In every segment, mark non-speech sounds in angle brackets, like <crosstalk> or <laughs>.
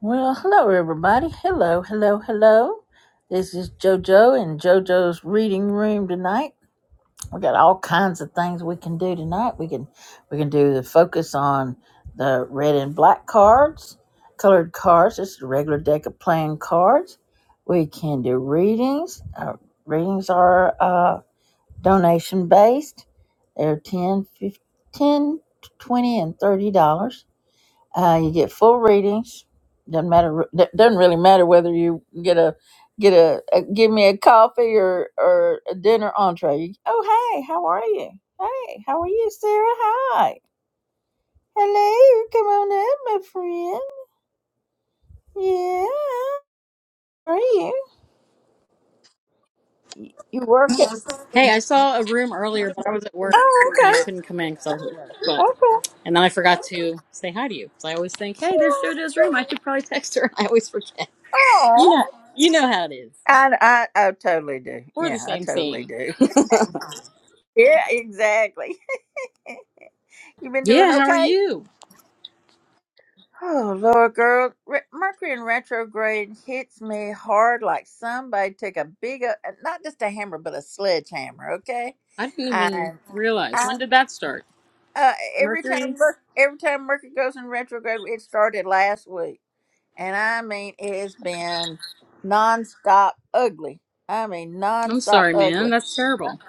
Well, hello, everybody. Hello, hello, hello. This is JoJo and JoJo's reading room tonight. We got all kinds of things we can do tonight. We can we can do the focus on the red and black cards, colored cards. This is a regular deck of playing cards. We can do readings. Uh, readings are uh, donation based. They're 10, 15, 20 and $30. Uh, you get full readings. Doesn't matter. d- Doesn't really matter whether you get a get a, a give me a coffee or or a dinner entree. You- oh hey, how are you? Hey, how are you, Sarah? Hi. Hello. Come on in, my friend. Yeah. How are you? Y- You working? Hey, I saw a room earlier, but I was at work Oh, and I okay. couldn't come in because I was at work. But Okay. and then I forgot to say hi to you because I always think, hey, there's JoJo's room. I should probably text her. <laughs> I always forget. <laughs> You Oh, know, you know how it is. I, I I totally do. We're the Yeah, I same totally same. do. <laughs> Yeah, exactly. <laughs> you been Yeah, doing how are okay? you? Oh, Lord, girl, re- Mercury in retrograde hits me hard like somebody took a big, uh, not just a hammer, but a sledgehammer. Okay, I didn't even and realize I, when did that start. uh, every time Mercury. Mer- every time Mercury goes in retrograde, it started last week, and I mean it has been nonstop ugly. I mean I'm nonstop sorry, man. ugly. That's terrible.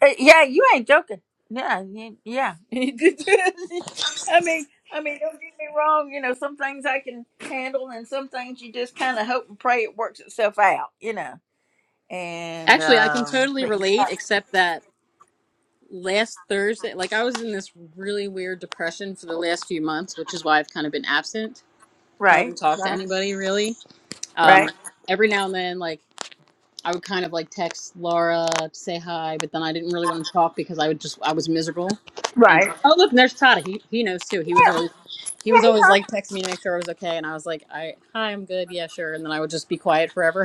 Uh, yeah, you ain't joking. Yeah, y- yeah. <laughs> I mean, I mean, don't get me wrong. You know, some things I can handle, and some things you just kind of hope and pray it works itself out. You know, and Actually, I can um, totally but yeah, relate, except that last Thursday, like I was in this really weird depression for the last few months, which is why I've kind of been absent. I right, haven't talked to right, anybody really Um, right, every now and then, like I would kind of like text Laura to say hi, but then I didn't really want to talk because I would just I was miserable. And right. oh look, and there's Tata. He he knows too. He was Yeah, always he was yeah, always like texting me to make sure I was okay, and I was like, I hi, I'm good. Yeah, sure. And then I would just be quiet forever.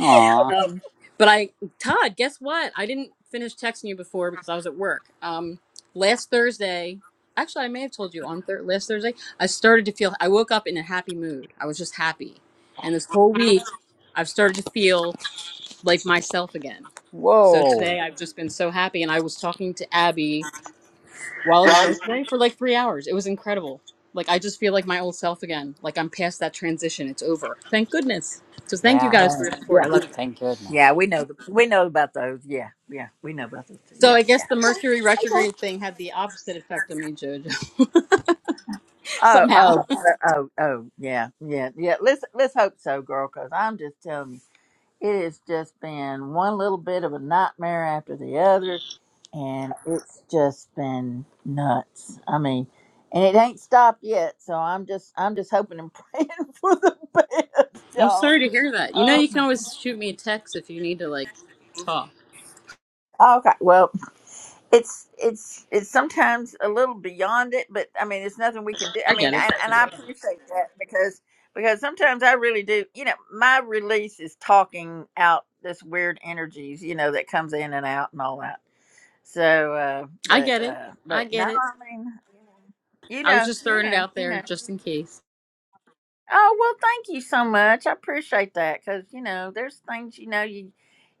Aw. Um, but I, Todd, guess what? I didn't finish texting you before because I was at work. Um, last Thursday, actually, I may have told you on thir- last Thursday, I started to feel. I woke up in a happy mood. I was just happy, and this whole week, I've started to feel like myself again. So Whoa. today, I've just been so happy, and I was talking to Abby while I was working today for like three hours. It was incredible. Like I just feel like my old self again. Like I'm past that transition. It's over. Thank goodness. So thank you yeah. guys Yeah. for Uh, your support. yeah, I love you. Thank yeah. goodness. We know the, we know about those. Yeah, yeah. We know about those. Too. So Yeah, I guess yeah, the yeah. Mercury Okay. retrograde thing had the opposite effect on me, Jojo. <laughs> Oh, Somehow. oh, oh, oh, oh, yeah, yeah, yeah. Let's let's hope so, girl. Because I'm just telling you. It has just been one little bit of a nightmare after the other, and it's just been nuts. I mean, and it ain't stopped yet, so I'm just I'm just hoping and <laughs> praying for the best, I'm y'all. sorry to hear that. You know, you can Um, always shoot me a text if you need to like talk. okay, well, it's it's it's sometimes a little beyond it, but I mean, it's nothing we can do. I I mean, get it. and, and I appreciate that because because sometimes I really do. You know, my release is talking out this weird energies, you know, that comes in and out and all that. So, uh, I but, get it. uh, I but no, get I it. mean, you I was know, just you throwing it know, out you there know. just in case. Oh well, thank you so much. I appreciate that because you know, there's things you know you,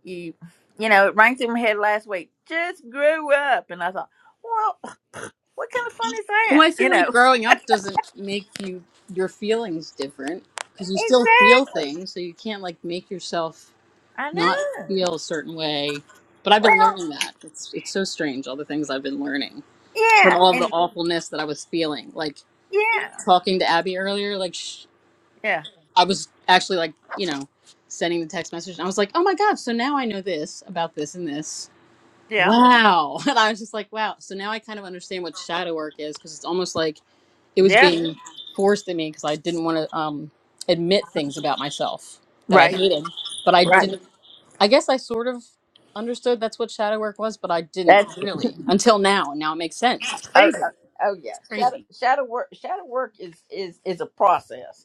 you, you know, it rang through my head last week. Just grew up, and I thought, well, what kind of fun is Well, that? I You feel know, <laughs> like growing up doesn't make you your feelings different because you still feel exactly. things, so you can't like make yourself I not know. feel a certain way. But I've been Well, learning that. It's it's so strange all the things I've been learning from yeah, all the and awfulness that I was feeling. Like yeah, talking to Abby earlier, like sh- yeah, I was actually like, you know, sending the text message. And I was like, oh my God, so now I know this about this and this. yeah, Wow. <laughs> And I was just like, wow. So now I kind of understand what shadow work is because it's almost like it was yeah. being Yeah. forced at me because I didn't want to um, admit things about myself that I Right, hated. But I right. didn't, I guess I sort of understood that's what shadow work was, but I didn't That's really until now. And now it makes sense. It's oh, oh, oh yeah. Shadow crazy. shadow work shadow work is is is a process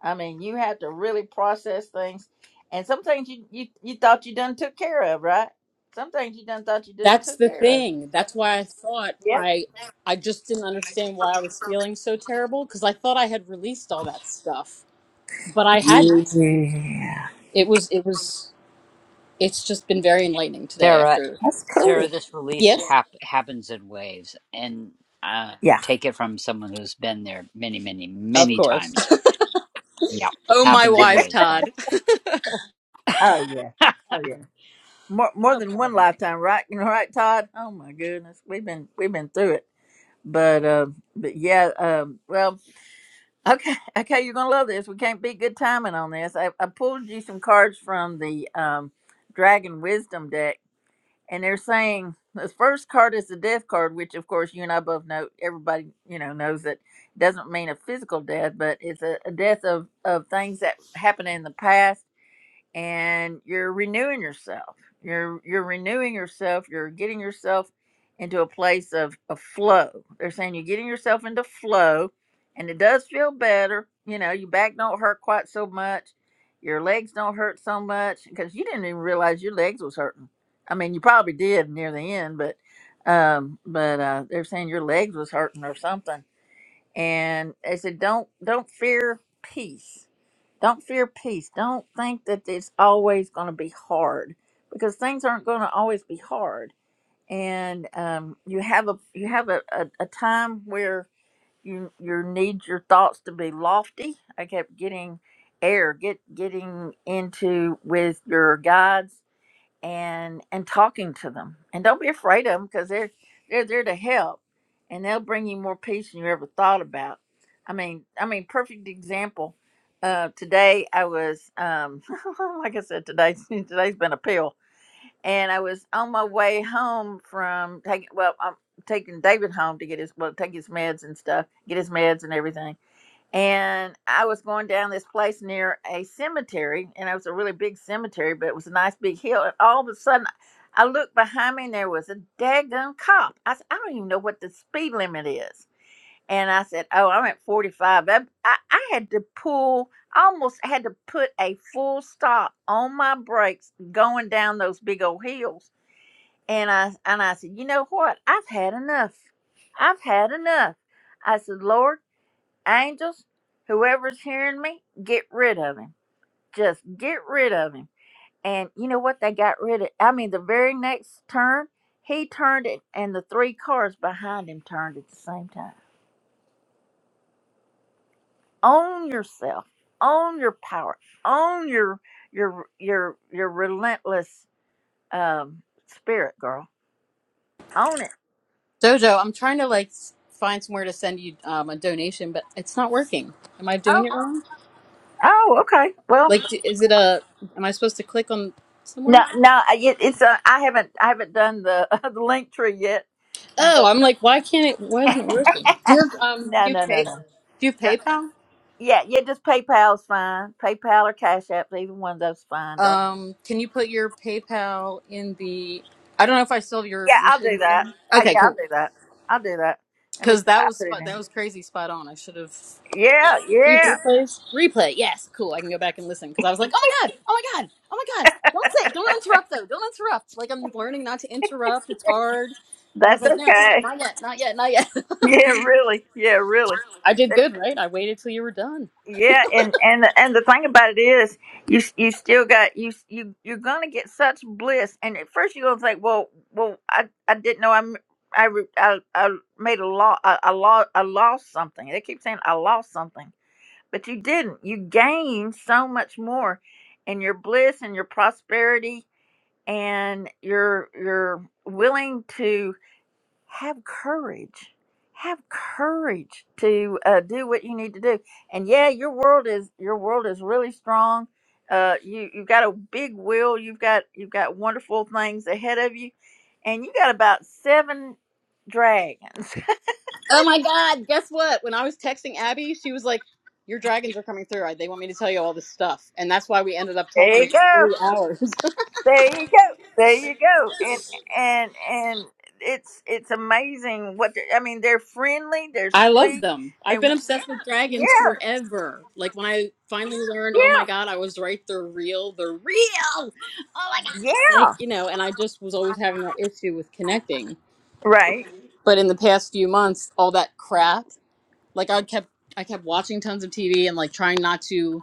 I mean, you have to really process things, and some things you you, you thought you done took care of, right? Some things you done thought you didn't That's took the care of. thing. That's why I thought Yeah. I I just didn't understand why I was feeling so terrible because I thought I had released all that stuff, but I hadn't. Yeah. It was it was it's just been very enlightening today Sarah, after That's Sarah, cool. this release Yes, hap- happens in waves, and uh, Yeah. take it from someone who's been there many, many, of many course. times. Yeah, <laughs> oh my happens in wise waves, but. Todd. Oh yeah. <laughs> oh, Oh yeah. More more than one pardon me. lifetime, right? <laughs> You know, right, Todd? Oh my goodness, we've been we've been through it. But um, but yeah, um, well, okay, <laughs> okay, you're gonna love this. We can't beat good timing on this. I, I pulled you some cards from the um, Dragon Wisdom deck and they're saying the first card is the death card, which of course you and I both know. Everybody you know knows that doesn't mean a physical death, but it's a, a death of of things that happened in the past and you're renewing yourself. You're you're renewing yourself. You're getting yourself into a place of, of flow. They're saying you're getting yourself into flow, and it does feel better. You know, your back don't hurt quite so much. Your legs don't hurt so much because you didn't even realize your legs was hurting. I mean, you probably did near the end, but um, but uh, they're saying your legs was hurting or something and they said don't don't fear peace don't fear peace don't think that it's always going to be hard because things aren't going to always be hard and um, you have a you have a, a, a time where you you need your thoughts to be lofty i kept getting air get getting into with your guides and and talking to them and don't be afraid of them because they're they're there to help and they'll bring you more peace than you ever thought about i mean i mean perfect example uh today i was um <laughs> like i said today <laughs> today's been a pill and i was on my way home from taking well i'm taking david home to get his well take his meds and stuff get his meds and everything and I was going down this place near a cemetery, and it was a really big cemetery, but it was a nice big hill. And all of a sudden, I looked behind me, and there was a daggone cop. I said, I don't even know what the speed limit is. And I said, Oh, I'm at 45. I, I, I had to pull, almost had to put a full stop on my brakes going down those big old hills. And I and I said, You know what? I've had enough. I've had enough. I said, Lord angels, whoever's hearing me, get rid of him. Just get rid of him. And you know what? They got rid of. I mean, the very next turn, he turned it, and the three cars behind him turned at the same time. Own yourself. Own your power. Own your your your your relentless um, spirit, girl. Own it. Jojo, I'm trying to like s- find somewhere to send you um, a donation, but it's not working. Am I doing Oh, it wrong? oh, okay. Well, Like d- is it a am I supposed to click on no, somewhere? no, I- it, it's uh, I haven't I haven't done the <laughs> the link tree yet, Oh, I'm like why can't it why no, isn't it working? Do you have um no, do you no, pay no. do you have No. PayPal? Yeah, yeah, just PayPal's fine. PayPal or Cash Apps, either one of those is fine, dog. Um, can you put your PayPal in the? I don't know if I still have your Yeah, your I'll thing do that. from. Uh, Okay, yeah, I'll cool. do that. I'll do that. Let me Because that i was put it spot. That in. was crazy. Spot on. I should have. Yeah, Do you have yeah. replays? Replay. Yes. Cool. I can go back and listen because I was like, oh my god, oh my god, oh my god. Don't say. Don't interrupt though. Don't interrupt. Like I'm learning not to interrupt. It's hard. But I was That's like, no, okay. <laughs> not yet, not yet, not yet. Yeah, really. Yeah, really. <laughs> I did good, right? I waited till you were done. Yeah, and and and the thing about it is, you you still got you you you're gonna get such bliss, and at first you're gonna think, well, well, I I didn't know I'm. I, re- I, I made a law I, I, lo- I lost something. They keep saying I lost something, but you didn't. You gained so much more in your bliss and your prosperity, and you're you're willing to have courage have courage to uh, do what you need to do and yeah your world is your world is really strong uh, you you've got a big will you've got you've got wonderful things ahead of you and you got about seven dragons Oh my God! Guess what? When I was texting Abby, she was like, "Your dragons are coming through. I- They want me to tell you all this stuff," and that's why we ended up <laughs> there talking you for go three hours. there you go there you go and <laughs> and and it's it's amazing what they're- i mean they're friendly they're I love sweet them. I've and been obsessed with <laughs> dragons yeah forever. Like when I finally learned, oh my yeah god, I was right, they're real, they're real. Oh my god. yeah Like, you know, and I just was always having that issue with connecting. right But in the past few months, all that crap, like I kept I kept watching tons of TV and like trying not to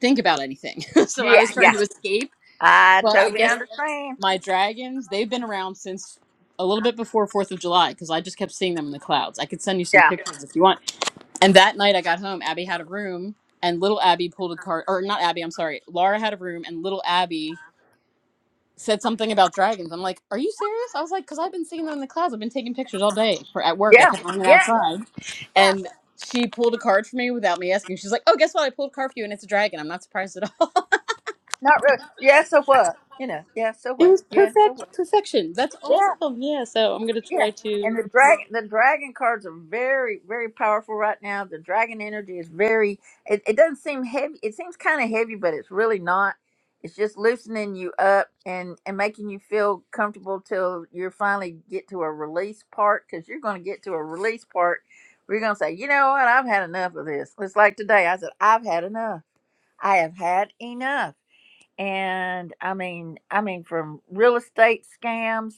think about anything. <laughs> so I yeah, was trying yeah, to escape, I but I totally guess understand. my dragons, they've been around since a little bit before 4th of July because I just kept seeing them in the clouds. I could send you some Yeah. pictures if you want. And that night I got home, Abby had a room and little Abby pulled a card or not Abby, I'm sorry. Laura had a room and little Abby said something about dragons. I'm like, "Are you serious?" I was like, "Cuz I've been seeing them in the clouds. I've been taking pictures all day for at work. I Yeah. kept running Yeah. outside." Yeah. And she pulled a card for me without me asking. She's like, "Oh, guess what? I pulled a card for you, and it's a dragon. I'm not surprised at all." Not really. Yeah, so what? You know, yeah, so It what? was Yeah, so perfect what? perfection. That's Yeah. awesome. Yeah, so I'm gonna Yeah, try to and the dragon the dragon cards are very very powerful right now. The dragon energy is very. It, it doesn't seem heavy. It seems kind of heavy, but it's really not. It's just loosening you up and and making you feel comfortable till you finally get to a release part because you're going to get to a release part where you're going to say, you know what, I've had enough of this. It's like today. I said, I've had enough. I have had enough. And I mean, I mean, from real estate scams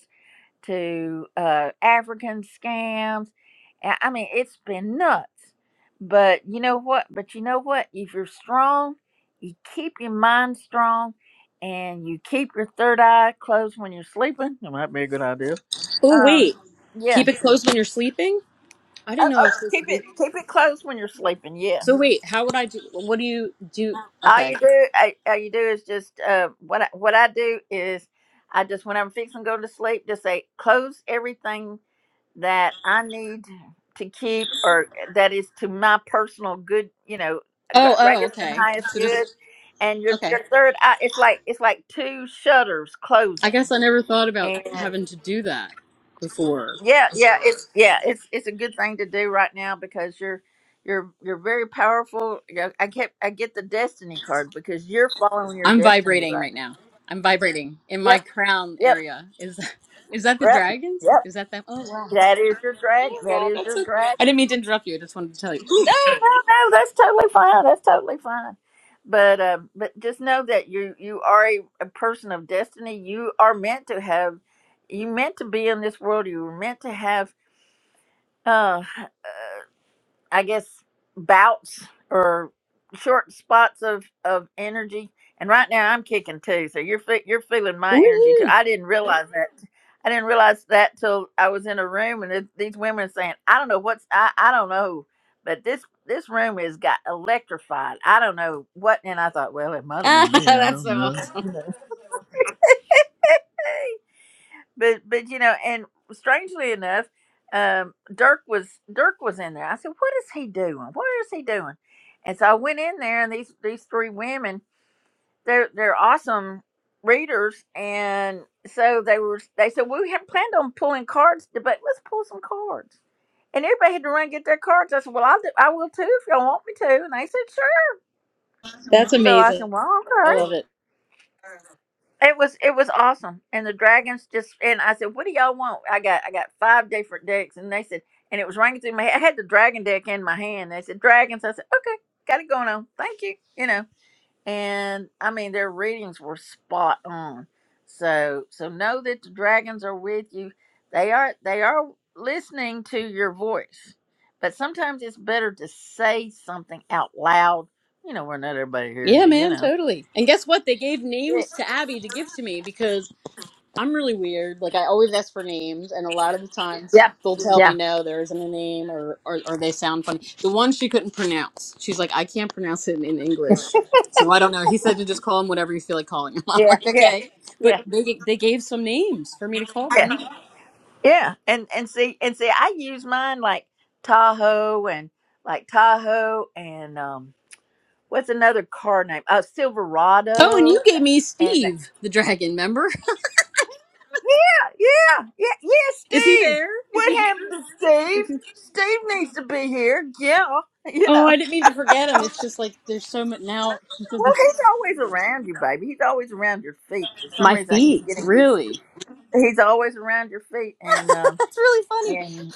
to uh, African scams. I I mean, it's been nuts. But you know what? But you know what? If you're strong, you keep your mind strong, and you keep your third eye closed when you're sleeping. That might be a good idea. Oh Um, wait. yeah. Keep it closed when you're sleeping? I Oh, didn't know I oh, was supposed keep to it do keep it closed when you're sleeping. So Yes. wait, how would I do what do you do All okay. you do, I, all you do is just uh, what I, what I do is I just when I'm fixing to go to sleep, just say close everything that I need to keep, or that is to my personal good, you know, gr- Oh oh greatest and okay. highest So good. just And your okay. your third eye, it's like it's like two shutters I closing. guess I never thought about And having to do that before. yeah, yeah, it's yeah, it's it's a good thing to do right now because you're you're you're very powerful. Yeah, I kept I get the destiny card because you're following your I'm destiny vibrating right right now. now. I'm vibrating in my Yep, crown yep, area. Is is that the yep, dragons? yep. Is that them? Oh wow. That is your dragon. <laughs> That God, is that's your I I dragon. didn't mean to interrupt you. I just wanted to tell you. No, no, no. That's totally fine. That's totally fine. But uh, but just know that you you are a, a person of destiny. You are meant to have. You meant to be in this world. You were meant to have. uh, I guess bouts or short spots of of energy. And right now I'm kicking too, so you're fe- you're feeling <gasps> my energy too. Woohoo! <laughs> I didn't realize that. I didn't realize that till I was in a room and it, these women are saying, "I don't know what's I I don't know," but this this room has got electrified. I don't know what, and I thought, well, it might have Ah, been me. I that's don't so awesome. know. <laughs> but but you know, and strangely enough, um, Dirk was Dirk was in there. I said, "What is he doing? What is he doing?" And so I went in there, and these these three women, they're they're awesome readers, and so they were. They said, "Well, "We had planned on pulling cards, but let's pull some cards." And everybody had to run and get their cards. I said, "Well, I'll do, I will too if y'all want me to." And they said, "Sure." That's So I amazing. said, "Well, I okay." love it. It was it was awesome, and the dragons just and I said, "What do y'all want?" I got I got five different decks, and they said, and it was ringing through my head. I had the dragon deck in my hand. They said dragons. I said, "Okay, got it going on. Thank you." You know, and I mean their readings were spot on. So so know that the dragons are with you. They are they are listening to your voice, but sometimes it's better to say something out loud. You know, where not everybody hears Yeah, you. You man, know. totally. And guess what? They gave names to Abby to give to me because I'm really weird. Like I always ask for names, and a lot of the times Yeah. they'll tell Yeah. me no, there isn't a name, or or, or they sound funny. The one she couldn't pronounce, she's like, I can't pronounce it in, English, so I don't know. He said to just call him whatever you feel like calling him. <laughs> I'm Yeah, like, yeah, okay. But yeah, they they gave some names for me to call yeah, them. yeah. And and see and see, I use mine like Tahoe and like Tahoe and um, what's another car name? Uh, Oh, and you Silverado. gave me And uh, Steve the dragon. Remember? yeah, yeah, yeah. <laughs> Is he Steve, there? Is what he happened here? to Steve? Steve needs to be here. Yeah, <laughs> you Oh, know. I didn't mean to forget them. It's just like there's so much now. she said Well, there's- he's always around you, baby. He's always around your feet. For some My reason, I keep feet, getting he's, really? he's always around your feet, and <laughs> um, That's really funny. and.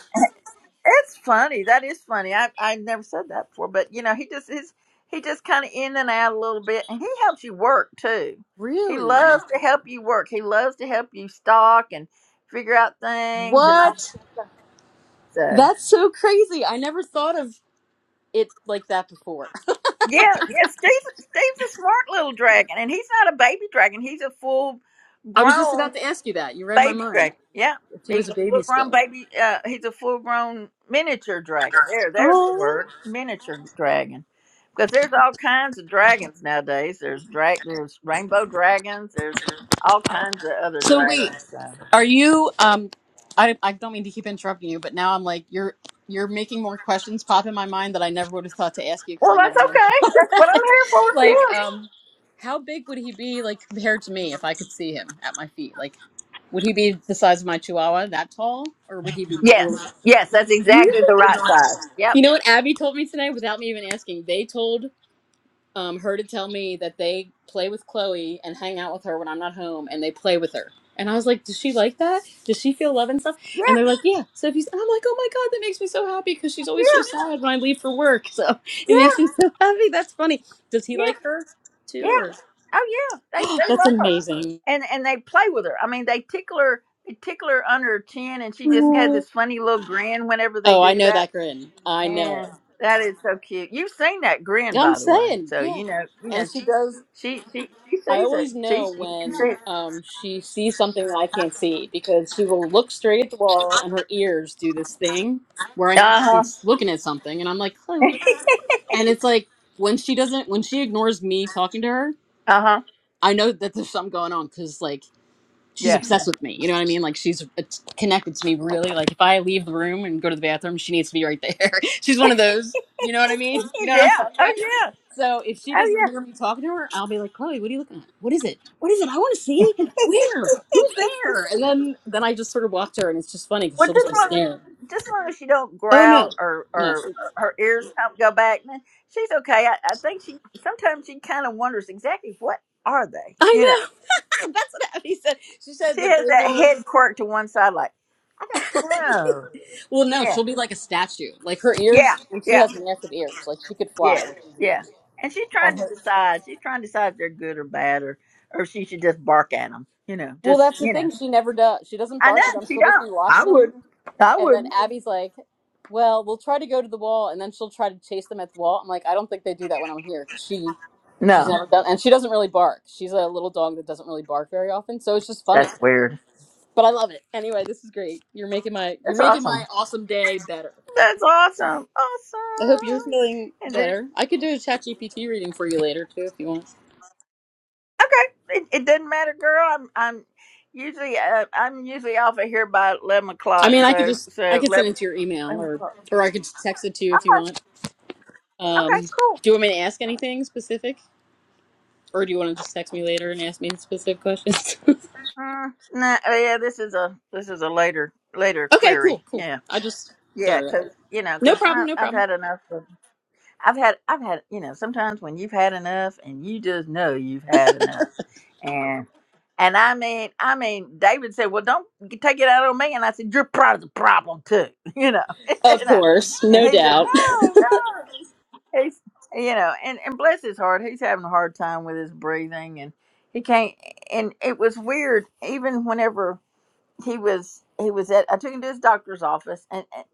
It's funny. That is funny. I I never said that before, but you know, he just is he just kind of in and out a little bit, and he helps you work too. He Really? loves to help you work. He loves to help you stock and figure out things and all. What? So That's so crazy. I never thought of it like that before. yeah, yeah. Steve's Steve's a smart little dragon, and he's not a baby dragon. He's a full <laughs> I was just grown. about to ask you that. You read my baby mind. dragon. Yeah, If he he's was a a baby full grown still. baby. Uh, he's a full grown miniature dragon. There, there's the Oh. word, miniature dragon. Because there's all kinds of dragons nowadays. There's drag, there's rainbow dragons. There's all kinds of other So dragons. wait. So, Are you um I I don't mean to keep interrupting you, but now I'm like you're you're making more questions pop in my mind that I never would have thought to ask you because well, I never that's would have <laughs> okay. thought That's what about I'm it. here for. Like Yeah. um how big would he be like compared to me if I could see him at my feet? Like would he be the size of my chihuahua that tall or would he be a little- Yes, yes, that's Really? exactly the right size. Yep. You know what Abby told me today without me even asking? They told um, her to tell me that they play with Chloe and hang out with her when I'm not home, and they play with her. And I was like, does she like that? Does she feel love and stuff? Yeah, And they're like, yeah. So if he's, and I'm like, oh my god, that makes me so happy because she's always so yeah, sad when I leave for work. So yeah, it makes me so happy. That's funny. Does he yeah. like her Yeah. too, or? Oh yeah. They <gasps> they That's love her. amazing. And and they play with her. I mean they tickle her they tickle her under her chin and she just has this Oh, funny little grin whenever they I do know that. that grin. I know And it. that is so cute. You've seen that grin Yeah, I'm by the way. saying, So yeah. you know you And know she goes, she she she I sees it. always She know you can when see it. um, she sees something that I can't see because she will look straight at the wall and her ears do this thing where I, Uh-huh. she's looking at something and I'm like, Chloe. And it's like when she doesn't, when she ignores me talking to her, Uh-huh. I know that there's something going on because like she's Yeah. obsessed with me. You know what I mean? Like she's it's connected to me really. Like if I leave the room and go to the bathroom, she needs to be right there. <laughs> she's one of those. You know what I mean? <laughs> You know what I'm yeah. talking about? Oh yeah. So if she Oh yeah. doesn't hear me talking to her, I'll be like, Chloe, what are you looking at? What is it? What is it? I want to see. Where? Who's there? And then then I just sort of watch her, and it's just funny because Well, she'll just just as be long as, staring. just as long as she don't Oh no, growl or, no, or she. her ears don't go back, then she's okay. I, I think she sometimes she kind of wonders exactly what are they. You know, I know. <laughs> That's what Abby said. She said she that has they that will. head quirk to one side, like I don't know. Well, no, Yeah, she'll be like a statue. Like her yeah, ears, and she yeah, has massive ears. Like she could fly yeah, with these yeah. ears. And she's trying And to her. decide. She's trying to decide if they're good or bad, or or if she should just bark at them. You know, Well, just that's the you know. thing. She never does. She doesn't I know bark at them. she She'll just be don't. I watching them wouldn't. I And then wouldn't. Abby's like, "Well, we'll try to go to the wall, and then she'll try to chase them at the wall." I'm like, "I don't think they do that when I'm here because she, she's No, never done, and she doesn't really bark. She's a little dog that doesn't really bark very often, so it's just funny. that's weird. But I love it anyway. This is great. You're making my you're That's making awesome. my awesome day better. That's awesome. I hope you're Awesome. feeling And then- better. I could do a ChatGPT reading for you later too if you want. okay, it, it doesn't matter, girl. I'm I'm usually uh, I'm usually off of here by eleven I o'clock. mean, I could So just I so 11, could send it to your email eleven or o'clock. or I could just text it to you if you Okay. want. Um, Okay. Cool. do you want me to ask anything specific? Or do you want to just text me later and ask me specific questions? Mm, nah, oh, yeah. This is a this is a later later <laughs> okay, cool, query. cool. Yeah. I just Yeah. throw it out Cause there. you know, No cause problem, I, no I've problem. had enough. Of, I've had I've had you know. Sometimes when you've had enough, and you just know you've had enough. And I mean, I mean, David said, "Well, don't g- take it out on me." And I said, "You're part of the problem too," <laughs> you know, <laughs> Of you know. course, And no he said, doubt. "No, no." He's, you know, and and bless his heart, he's having a hard time with his breathing, and he can't. And it was weird, even whenever he was he was at, I took him to his doctor's office, and, and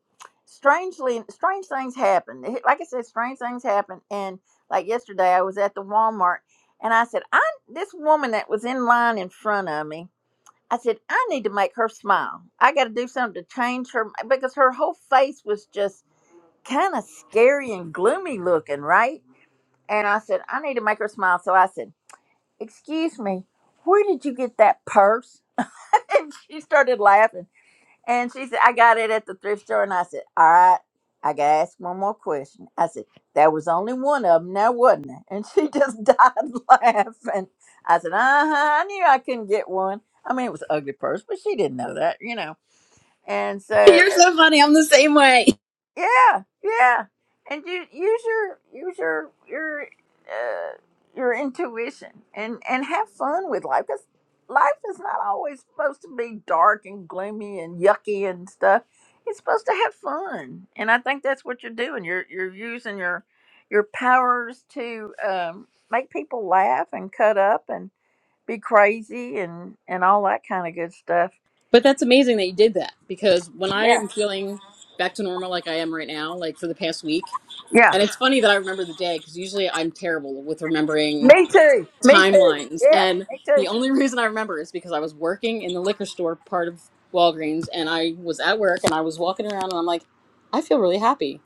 strangely, strange things happened. He- Like I said, strange things happen, and like yesterday, I was at the Walmart, and I said, "I this woman that was in line in front of me." I said, I need to make her smile. I got to do something to change her because her whole face was just kind of scary and gloomy looking, right? And I said, I need to make her smile. So I said, Excuse me, where did you get that purse? <laughs> and she started laughing. And she said, I got it at the thrift store. And I said, All right, I got to ask one more question. I said, There was only one of them now, wasn't there? And she <laughs> just died laughing. I said, Uh huh, I knew I couldn't get one. I mean, it was an ugly purse, but she didn't know that, you know. And <laughs> so. You're so funny. I'm the same way. Yeah, yeah. And you use your use your your uh, your intuition and and have fun with life because life is not always supposed to be dark and gloomy and yucky and stuff. It's supposed to have fun, and I think that's what you're doing. You're you're using your your powers to um, make people laugh and cut up and be crazy and and all that kind of good stuff. But that's amazing that you did that because when I Yeah, am feeling back to normal like I am right now, like for the past week, yeah. and it's funny that I remember the day because usually I'm terrible with remembering Me too. Me too. timelines. Yeah, And me too. the only <laughs> reason I remember is because I was working in the liquor store part of Walgreens and I was at work and I was walking around and I'm like, I feel really happy.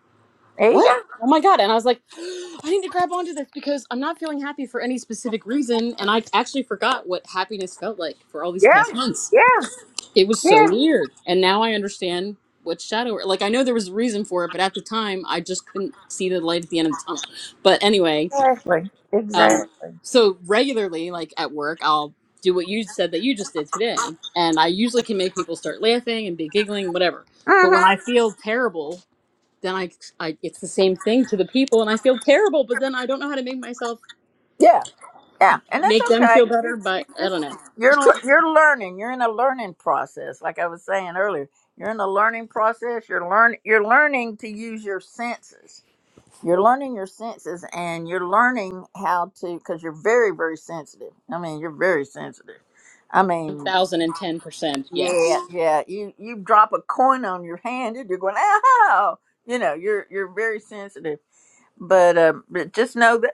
There you go. what? Oh my god! And I was like, <gasps> I need to grab onto this because I'm not feeling happy for any specific reason, and I actually forgot what happiness felt like for all these Yeah, past months. yeah, It was so yeah, weird, and now I understand what shadow. Like I know there was a reason for it, but at the time I just couldn't see the light at the end of the tunnel. But anyway, exactly, um, exactly. so regularly, like at work, I'll do what you said that you just did today, and I usually can make people start laughing and be giggling, whatever. But when Mm-hmm. I feel terrible then I, I it's the same thing to the people and I feel terrible, but then I don't know how to make myself Yeah, yeah, and that's make them okay. feel better. You, But you I just don't know, you're le- you're learning. You're in a learning process. Like I was saying earlier, you're in a learning process. You're learn you're learning to use your senses. You're learning your senses, and you're learning how to because you're very very sensitive. I mean, you're very sensitive. I One mean, thousand and ten percent, yes, yeah, yeah. You you drop a coin on your hand, and you're going, ow. you know, you're you're very sensitive but um, but just know that.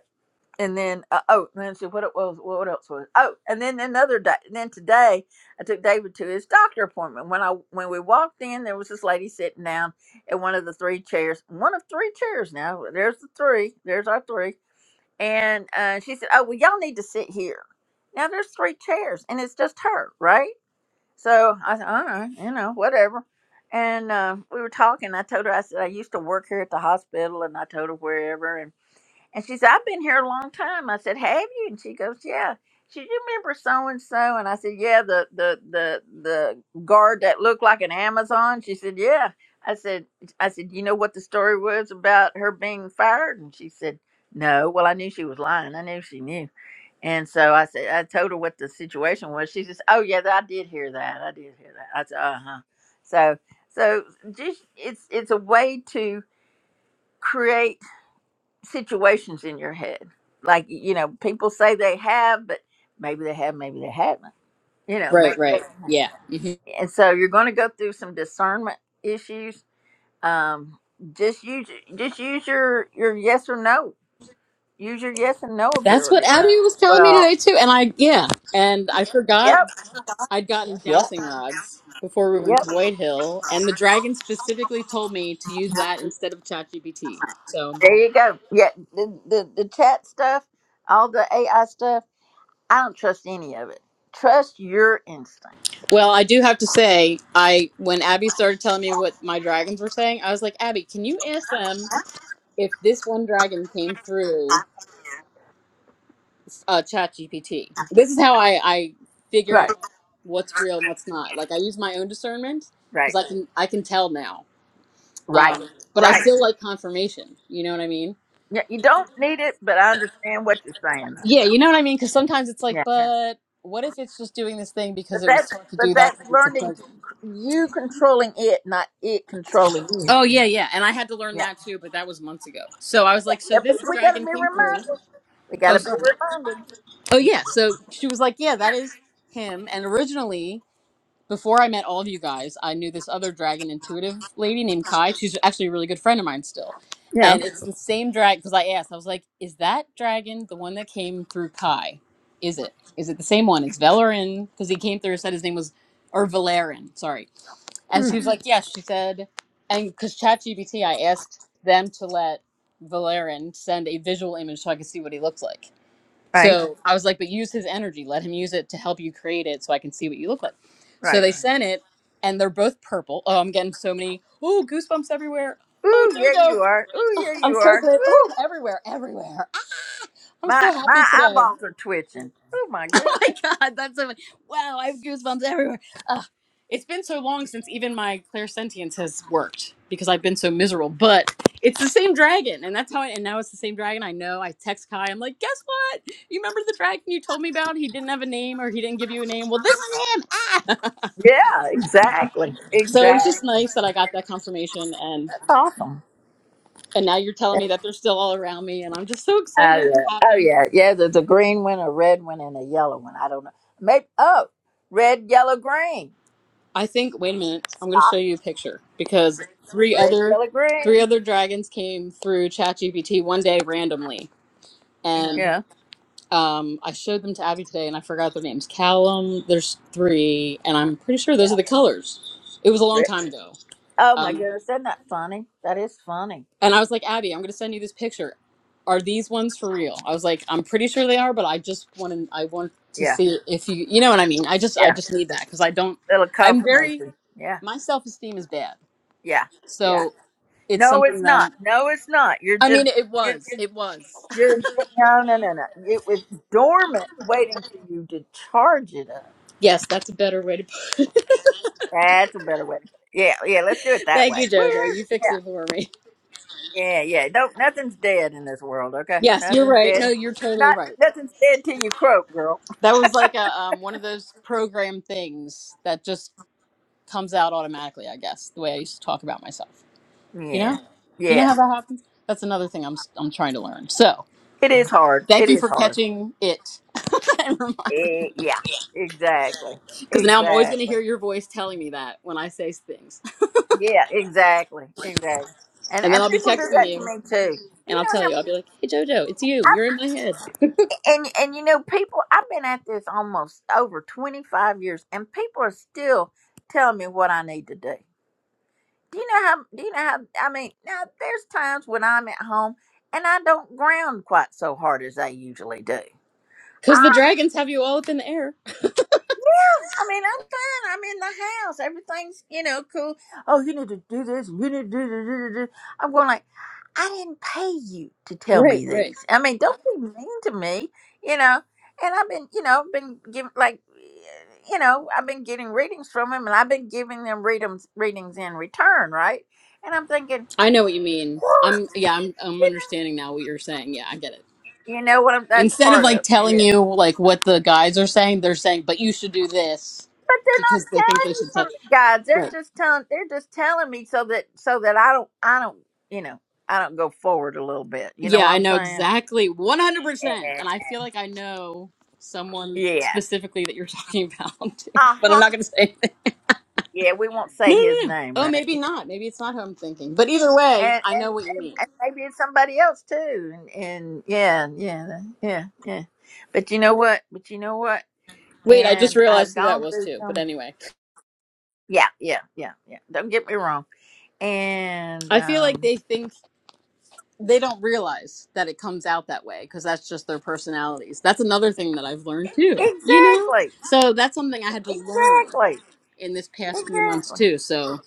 And then uh, oh, and then see what it was. What else was? Oh, and then another day. And then today, I took David to his doctor appointment. When I when we walked in, there was this lady sitting down in one of the three chairs. One of three chairs now. There's the three. There's our three. And uh, she said, "Oh, well, y'all need to sit here." Now there's three chairs, and it's just her, right? So I said, "All right, you know, whatever." And uh, we were talking. I told her, I said, "I used to work here at the hospital," and I told her wherever. And she said, I've been here a long time. I said, Have you? And she goes, Yeah. She said, you remember so and so? And I said, Yeah, the the the the guard that looked like an Amazon. She said, Yeah. I said I said, You know what the story was about her being fired? And she said, No. Well, I knew she was lying. I knew she knew. And so I said I told her what the situation was. She says, Oh yeah, I did hear that. I did hear that. I said, Uh huh. So so just it's it's a way to create situations in your head. Like you know, people say they have, but maybe they have, maybe they haven't. You know, right, maybe. right, they- yeah. hmm And so you're going to go through some discernment issues. Um, just use just use your your yes or no. Use your yes and no That's what ability. Abby was telling me Well, today too, and I yeah, and I forgot yep, I'd gotten yep, dowsing rods before we went to yep. White Hill, and the dragon specifically told me to use that instead of ChatGPT. So There you go. Yeah, the the, the chat stuff, all the AI stuff. I don't trust any of it. Trust your instincts. well, I do have to say, I when Abby started telling me what my dragons were saying, I was like, Abby, can you ask them? if this one dragon came through uh, chat gpt this is how I, I figure out Right, what's real and what's not like i use my own discernment right, because i can i can tell now right, um, but i right. still like confirmation you know what i mean Yeah, you don't need it, but I understand what you're saying. yeah you know what i mean because sometimes it's like Yeah, but what if it's just doing this thing because but it was that's taught to but do that that's because it's a learning to plugin c- you controlling it, not it controlling you. oh yeah yeah and i had to learn Yeah, that too but that was months ago so i was yeah, like so yeah but this we gotta dragon be came through reminded. We oh gotta be sorry reminded. oh yeah so she was like yeah that is him and originally before I met all of you guys, I knew this other dragon intuitive lady named Kai. She's actually a really good friend of mine still. Yeah. And it's the same dragon because I asked, I was like, is that dragon the one that came through Kai? Is it? Is it the same one? Is Velarin? Because he came through and said his name was, or Valerin, sorry. And Hmm. she was like, yes, she said, and because ChatGPT, I asked them to let Valerin send a visual image so I could see what he looked like. Right. So I was like, but use his energy. Let him use it to help you create it so I can see what you look like. So Right. they sent it and they're both purple. Oh, I'm getting so many. Oh, goosebumps everywhere. Oh, Ooh, yeah, you Jojo. are. Ooh, Oh, yeah, I'm you so are. glad. Ooh, Oh, everywhere, everywhere. Ah, I'm my so happy my today. eyeballs are twitching. Oh my <laughs> goodness. Oh my god, that's so funny. Wow, I have goosebumps everywhere. Ugh. It's been so long since even my clairsentience has worked because I've been so miserable. But it's the same dragon, and that's how. I, and now it's the same dragon. I know. I text Kai. I'm like, guess what? You remember the dragon you told me about? He didn't have a name, or he didn't give you a name. Well, this is him. Ah. <laughs> Yeah. Exactly. So it was just Exactly. nice that I got that confirmation, and That's awesome. and now you're telling me that they're still all around me, and I'm just so Oh excited yeah, and oh happy. yeah, yeah. There's a green one, a red one, and a yellow one. I don't know. Maybe oh, red, yellow, green, I think. Wait a minute. I'm going to show you a picture because three red, other yellow, three green. other dragons came through ChatGPT one day randomly, and Yeah, um, I showed them to Abby today, and I forgot their names. Callum. There's three, and I'm pretty sure those yeah. are the colors. It was a long Red. time ago. Oh my Um, goodness, is not that funny. That is funny. and I was like, Abby, I'm going to send you this picture. Are these ones for real? I was like, I'm pretty sure they are, but I just want to. I want to Yeah, see if you. You know what I mean? I just. I yeah. just need that because I don't. Little I'm very. confirmation. Yeah, My self esteem is bad. yeah, yeah. So it's No, something it's that I'm. not. No, it's not. You're I mean, just, it you're was. just, It was. you're. No, no, no, no. It was dormant, waiting for you to charge it up. Yes, that's a better way to. put That's a better way. to put it. Yeah, yeah. Let's do it it. <laughs> that Thank you, way. Jojo. You woo fixed it for me. Yeah, yeah. Don't nothing's dead in this world, okay? Yes, you're Nothing's right. No, dead. you're totally Not right. nothing's dead till you croak, girl. That was like a um, one of those program things that just comes out automatically. I guess the way I used to talk about myself. You Yeah. know, you know Yeah. how that happens. That's another thing I'm s- I'm trying to learn. So It is hard. thank It you is for hard. catching it <laughs> and reminding me. Eh, yeah. Exactly. Because now I'm always going to Exactly. hear your voice telling me that when I say things. Yeah, exactly. Exactly. And And then and I'll be people do texting that to you me too. You and I'll know tell how you. I'll many be like, hey, JoJo, it's you. You're I, in my head. and and you know people I've been at this almost over 25 years and people are still telling me what I need to do. do you know how do you know how i mean now there's times when i'm at home and i don't ground quite so hard as i usually do Because I, the dragons have you all up in the air. I mean, I'm fine. I'm in the house. Everything's, you know, cool. Oh, you need to do this. You need to do, do, do, do. do. I'm going like, I didn't pay you to tell Right, me right. these. I mean, don't be mean to me, you know. And I've been, you know, been giving like, you know, I've been getting readings from him, and I've been giving them readings readings in return, right? And I'm thinking, I know what you mean. what? I'm, yeah, I'm, I'm understanding now what you're saying. Yeah, I get it. You know what? I'm, that's Instead of part of. like it. telling Yeah. you like what the guys are saying, they're saying, but you should do this But they're because they not think they telling me should tell. from the guides. They're Right. just telling. They're just telling me so that so that I don't I don't you know I don't go forward a little bit. You know Yeah, what I I'm know saying? exactly 100%. Yeah. And I feel like I know someone Yeah. specifically that you're talking about, <laughs> too. Uh but I'm huh. not going to say Yeah. We won't say No, his no, no. name, Oh, right? maybe Yeah. not. Maybe it's not who I'm thinking. But either way, And, I and know what you and mean. and maybe it's somebody else too. And and yeah yeah that- yeah yeah. But you know what? But you know what? Wait, I just And I've realized who that gone was through too. But some. anyway, Yeah yeah yeah yeah. Don't get me wrong. And I feel like um. they think they don't realize that it comes out that way because that's just their personalities. That's another thing that I've learned too, you know? Exactly. So that's something I had to learn Exactly. in this past few months Exactly. too. So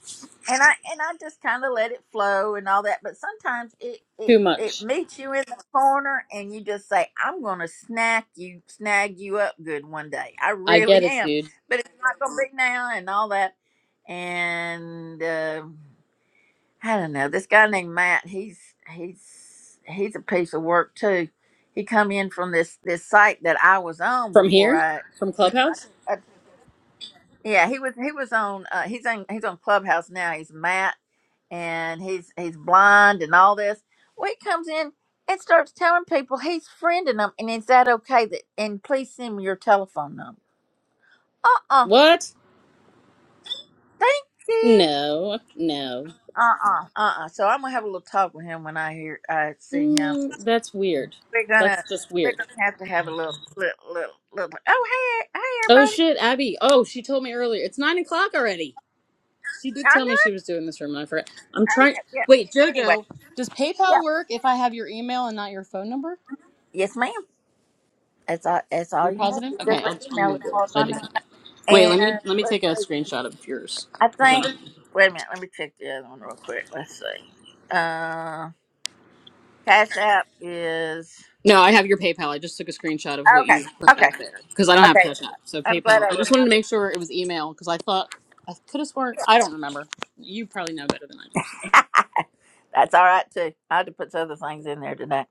And I and I just kind of let it flow and all that, but sometimes it it too it much. meets you in the corner and you just say, "I'm going to snack you, snag you up good one day. I I get really <laughs> it, am." dude. But it's not going to be now and all that. And uh, I don't know. This guy named Matt, he's he's he's a piece of work too. He come in from this this site that I was on From before here? I From you know, Clubhouse? I Yeah, he was he was on uh he's on he's on Clubhouse now. He's Matt and he's he's blind and all this. Well he comes in and starts telling people he's friending them and is that okay that and please send me your telephone number. Uh uh What? Thank you. No, no. Uh uh uh uh. So I'm gonna have a little talk with him when I hear I see him. Mm, that's weird. We're That's gonna just we're weird. gonna have to have a little little little, little oh hey hey Oh everybody. shit, Abby. Oh, she told me earlier. It's nine o'clock already. She did I tell me know she was doing this room and I forgot. I'm I trying know. wait, yeah. Anyway. Jojo, does PayPal Yeah. work if I have your email and not your phone number? Yes, ma'am. That's all. That's all You're you have. positive? It's Okay, just I'll an I'm email. gonna It's do it. all 'cause I on did- it. Wait, let me And let me take let's a see. screenshot of yours. I 'cause I think. don't- Wait a minute. Let me check the other one real quick. Let's see. Uh, Cash App is No, I have your PayPal. I just took a screenshot of what okay. you put Okay. back there. Because I don't have Okay. Cash App. So I'm glad PayPal. I I just remember. wanted to make sure it was email because I thought I could have sworn I don't remember. You probably know better than I do. So. <laughs> That's all right too. I had to put some other things in there today.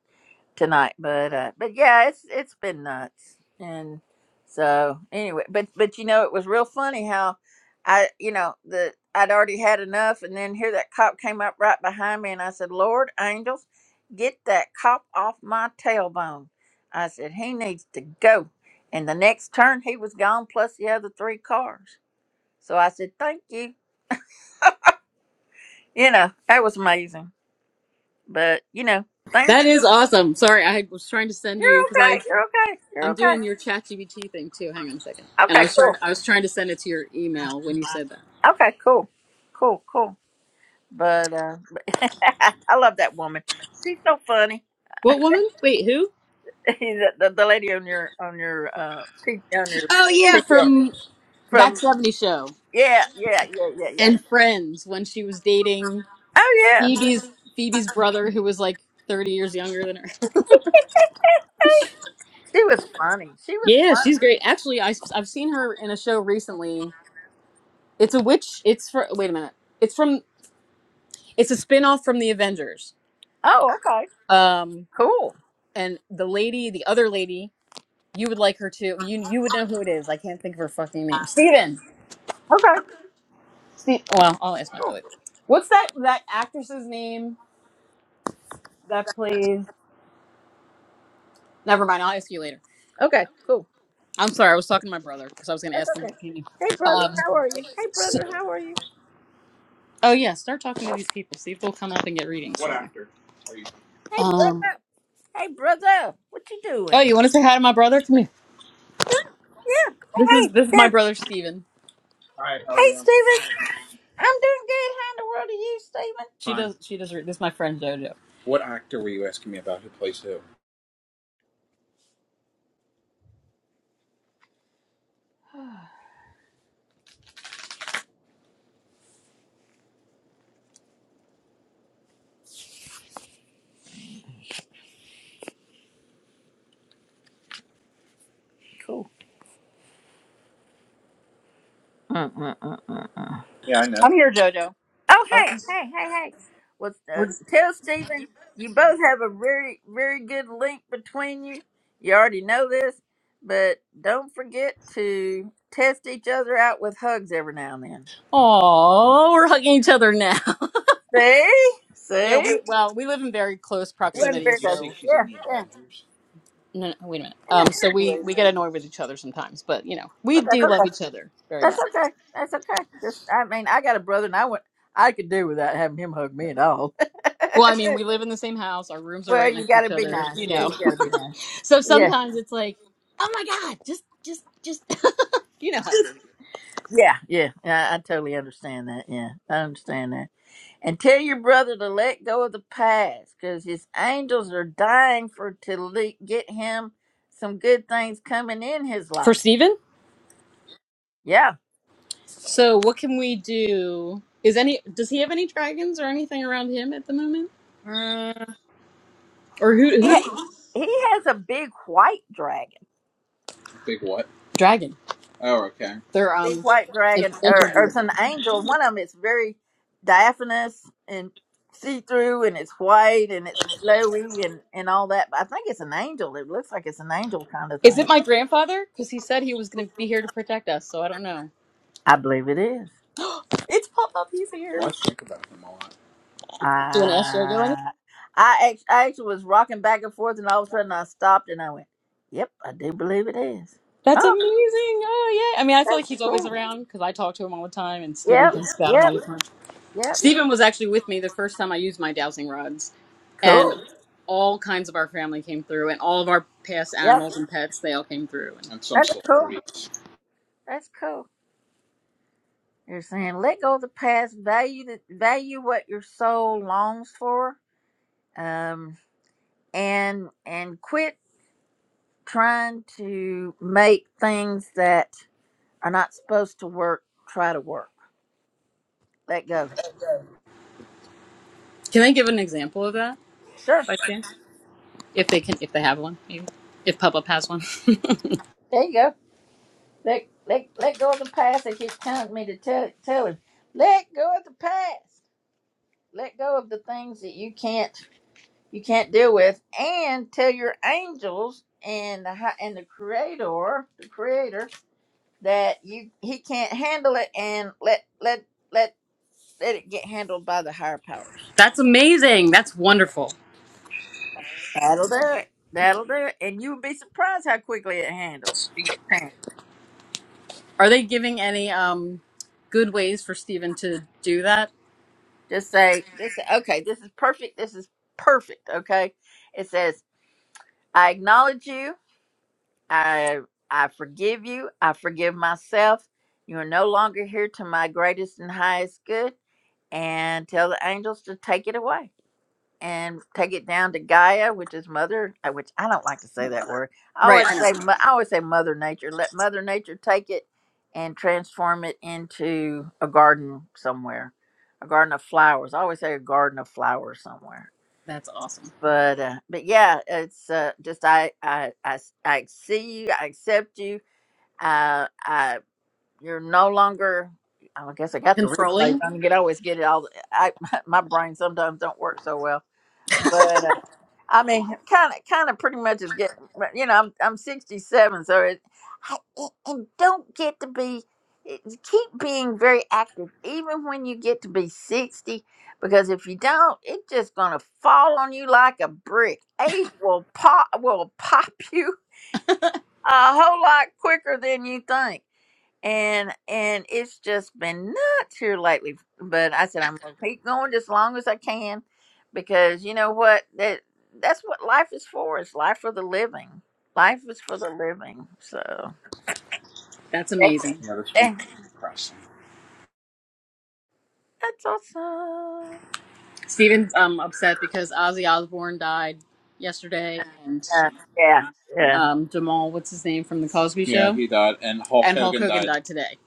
tonight, but uh, but yeah, it's it's been nuts, and so anyway, but but you know, it was real funny how I you know the I'd already had enough, and then here that cop came up right behind me, and I said, "Lord, angels, get that cop off my tailbone." I said, "He needs to go." And the next turn, he was gone, plus the other three cars. So I said, "Thank you." You know, that was amazing, but you know, things are That is good. awesome. Sorry, I was trying to send You're you because I okay. You're okay. You're I'm okay. doing your ChatGPT thing too. Hang on a second. And I Okay, was cool. trying. I was trying to send it to your email when you said that. Okay, cool, cool, cool. But uh, <laughs> I love that woman. She's so funny. What woman? Wait, who? <laughs> the, the, the lady on your on your uh P- on your Oh yeah, picture from that from '70s show yeah yeah yeah yeah yeah. and Friends when she was dating Oh yeah, Phoebe's Phoebe's brother, who was like 30 years younger than her. <laughs> she was funny. She was Yeah, funny. she's great. Actually, I, I've seen her in a show recently. It's a witch. It's for. Wait a minute. It's from. It's a spin off from the Avengers. Oh okay, Um, cool. and the lady, the other lady You would like her too. You you would know who it is. I can't think of her fucking name. Steven. Okay, Ste- well, I'll ask my cool. brother. What's that that actress's name that plays? Never mind. I'll ask you later. Okay, cool. I'm sorry. I was talking to my brother because I was going to That's ask him his okay. opinion. Hey brother, Um. how are you? Hey brother, how are you? Oh yeah. Start talking to these people. See if they'll come up and get readings. What actor? Hey Um. brother. Hey brother, what you Oh, doing? you want to say hi to my brother? Come here. Yeah. This is Hey, this is my yeah. brother Steven. Hey Yeah, Steven. I'm doing good. How in the world are you, Steven? She Fine. does she does re- this is my friend JoJo. What actor were you asking me about who plays who? <sighs> Cool. Mm, mm, mm, mm. Yeah, I know. I'm here, JoJo. Oh, I was hey, just, hey, hey, hey. Well, uh, we're just tell Stephen you both have a very, very good link between you. You already know this, but don't forget to test each other out with hugs every now and then. Oh, we're hugging each other now. <laughs> See? Yeah, See? we well, we live in very close Wait, Wasn't proximity, did very you say good. so she's in Yeah, the yeah. Avengers? no, no, wait a minute. Isn't Um, that so we sweet? we get annoyed with each other sometimes, but you know, we Well, that's do love okay. each other very That's much. okay. That's okay. Just, I mean, I got a brother, and I went, I could do without having him hug me at all. Well, I <laughs> mean, we live in the same house. Our rooms are well, right you next to got to each be other. nice. You Yeah, know, you got to be nice. <laughs> so Yeah. sometimes it's like, oh my god, just just just <laughs> you know how it is. Yeah, yeah, yeah, I totally understand that. Yeah, I understand that. And tell your brother to let go of the past, because his angels are dying for to le- get him some good things coming in his For life. Steven? Yeah, so what can we do? Is any does he have any dragons or anything around him at the moment? mm, Or who he who? ha- he has a big white dragon, Big what? Dragon. Oh, okay. They're big um white in- dragon, or, or it's an interviews. angel. One of them is very diaphanous and see through, and it's white and it's flowy and and all that. But I think it's an angel. It looks like it's an angel kind of Is thing. it my grandfather? Because he said he was going to be here to protect us, so I don't know. I believe it is. It's pop up. He's here. Well, I think about him a lot. Do an SJ or anything? I I act- I actually was rocking back and forth, and all of a sudden I stopped and I went, "Yep, I do believe it is." That's Oh, amazing. Oh yeah. I mean, I feel like that's he's always cool. around because I talk to him all the time, and Steven Yep, thinks about him all yep, the time. yep. Steven was actually with me the first time I used my dowsing rods, and Cool. all kinds of our family came through, and all of our past Yep, animals and pets they all came through. And And some that's cool. celebrities. That's cool. You're saying let go of the past, value the value what your soul longs for, um, and and quit trying to make things that are not supposed to work try to work. Let go. can I give an example of that? Sure. By chance? if they can, if they have one, maybe if Up has one. <laughs> There you go. Let let let go of the past. They keep telling me to tell tell him. Let go of the past. Let go of the things that you can't you can't deal with, and tell your angels and the hi- and the creator the creator that you he can't handle it, and let let let let it get handled by the higher powers. That's amazing. That's wonderful. That'll do it. That'll do it, and you'll be surprised how quickly it handles. It gets handled. Are they giving any um good ways for Steven to do that? Just say this. Okay, this is perfect. This is perfect. Okay. It says. I acknowledge you. I I forgive you. I forgive myself. You are no longer here to my greatest and highest good. And tell the angels to take it away and take it down to Gaia, which is Mother. uh, Which I don't like to say that word. I Right, always I know. say mo- I always say Mother Nature. Let Mother Nature take it and transform it into a garden somewhere, a garden of flowers. I always say a garden of flowers somewhere That's awesome. but uh, but yeah, it's uh, just I, I I s- I see you, I accept you. Uh, I you're no longer. oh, I guess I got the replays. Controlling? I mean, you could always get it all. I <laughs> my brain sometimes don't work so well, but. uh, I mean, kind of, kind of, pretty much is getting. but, You know, I'm I'm 67, so it, I, and and don't get to be. it- Keep being very active, even when you get to be 60, because if you don't, it's just gonna fall on you like a brick. Age will pop will pop <laughs> you a whole lot quicker than you think and and it's just been nuts here lately. But I said I'm gonna keep going just as long as I can, because you know what that that's what life is for. It's life for the living. Life is for the living. So That's that's, amazing. Yeah, this eh, week came across them. that's awesome. Steven's um upset because Ozzy Osbourne died yesterday and Uh, yeah, yeah. um Jamal, what's his name from the Cosby Yeah, show? he died, and Hulk And Hulk Hogan Hulk Hogan died. died today.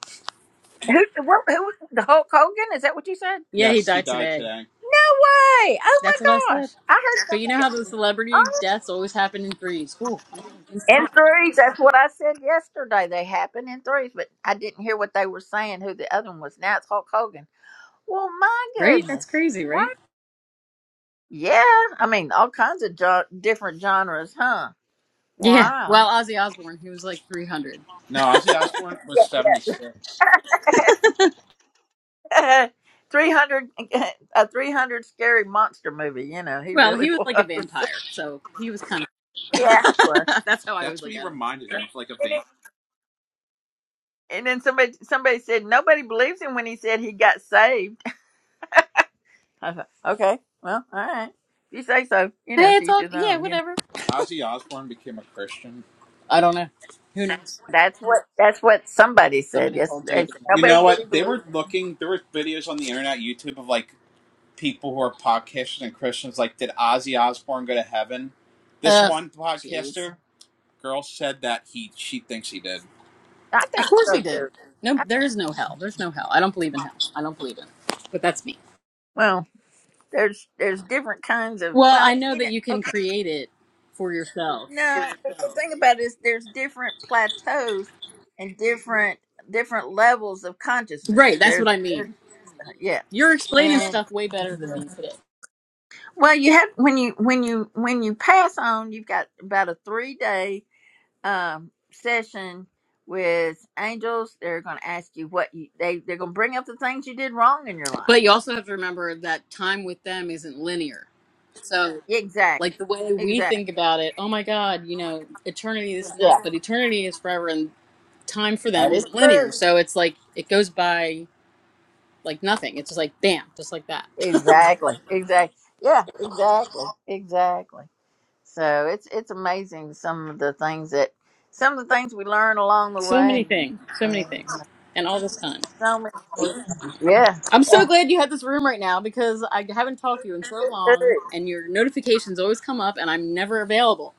Who, what, who? was The Hulk Hogan? Is that what you said? Yeah, he Yes, he died died today. today. No way! Oh That's what I my said. gosh! I heard But you know how somebody. the celebrity oh deaths always happen in threes. Cool. In threes, that's what I said yesterday. They happen in threes, but I didn't hear what they were saying. Who the other one was? Now it's Hulk Hogan. Well, my Right? That's goodness, crazy, what? right? Yeah, I mean all kinds of jo- different genres, huh? Yeah. Wow. Well, Ozzy Osbourne, he was like 300. No, Ozzy Osbourne <laughs> was 76. <laughs> three hundred, a three hundred scary monster movie. You know, he Well, really he was like a was. <laughs> vampire, so he was kind of. Yeah. <laughs> That's how I always That's was what look he reminded me of, like a And vampire. then and then somebody somebody said nobody believes him when he said he got saved. <laughs> I thought, okay, well, all right. If you say so, you know, Hey, it's teach all his yeah, own, you know. whatever. Ozzy Osbourne became a Christian. I don't know. Who knows? That's what that's what somebody said. Somebody Yes, told Joe they said, You nobody know what? really They believes. were it." looking. There were videos on the internet, YouTube, of like people who are podcasters and Christians. Like, did Ozzy Osbourne go to heaven? This Ugh, one jeez. podcaster girl said that he she thinks he did. I Of think course so he too. did. No, I there think is no hell. There's no hell. I don't believe in hell. I don't believe in. It. But that's me. well, there's there's different kinds of Well, well, I know you that know, you can okay, create it for yourself. no. But the thing about it is there's different plateaus and different different levels of consciousness. Right. That's There's, what I there's mean. yeah, You're explaining and stuff way better than me today. well, you have when you when you when you pass on, you've got about a three day um session with angels they're going to ask you what you they they're going to bring up the things you did wrong in your But life you also have to remember that time with them isn't linear. So, exactly like the way we exactly think about it, oh my God, you know, eternity is yeah not, but eternity is forever, and time for them that is isn't linear. true So it's like it goes by like nothing. It's just like bam, just like that. <laughs> exactly exactly yeah exactly exactly so it's it's amazing some of the things that some of the things we learn along the So many way things. So many and things. And all this time. so many yeah I'm so glad you had this room right now because I haven't talked to you in so yeah long and your notifications always come up and I'm never available.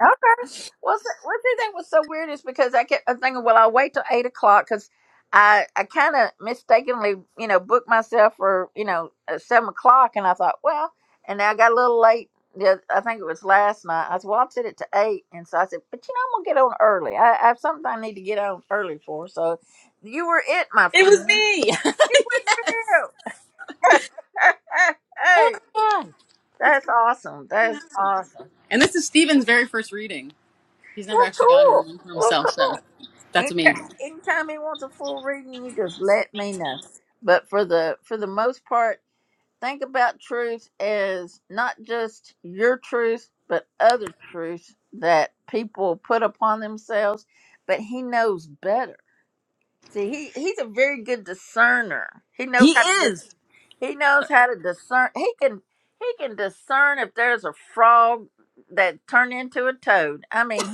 Okay. Well, th- what do you think was so weird is because I kept thinking, well, I'll wait till eight o'clock because I I kind of mistakenly, you know, booked myself for you know uh, seven o'clock, and I thought, well, and I got a little late. Yeah, I think it was last night. I said, well, I'll set it to eight, and so I said, but you know, I'm gonna get on early. I, I have something I need to get on early for. So you were it, my It was friend. me. It was you. <laughs> <laughs> oh hey, my god. That's that's awesome. so That's happy. awesome. And this is Steven's very first reading. He's never Well, actually gotten cool. one for Well, himself, cool. so that's Anytime, amazing. anytime he wants a full reading, you just let me know. But for the for the most part, think about truth as not just your truth, but other truths that people put upon themselves. But he knows better. See, he he's a very good discerner. He knows He how to dis- is. <laughs> he knows how to discern. He can he can discern if there's a frog that turned into a toad. I mean,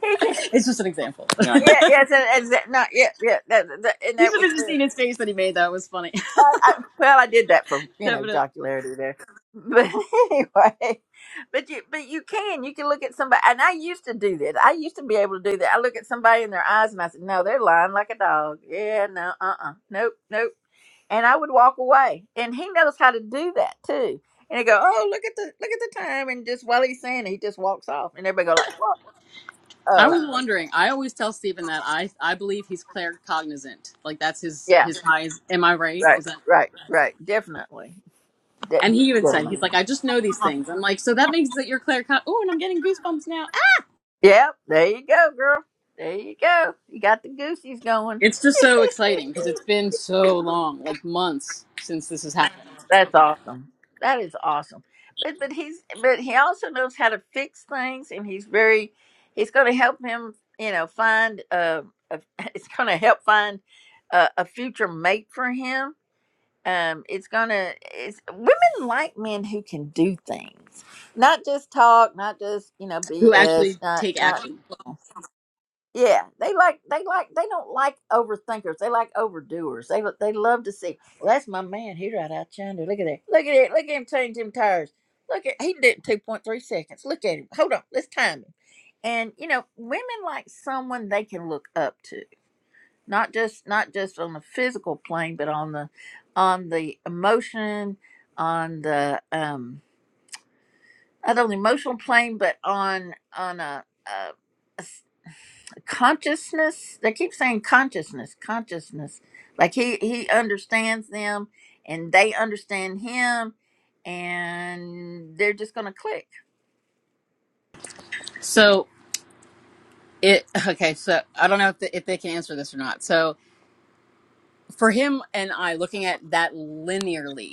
he, It's just an example. Yeah, I yeah, know. yes, and exact. No, yeah, yeah, that, that, <laughs> and you that should was. have just good. seen his face that he made. That was funny. I, I, well, I did that for <laughs> you know Definitely. jocularity there, but <laughs> anyway, but you but you can you can look at somebody, and I used to do that. I used to be able to do that. I look at somebody in their eyes, and I said, "No, they're lying like a dog." Yeah, no, uh, uh nope, nope. And I would walk away, and he knows how to do that too. And he go, "Oh, look at the look at the time," and just while he's saying, it, he just walks off, and everybody go like, "What? I Oh, was wondering. I always tell Stephen that I I believe he's claircognizant. Like that's his yeah, his highest. Am I right? right, Is that? right, right, definitely." And he even said That- he's like I just know these things. I'm like so that means that you're claircogn. Oh, and I'm getting goosebumps now. Ah! Yep, there you go, girl. There you go. You got the goosies going. It's just so <laughs> exciting because it's been so long, like months since this has happened. That's awesome. That is awesome. But but he's but he also knows how to fix things, and he's very he's going to help him. You know, find uh, a <laughs> it's going to help find a, a future mate for him. Um, it's gonna. It's women like men who can do things, not just talk, not just you know Who actually BS, not take not. action? Yeah, they like they like they don't like overthinkers. They like overdoers. They lo- they love to see. Well, that's my man. He right out yonder. Look at that. Look at it. Look at him change them tires. Look at he did it in two point three seconds. Look at him. Hold on. Let's time him. And you know, women like someone they can look up to. Not just not just on the physical plane, but on the on the emotion, on the um not on the emotional plane, but on on a, a consciousness they keep saying consciousness consciousness like he he understands them and they understand him and they're just gonna click So it okay. So I don't know if the, if they can answer this or not. So for him and I, looking at that linearly.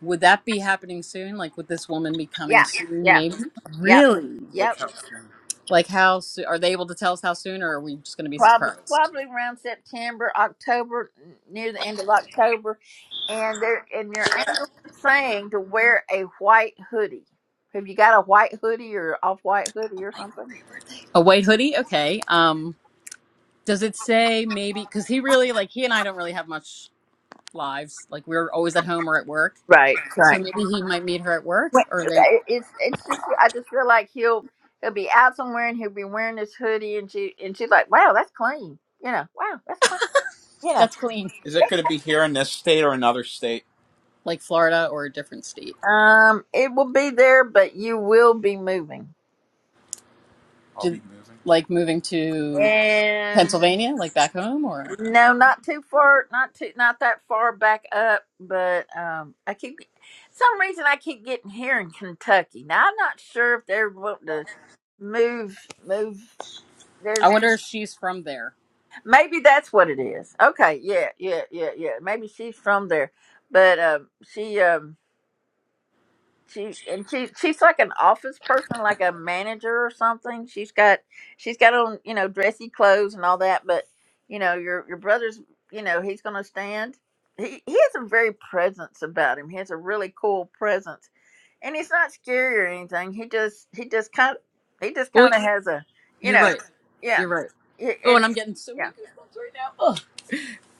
Would that be happening soon? Like, would this woman be coming yeah soon? yeah Maybe. yeah Really? Like yep how soon? Like, how soon? Are they able to tell us how soon, or are we just going to be probably surprised? probably around september october near the end of october and they're and your angels are saying to wear a white hoodie have you got a white hoodie or off white hoodie or something A white hoodie. Okay. Um. Does it say maybe? Because he really like he and I don't really have much lives. Like we're always at home or at work. right So right maybe he might meet her at work, When- or then right, It's it's just I just feel like he'll he'll be out somewhere and he'll be wearing this hoodie and she and she's like, wow, that's clean, you know, wow, that's clean, you know. that's clean. Is it going to be here in this state or another state? like Florida or a different state? Um, it will be there, but you will be moving, I'll Did be moving. like moving to and Pennsylvania, like back home, or? no, not too far, not too, not that far back up. But um, I keep some reason I keep getting here in Kentucky. Now I'm not sure if they're wanting to move move. I There's wonder if she's from there. Maybe that's what it is. Okay, yeah, yeah, yeah, yeah. Maybe she's from there, but um, she um, she and she she's like an office person, like a manager or something. She's got she's got on you know dressy clothes and all that, but you know your your brother's you know he's gonna stand. He he has a very presence about him. He has a really cool presence, and he's not scary or anything. He just he just kind of he just Oh, kind of has a you you're know right. yeah You're right. yeah Oh, and and I'm getting so yeah many goosebumps right now. Oh.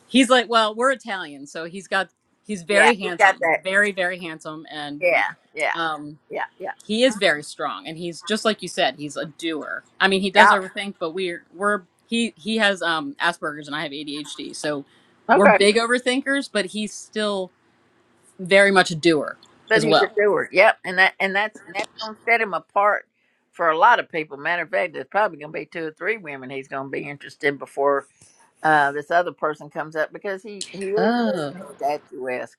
He's like, well, we're Italian, so he's got he's yeah very he's got handsome, that. very very handsome, and Yeah, yeah, um, yeah, yeah, he is very strong, and he's just like you said, he's a doer. I mean, he does yeah. overthink, but we're we're he he has um Asperger's and I have ADHD, so we're Okay, big overthinkers, but he's still very much a doer but as he's a well. doer. Yep, and that and that's that's gonna set him apart for a lot of people. Matter of fact, there's probably gonna be two or three women he's gonna be interested in before uh, this other person comes up because he he is Oh. very statuesque.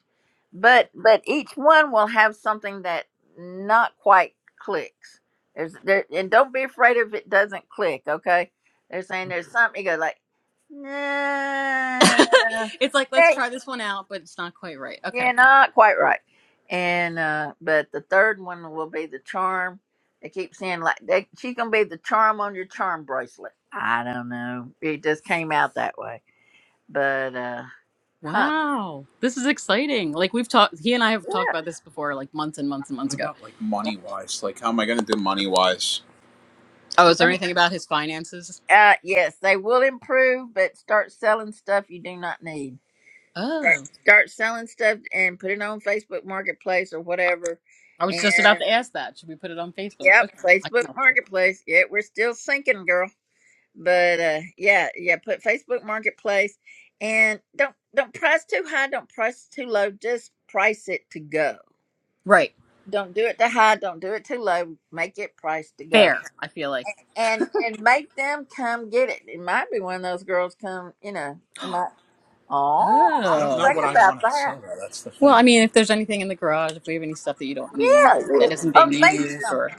But but each one will have something that not quite clicks. There's there and don't be afraid if it doesn't click. Okay, they're saying there's something. You go like, nah. <laughs> it's like let's try this one out, but it's not quite right. Yeah, Okay. not quite right. And uh but the third one will be the charm. They keep saying like they, she's gonna be the charm on your charm bracelet. I don't know. It just came out that way. But uh huh. Wow, this is exciting. Like we've talked, he and I have talked Yeah. about this before, like months and months and months What ago. about like money wise? Like, how am I going to do money wise? Oh, is there Money anything about his finances? uh yes, they will improve, but start selling stuff you do not need. Start, Oh, start selling stuff and put it on Facebook Marketplace or I whatever. I was just about And to ask that. Should we put it on Facebook? yep, Okay, I can Facebook help you. Marketplace. Yeah, we're still sinking, girl but uh yeah yeah put facebook marketplace and don't don't price too high don't price too low just price it to go Right, don't do it too high don't do it too low make it price to go fair. I feel like. and and make them come get it it might be one of those girls come you know it might I oh i don't didn't know Oh. think what I about want to that sell though. That's the Well, thing. I mean, if there's anything in the garage, if we have any stuff that you don't need, yeah like that you- isn't or being make used, some or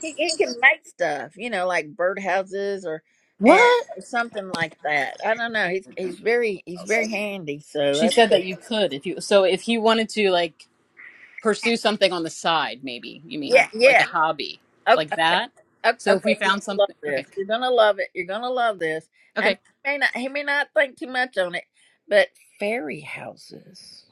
he, he can make stuff you know like birdhouses or and what? or something like that i don't know he's he's very he's very handy so She that's said good that you could if you. So if he wanted to, like. pursue something on the side maybe you mean Yeah, like a yeah. hobby like Okay, that okay, so if we okay. You're found gonna love something this. okay You're gonna love it. You're gonna love this. And okay he may not, he may not think too much on it, but fairy houses.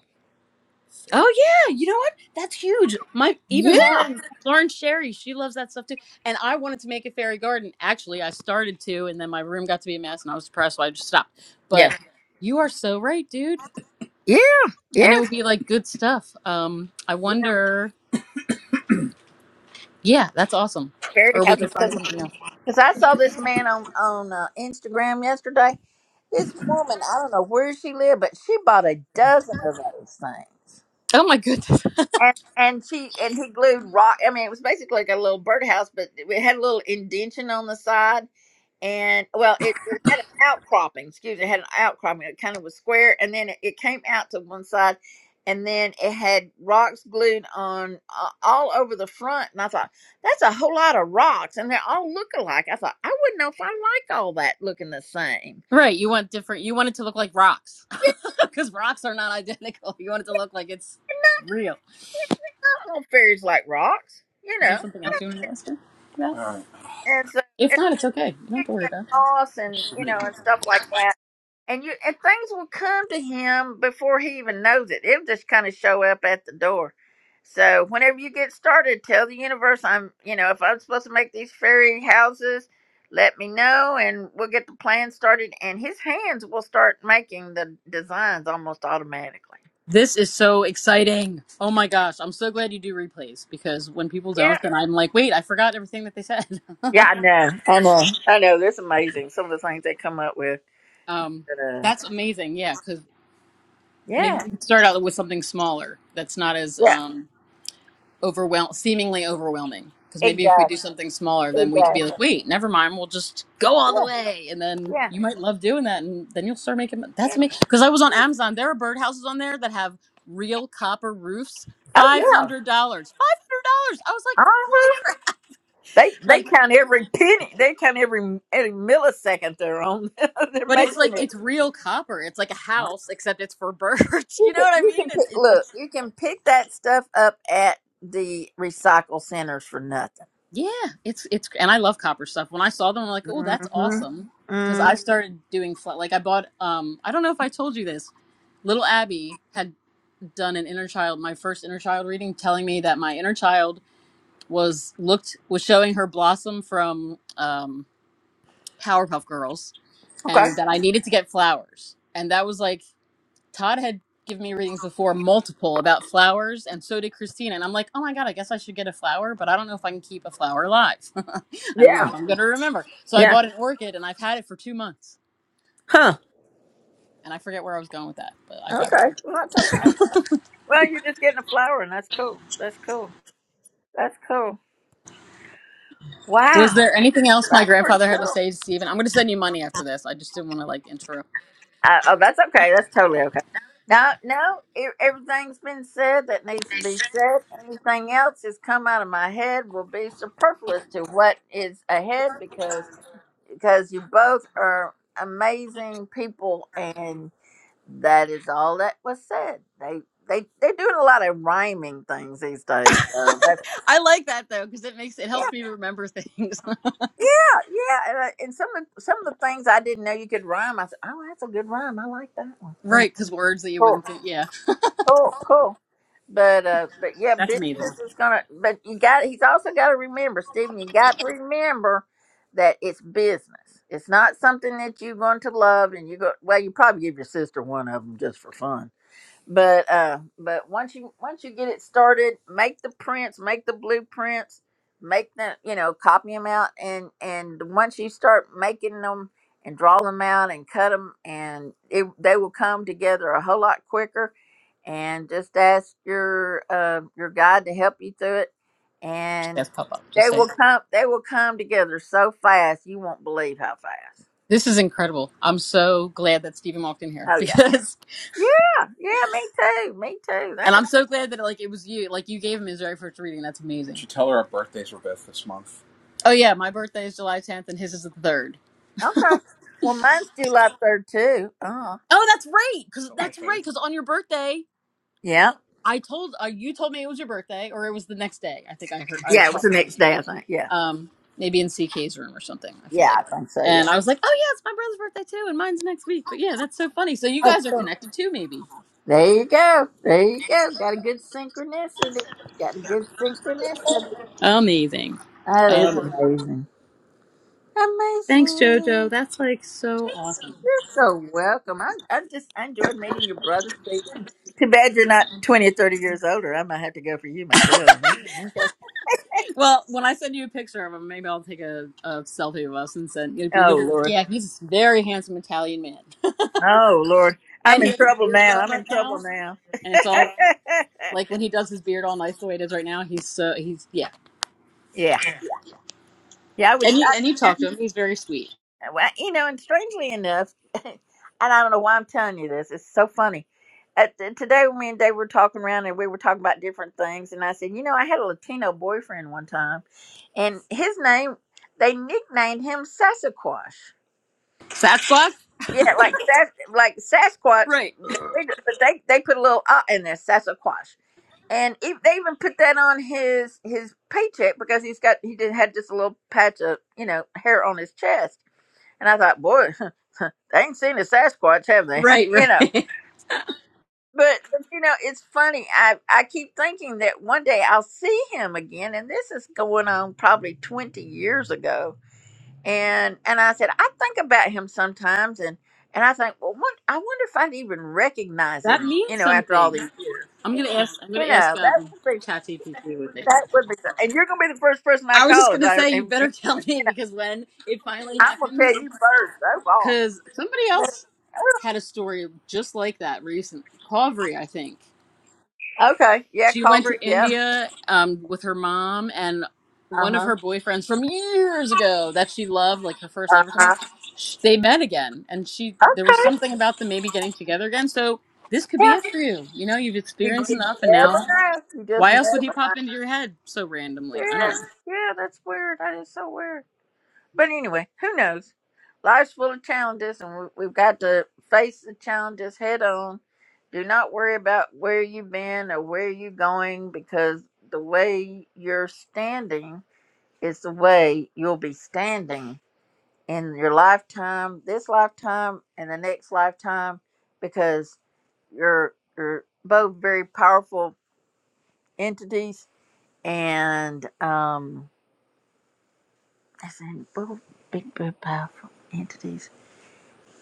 oh yeah you know what that's huge my even Yeah. lauren lauren sherry she loves that stuff too and i wanted to make a fairy garden actually i started to and then my room got to be a mess and i was depressed so i just stopped but Yeah, you are so right dude yeah, yeah. and it would be like good stuff um i wonder yeah that's awesome Fairy or we houses. could find Because something else I saw this man on on uh, Instagram yesterday. This woman, I don't know where she lived, but she bought a dozen of those things. oh my goodness. And and she and he glued rock. I mean, it was basically like a little birdhouse, but it had a little indention on the side and well, it, it had an outcropping. Excuse me, it had an outcropping. It kind of was square, and then it, it came out to one side, and then it had rocks glued on uh, all over the front. And I thought that's a whole lot of rocks, and they're all looking alike. I thought I wouldn't know if I like all that looking the same. Right. You want different. You want it to look like rocks <laughs> because rocks are not identical. You want it to look like it's real. Not all fairies like rocks, you Is there know. something else you want to ask her about? All right. And so If it not, it's okay. You don't have kicked to worry and about. it. loss, There's and so you many. know, and stuff like that. and you and things will come to him before he even knows it. It'll just kind of show up at the door. So whenever you get started, tell the universe I'm you know if I'm supposed to make these fairy houses, let me know and we'll get the plan started. And his hands will start making the designs almost automatically. This is so exciting. Oh my gosh. I'm so glad you do replays because when people Yeah, don't, then I'm like, wait, I forgot everything that they said. <laughs> yeah, I know, I know, I know. That's amazing. Some of the things they come up with. um, But, uh, that's amazing. Yeah. Because maybe yeah, we can start out with something smaller that's not as. yeah, Um, overwhelm seemingly overwhelming because maybe if we do exactly, something smaller then we could be exactly. like wait never mind we'll just go all the Yeah, way and then yeah, you might love doing that and then you'll start making mon- that's yeah. me because i was on amazon there are birdhouses on there that have real copper roofs Oh $500 yeah. $500 i was like holy Uh-huh. crap They they like count every penny. They count every every millisecond they're on. <laughs> they're but it's like making it. it's real copper it's like a Huh? house except it's for birds <laughs> you You know can what i you mean can it's pick, it's, look. it's You can pick that stuff up at the recycle centers for nothing. Yeah, it's it's and I love copper stuff. When I saw them, I'm like, oh, that's Mm-hmm. awesome. Because I Mm, started doing flat. Like I bought. Um, I don't know if I told you this. Little Abby had done an inner child, my first inner child reading, telling me that my inner child was looked was showing her blossom from um, Powerpuff Girls, okay. and that I needed to get flowers. And that was like Todd had given me readings before, multiple about flowers, and so did Christina. And I'm like, oh my God, I guess I should get a flower, but I don't know if I can keep a flower alive. <laughs> I don't know Yeah. if I'm going to remember. So I Yeah. bought an orchid and I've had it for two months. Huh. And I forget where I was going with that, but I got. Okay. Rude. Well, that's okay. Well, you're just getting a flower, and that's cool. That's cool. That's cool. Was Wow. there anything else my That's pretty grandfather had to cool. say to Steven? I'm going to send you money after this. I just didn't want to like interrupt. Uh, oh, that's okay. That's totally okay. No, no, e everything's been said that needs to be said. Anything else that's come out of my head will be superfluous to what is ahead because because you both are amazing people, and that is all that was said. They they they're doing a lot of rhyming things these <laughs> days. So that's I like that though because it makes it yeah. helps me remember things. Yeah, yeah, and, I- and some of some of the things I didn't know you could rhyme. I said, "Oh, that's a good rhyme. I like that one." <laughs> You know, right, because words that you cool. wouldn't think. Yeah, Cool, cool. But uh, but yeah, that's amazing. business is gonna. But you got. He's also got to remember, Stephen. You got to remember that it's business. It's not something that you're going to love, and you go. Well, you probably give your sister one of them just for fun. But uh, but once you once you get it started, make the prints, make the blueprints, make them. You know, copy them out, and and once you start making them and draw them out and cut them, and it, they will come together a whole lot quicker and just ask your uh, your God to help you through it. And That's pop up. Just they say it. will come. They will come together so fast you won't believe how fast. This is incredible. I'm so glad that Stephen walked in here <laughs> Oh yeah, because, yeah, yeah. Me too. Me too. and That's I'm so glad that like it was you. Like you gave him his very first reading. That's amazing. Did you tell her our birthdays were both this month? Oh yeah, my birthday is July 10th, and his is the third. all. okay. Well, mine's July third too. Uh Oh, that's right. Cause July that's third. right. Cause on your birthday, yeah, I told uh, you told me it was your birthday, or it was the next day. I think I heard I yeah. It was the talked to you next maybe, day, I think. Yeah, um, maybe in CK's room or something. I feel yeah. I like, think so. and Yeah. I was like, oh yeah, it's my brother's birthday too, and mine's next week. But yeah, that's so funny. So you guys are Okay. connected too, maybe. There you go. There you go. Got a good synchronicity. Got a good synchronicity. Amazing. That is Um, amazing. Thanks, Amazing. Jojo. That's like so awesome. You're so welcome. I, I just I enjoyed meeting your brother, Stephen. Too bad you're not 20 or 30 years older. I might have to go for you myself. Yeah, okay. Well, when I send you a picture of him, maybe I'll take a, a selfie of us and send. You'll be, you'll Oh, be like, Lord. yeah, he's a very handsome Italian man, Oh, Lord. <laughs> and I'm he in has a trouble beard now. going I'm right in trouble now, now. and it's all <laughs> like when he does his beard all nice the way it is right now. He's so he's yeah, yeah. Yeah, I and was, you I, and you I- talk to him. He's very sweet. well, you know, and strangely enough, <laughs> and I don't know why I'm telling you this, it's so funny. At the, today, me and Dave were talking around and we were talking about different things. And I said, you know, I had a Latino boyfriend one time and his name they nicknamed him Sasquatch. Sasquatch. Yeah, like Sas, like Sasquatch, Right. they, but they they put a little uh in there, Sasquatch, and e they even put that on his his paycheck because he's got he did had just a little patch of you know hair on his chest, and I thought, boy, <laughs> they ain't seen a Sasquatch, have they? Right. <laughs> you know. Right. But, but you know it's funny. I I keep thinking that one day I'll see him again, and this is going on probably twenty years ago and and I said I think about him sometimes, and and I think, well, what I wonder if I'd even <laughs> recognize that him, you means know, after all something. these years, I'm gonna ask. I'm you gonna ask know, that um, would be ChatGPT what they that think. would be, and you're gonna be the first person I I was just call if gonna I, if, say you you better <laughs> tell me know, because when it finally I'm gonna happens. tell you first. Oh, wow. Because somebody But, else had a story just like that recent. Hovri, I think. Okay, yeah, She went Culvert, to yep, India um, with her mom and uh one of huh, her boyfriends from years ago that she loved, like her first uh love or something. huh, sh- They met again, and she there was okay, something about them maybe getting together again. So this could be yeah, it for you. You know, you've you experienced just enough, and never now know, you just why else would he never, pop into your head so yeah, randomly? I don't know. yeah, that's weird, that is so weird. But anyway, who knows? Life's full of challenges, and we- we've got to face the challenges head on. Do not worry about where you've been or where you're going because the way you're standing is the way you'll be standing in your lifetime, this lifetime, and the next lifetime because you're, you're both very powerful entities and, um, I said, both big, big, powerful entities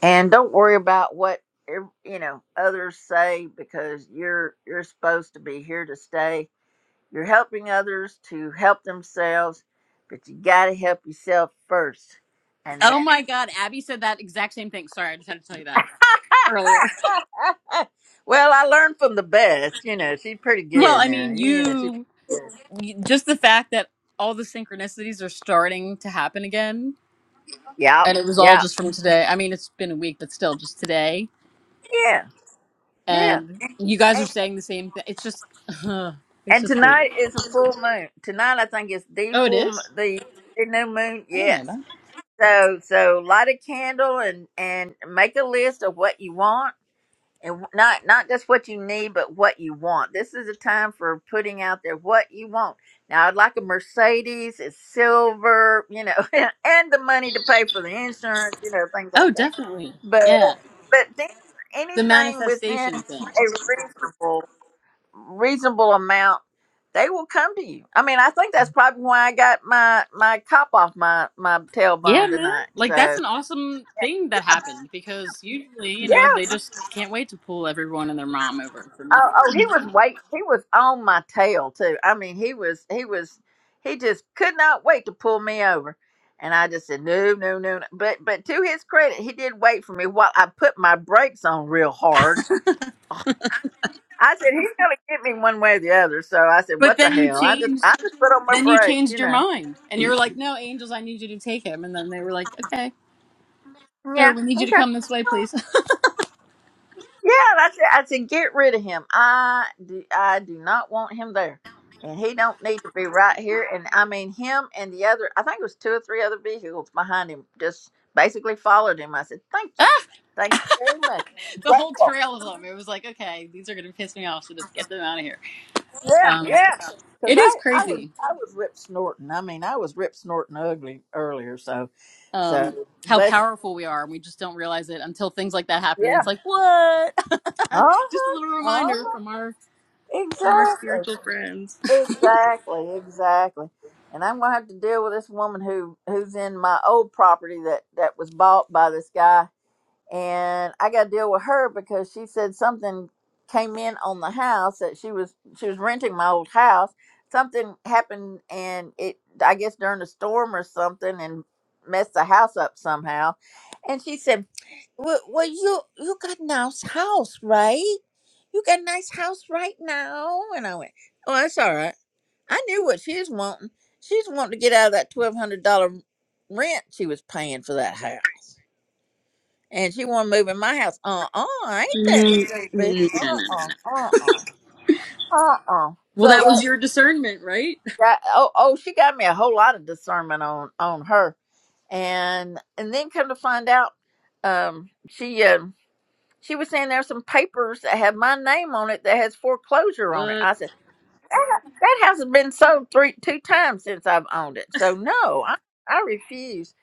and don't worry about what ev- you know others say because you're you're supposed to be here to stay you're helping others to help themselves but you got to help yourself first and Oh my God, Abby said that exact same thing. Sorry, I just had to tell you that earlier. <laughs> that- <laughs> well i learned from the best you know she's pretty Well, good I now mean, you know she you just the fact that all the synchronicities are starting to happen again yep and it was all yep just from today i mean it's been a week but still just today yeah yeah and you guys are and, saying the same thing it's just <sighs> it's and just great. tonight is a full moon tonight i think it's the oh it full m- is the, the new moon i didn't know yes that So so light a candle and and make a list of what you want and not not just what you need but what you want. This is a time for putting out there what you want. Now I'd like a Mercedes, it's silver, you know, <laughs> and the money to pay for the insurance, you know, things oh like that. definitely But yeah uh, but then the anything within manifestation thing a reasonable reasonable amount, they will come to you. I mean, I think that's probably why I got my my cop off my my yeah tailbone man tonight. like that's So an awesome thing that happened because usually you know yeah. they just can't wait to pull everyone and their mom over for nothing Oh, oh, he was wait. He was on my tail too. I mean, he was he was he just could not wait to pull me over. And I just said no, no, no. no. But but to his credit, he did wait for me while I put my brakes on real hard. I said he's gonna get me one way or the other. So I said, But what the then you hell? I just I changed. just put on my Then you brakes, changed you your know. mind, and you were like, "No, angels, I need you to take him." And then they were like, "Okay, sir, Yeah. we need you to Okay. come this way, please." <laughs> Yeah, that's it. I said, get rid of him. I do, I do not want him there, and he don't need to be right here. And I mean, him and the other, I think it was two or three other vehicles behind him, just basically followed him. I said, thank you, thank you very much. the whole Grateful. trail of them. It was like, "Okay, these are gonna piss me off, so just get them out of here." Yeah, Um, yeah. Because it is I, I was, crazy I was rip snorting. I mean, I was rip snorting ugly earlier. So, um, so how bless. powerful we are, and we just don't realize it until things like that happen. And Yeah. it's like, what? Uh <laughs> just a huh. little Uh reminder huh. from our from our Exactly. spiritual friends. Exactly, exactly. And I'm gonna have to deal with this woman who who's in my old property that that was bought by this guy, and I got to deal with her because she said something came in on the house that she was she was renting my old house. Something happened, and it I guess during a storm or something, and messed the house up somehow. And she said, "Well, well you you got nice house, right? You got nice house right now." And I went, "Oh, that's all right." I knew what she's wanting. She's wanting to get out of that twelve hundred dollar rent she was paying for that house, and she want to move in my house. Uh uh ain't that Mm, No, stupid? no, no, Uh uh no. uh uh uh uh. Well, So that that, was your discernment, right? that oh oh, she got me a whole lot of discernment on on her, and and then come to find out, um, she um. She was saying there's some papers that have my name on it that has <laughs> foreclosure on it. What? I said. That house has been sold three two times since I've owned it. So no, I, I refuse.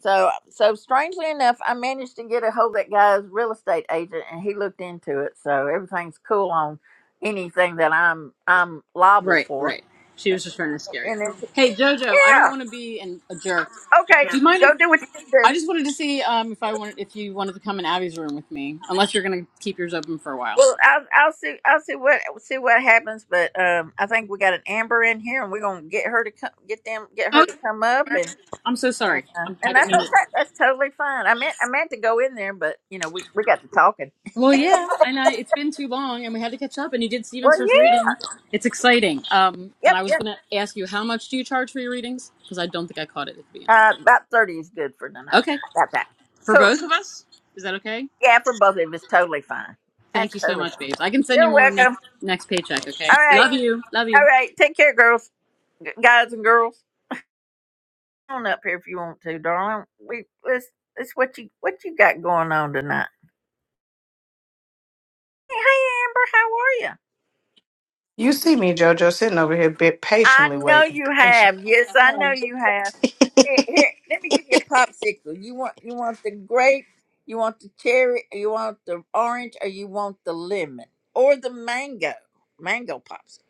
So so strangely enough, I managed to get a hold of that guy's real estate agent and he looked into it. So everything's cool on anything that I'm I'm liable Right, for. right. She was just trying to scare you. And then Hey, Jojo, I don't yeah, want to be an, a jerk. okay, Do you mind if go do what you need to I do. just wanted to see um, if I wanted if you wanted to come in Abby's room with me? Unless you're going to keep yours open for a while. Well, I'll, I'll see. I'll see what see what happens. But um, I think we got an Amber in here, and we're gonna get her to come, get them, get Oh, her to yeah. come up, and. I'm so sorry. Yeah. I'm, I And didn't that's mean it. okay. That's totally fine. I meant I meant to go in there, but you know, we, we got to talking. Well, yeah, and I, it's been too long, and we had to catch up. And you did Stephen's Well first yeah. reading. It's exciting. Um, and Yep, I was yep. going to ask you how much do you charge for your readings? Because I don't think I caught it at the beginning. Uh about thirty is good for tonight. Okay, About that. for Cool. both of us, is that okay? Yeah, for both of us, totally fine. That's Thank you so totally much, fine. babes. I can send you You're more next welcome. next paycheck. Okay, All right. love you, love you. All right. Take care, girls. G- guys and girls. Come on up here if you want to, darling. We this, this what you what you got going on tonight. Hey hey, Amber, how are you? You see me, JoJo, sitting over here bit I patiently know waiting. you Patient. have. Yes, I know you have. Here, here, let me give you a popsicle. You want you want the grape, you want the cherry, you want the orange, or you want the lemon or the mango. Mango popsicle.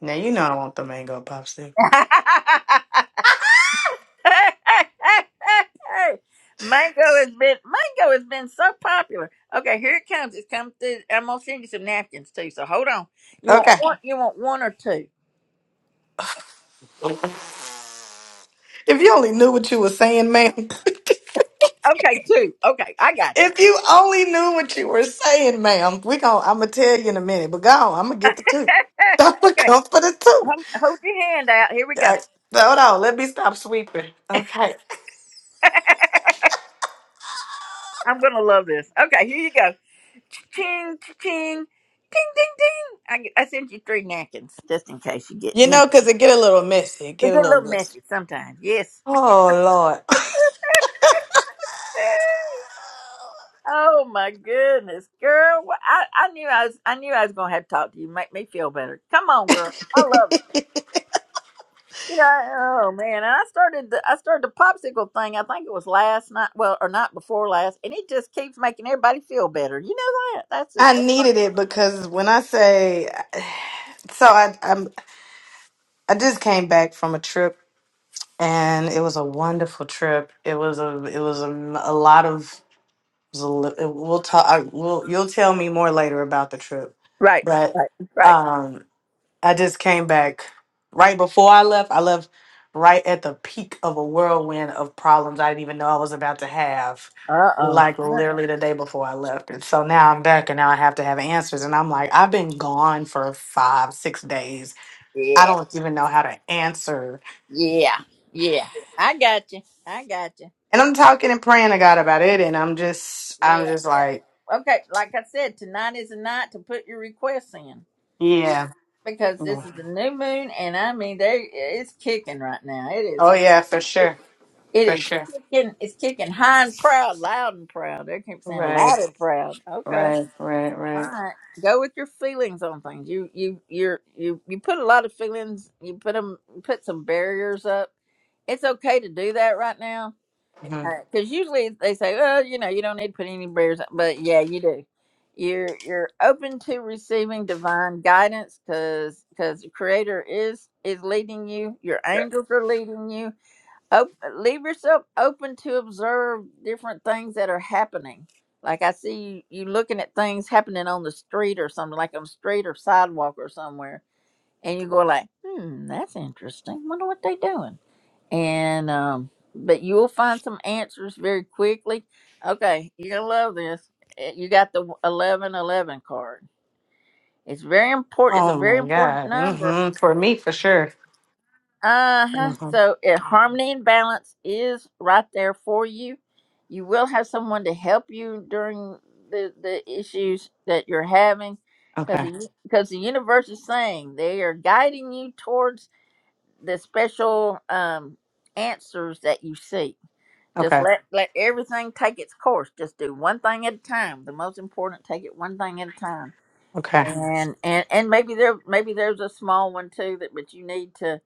Now you know I want the mango popsicle. <laughs> mango has been mango has been so popular. Okay, here it comes. It's come through. I'm gonna send you some napkins too. So hold on. You want Okay. one? You want one or two? If you only knew what you were saying, ma'am. <laughs> Okay, two. Okay, I got you. if <laughs> you only knew what you were saying, ma'am, we gon' I'ma tell you in a minute, but go on, I'ma get the two. <laughs> I'ma okay, come for the two. hold, hold your hand out. Here we go. I- Hold on, let me stop sweeping. Okay. <laughs> I'm gonna love this. Okay, here you go. Ching, ching, ding, ding, ding. I, g- I sent you three napkins just in case you get, You you know, know, cause it get a little messy. It they get a get a little little messy. messy sometimes. Yes. Oh Lord. <laughs> <laughs> oh my goodness, girl! Wha- I, I knew I was, I knew I was gonna have to talk to you. Make me feel better. Come on, girl. I love it. You know, oh man, and I started the I started the popsicle thing. I think it was last night, well, or night before last, and it just keeps making everybody feel better. You know that? That's just I so funny. needed it because when I say <sighs> so I I'm, I just came back from a trip and it was a wonderful trip. It was a it was a, m- a lot of it was a li- it- we'll talk I, we'll you'll tell me more later about the trip, Right, but right, right. um I just came back right before I left. I left right at the peak of a whirlwind of problems I didn't even know I was about to have. Uh oh. Like literally the day before I left, and so now I'm back, and now I have to have answers. And I'm like, I've been gone for five, six days. I Yeah. don't even know how to answer Yeah, yeah. I got you. I got you. And I'm talking and praying to God about it, and I'm just, I'm Yeah, just like, yeah. Okay, like I said, tonight is the night to put your requests in yeah, because this mm. is the new moon, and I mean, there it's kicking right now. It is. oh yeah, for It, sure, it for is sure, kicking. It's kicking high and proud, loud and proud. They keep saying right, loud and proud. Okay. right, right, All right. right, go with your feelings on things. You you you're you you put a lot of feelings. You put them put some barriers up. It's okay to do that right now hmm Because usually they say, well, you know, you don't need to put any barriers, up," but yeah, you do. You're you're open to receiving divine guidance because because the Creator is is leading you. Your angels are leading you. Op- leave yourself open to observe different things that are happening. Like I see you, you looking at things happening on the street or something, like on the street or sidewalk or somewhere, and you go like, hmm, that's interesting. Wonder what they doing and um but you will find some answers very quickly okay you're gonna love this Eh, you got the 11 11 card it's very important it's a Oh very my important God, number hmm for me, for sure. uh-huh hmm so eh, harmony and balance is right there for you you will have someone to help you during the the issues that you're having Okay, because because the universe is saying they are guiding you towards the special um answers that you seek Just okay, let let everything take its course. Just do one thing at a time. The most important, take it one thing at a time. okay, And and and maybe there maybe there's a small one too that but you need to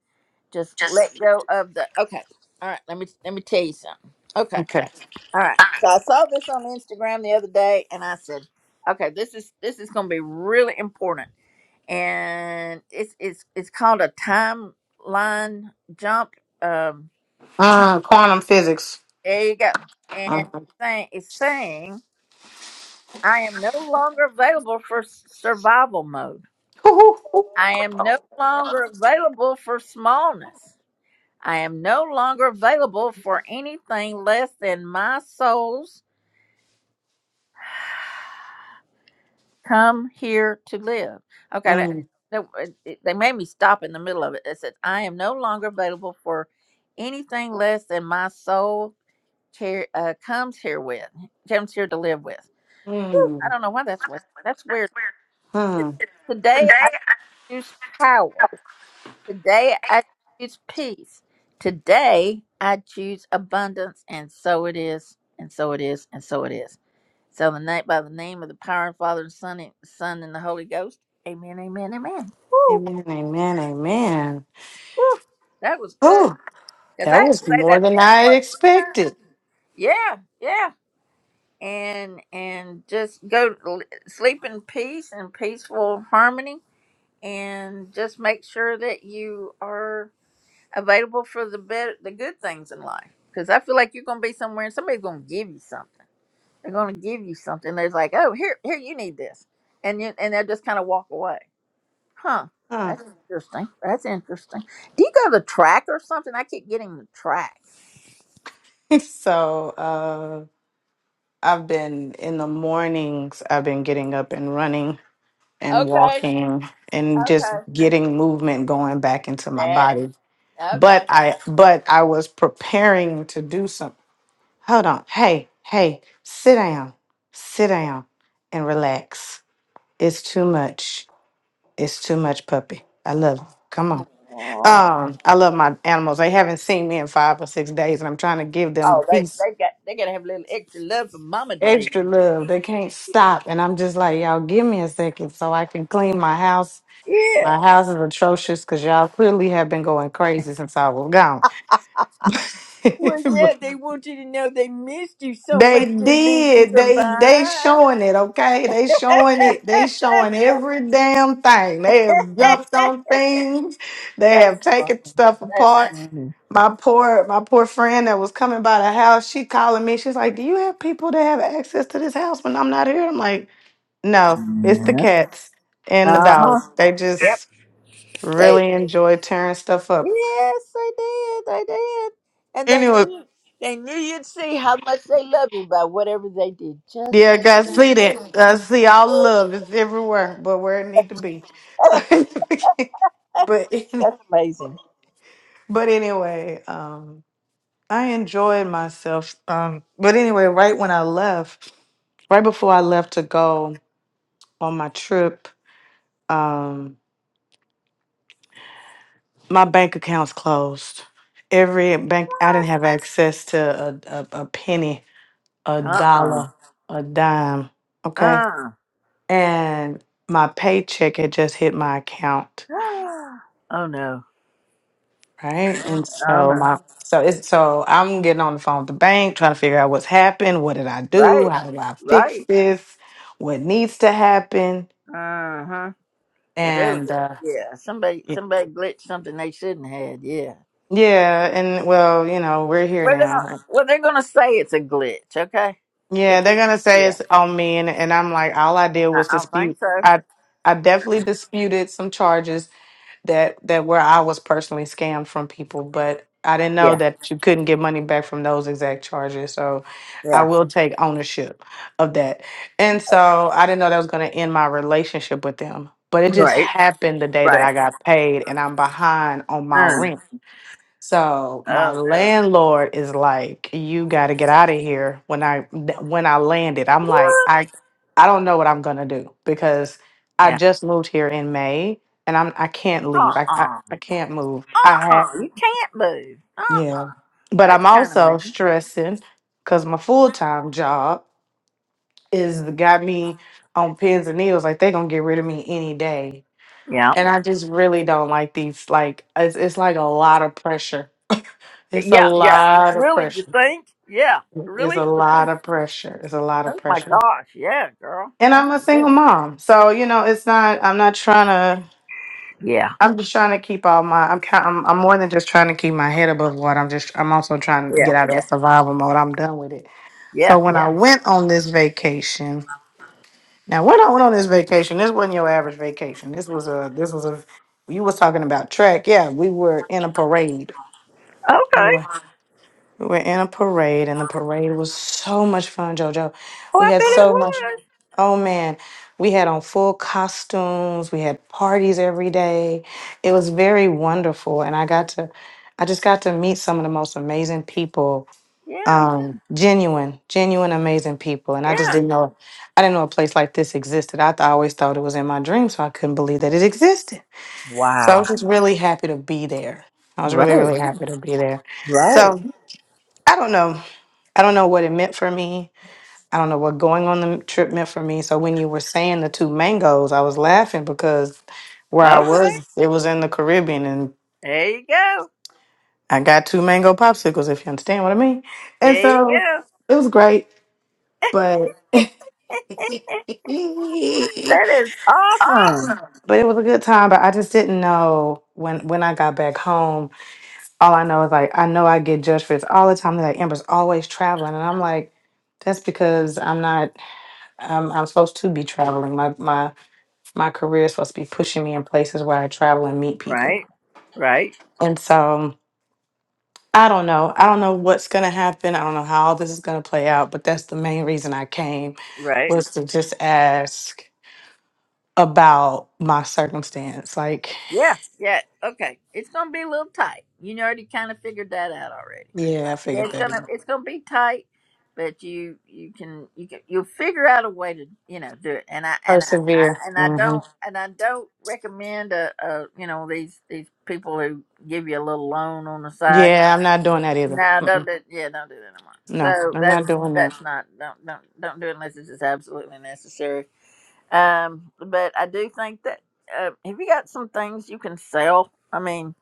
just just let go of the okay. All right, let me let me tell you something. Okay. okay. All right. So I saw this on Instagram the other day and I said, okay, this is this is going to be really important. And it's it's it's called a timeline jump um Uh, quantum physics. there you go. And Uh-huh. thing is saying I am no longer available for s- survival mode. Mm, I am no longer available for smallness. I am no longer available for anything less than my soul's come here to live. Okay, that, mm, that- it- it- they made me stop in the middle of it. It said, I am no longer available for anything less than my soul cher- uh, comes here with, comes here to live with. Whew, I mm. don't know why that's what, that's weird. mm-hmm. Today I choose power. Today I choose peace. Today I choose abundance, and so it is, and so it is, and so it is. So the night by the name of the power and Father and Son and Son and the Holy Ghost. Amen, amen, amen. Woo, Amen, amen, amen. woo. That was good. Oh, Because I that had to was say more that than I middle had part three expected. times. Yeah, yeah. And and just go to l- sleep in peace and peaceful harmony and just make sure that you are available for the better, the good things in life. Because I feel like you're gonna be somewhere and somebody's gonna give you something. They're gonna give you something. They're like, oh, here, here, you need this, and you, and they'll just kind of walk away. Huh? Huh. That's interesting. That's interesting. Do you go to the track or something? I keep getting the track. <laughs> so uh, I've been in the mornings, I've been getting up and running and Okay. walking and just Okay. getting movement going back into my That's body. But okay. I but I was preparing to do some hold on. Hey, hey, sit down. Sit down and relax. It's too much. It's too much puppy. I love you. Come on. Aw. Um, I love my animals. They haven't seen me in five or six days, and I'm trying to give them a Oh, they piece they got they gotta have a little extra love for mama today. extra love. They can't stop. And I'm just like, y'all, give me a second so I can clean my house. My Yeah. house is atrocious because y'all clearly have been going crazy since I was gone. Well, <laughs> yeah, they want you to know they missed you so they much they leave you did. from They they behind. showing it, okay? They showing it. They showing every damn thing. They have jumped on things. They That's have funny. taken stuff That's apart. funny. My poor my poor friend that was coming by the house, she calling me. She's like, Do you have people that have access to this house when I'm not here? I'm like, No, it's the Yeah. cats and the Uh huh. dog. They just They really enjoy tearing stuff up. yes, they did. They did, and they Anyway, knew they knew you'd see how much they love you by whatever they did. Just yeah, guys, see that. I see all love is everywhere, but where it need to be. <laughs> <laughs> that's but any- amazing. but anyway, um, I enjoyed myself. Um, but anyway, right when I left, right before I left to go on my trip, um, my bank account's closed. Every bank, I didn't have access to a, a, a penny a Uh uh-uh. dollar, a dime, okay? Uh. And my paycheck had just hit my account, <sighs> <gasps> Oh no. right? And Oh so no. my so it's so I'm getting on the phone with the bank trying to figure out what's happened, what did I do, Right. how do I fix Right. this, what needs to happen, Uh huh. Cause there was and uh yeah somebody y- somebody glitched something they shouldn't had. Yeah. yeah, and well, you know, we're here Well, they're gonna, now. well, they're gonna say it's a glitch, okay? They Yeah, they're can, gonna say yeah. it's on me, and, and I'm like, all I did I, was I don't think dispute. so. I I definitely disputed some charges that that where I was personally scammed from people, but I didn't know Yeah, that you couldn't get money back from those exact charges. So I yeah. will take ownership of that. And so I didn't know that was going to end my relationship with them. But it just Right, happened the day that right. I got paid and I'm behind on my Uh, rent. So my oh no. landlord is like, "You got to get out of here." When I when I landed, I'm like, What? I I don't know what I'm gonna do because I Yeah. just moved here in May, and I'm I can't leave. Uh I I, uh-uh. I can't move. I have uh. You can't move. Uh yeah, uh but That's I'm kind of also mean. stressing because my full time job is got me on pins and needles. Like they gonna get rid of me any day, Yeah. and I just really don't like these. Like it's it's like a lot of pressure. It's a Yeah, yeah. lot of Really, you pressure. think? Yeah. It's Really, a you lot think? of pressure. It's a lot of Oh my pressure. gosh. Yeah, girl. And Oh I'm a my single goodness. mom. So, you know, it's not I'm not trying to Yeah. I'm just trying to keep all my I'm kind I'm, I'm more than just trying to keep my head above water. I'm just I'm also trying to Yeah. get out of that survival mode. I'm done with it. Yeah. So when I went on this vacation, now when I went on this vacation, this wasn't your average vacation. This was a this was a you was talking about track. Yeah, we were in a parade. We Okay. were, we were in a parade and the parade was so much fun, Jojo. Oh, We I had bet it so much was. Oh man, we had on full costumes. We had parties every day. It was very wonderful, and I got to, I just got to meet some of the most amazing people. Yeah. Um, genuine, genuine, amazing people. And I just Yeah. didn't know, I didn't know a place like this existed. I, th- I always thought it was in my dreams, so I couldn't believe that it existed. So I Wow. was just really happy to be there. I was really, Right. really Well, happy to be there. Right. So I don't know, I don't know what it meant for me I don't know what going on the trip meant for me. So when you were saying the two mangoes, I was laughing because where I Okay. was, it was in the Caribbean and There you go. I got two mango popsicles, if you understand what I mean. And There you so go. it was great, but <laughs> but it That is awesome. was a good time. But I just didn't know when when I got back home. All I know is like I know I get judged for this all the time. They're like Amber's always traveling, and I'm like, that's because I'm not. I'm, I'm supposed to be traveling. My my my career is supposed to be pushing me in places where I travel and meet people. Right, right, And so um, I don't know. I don't know what's going to happen. I don't know how all this is going to play out, but that's the main reason I came right. was to just ask about my circumstance. Like, Yeah, yeah. Okay. It's gonna be a little tight. You already kind of figured that out already. yeah, I Yeah, figured it's that gonna out. it's gonna be tight, but you you can you can you'll figure out a way to you know do it. And I and I, Persevere. I and I hmm don't and I don't recommend a, a you know these these people who give you a little loan on the side Yeah, I'm not doing that either. No, don't Mm-mm. do. Yeah, don't do it anymore. No, So I'm that's not doing that. that's not. Don't don't don't do it unless it's just absolutely necessary. Um, but I do think that uh, have you got some things you can sell? I mean,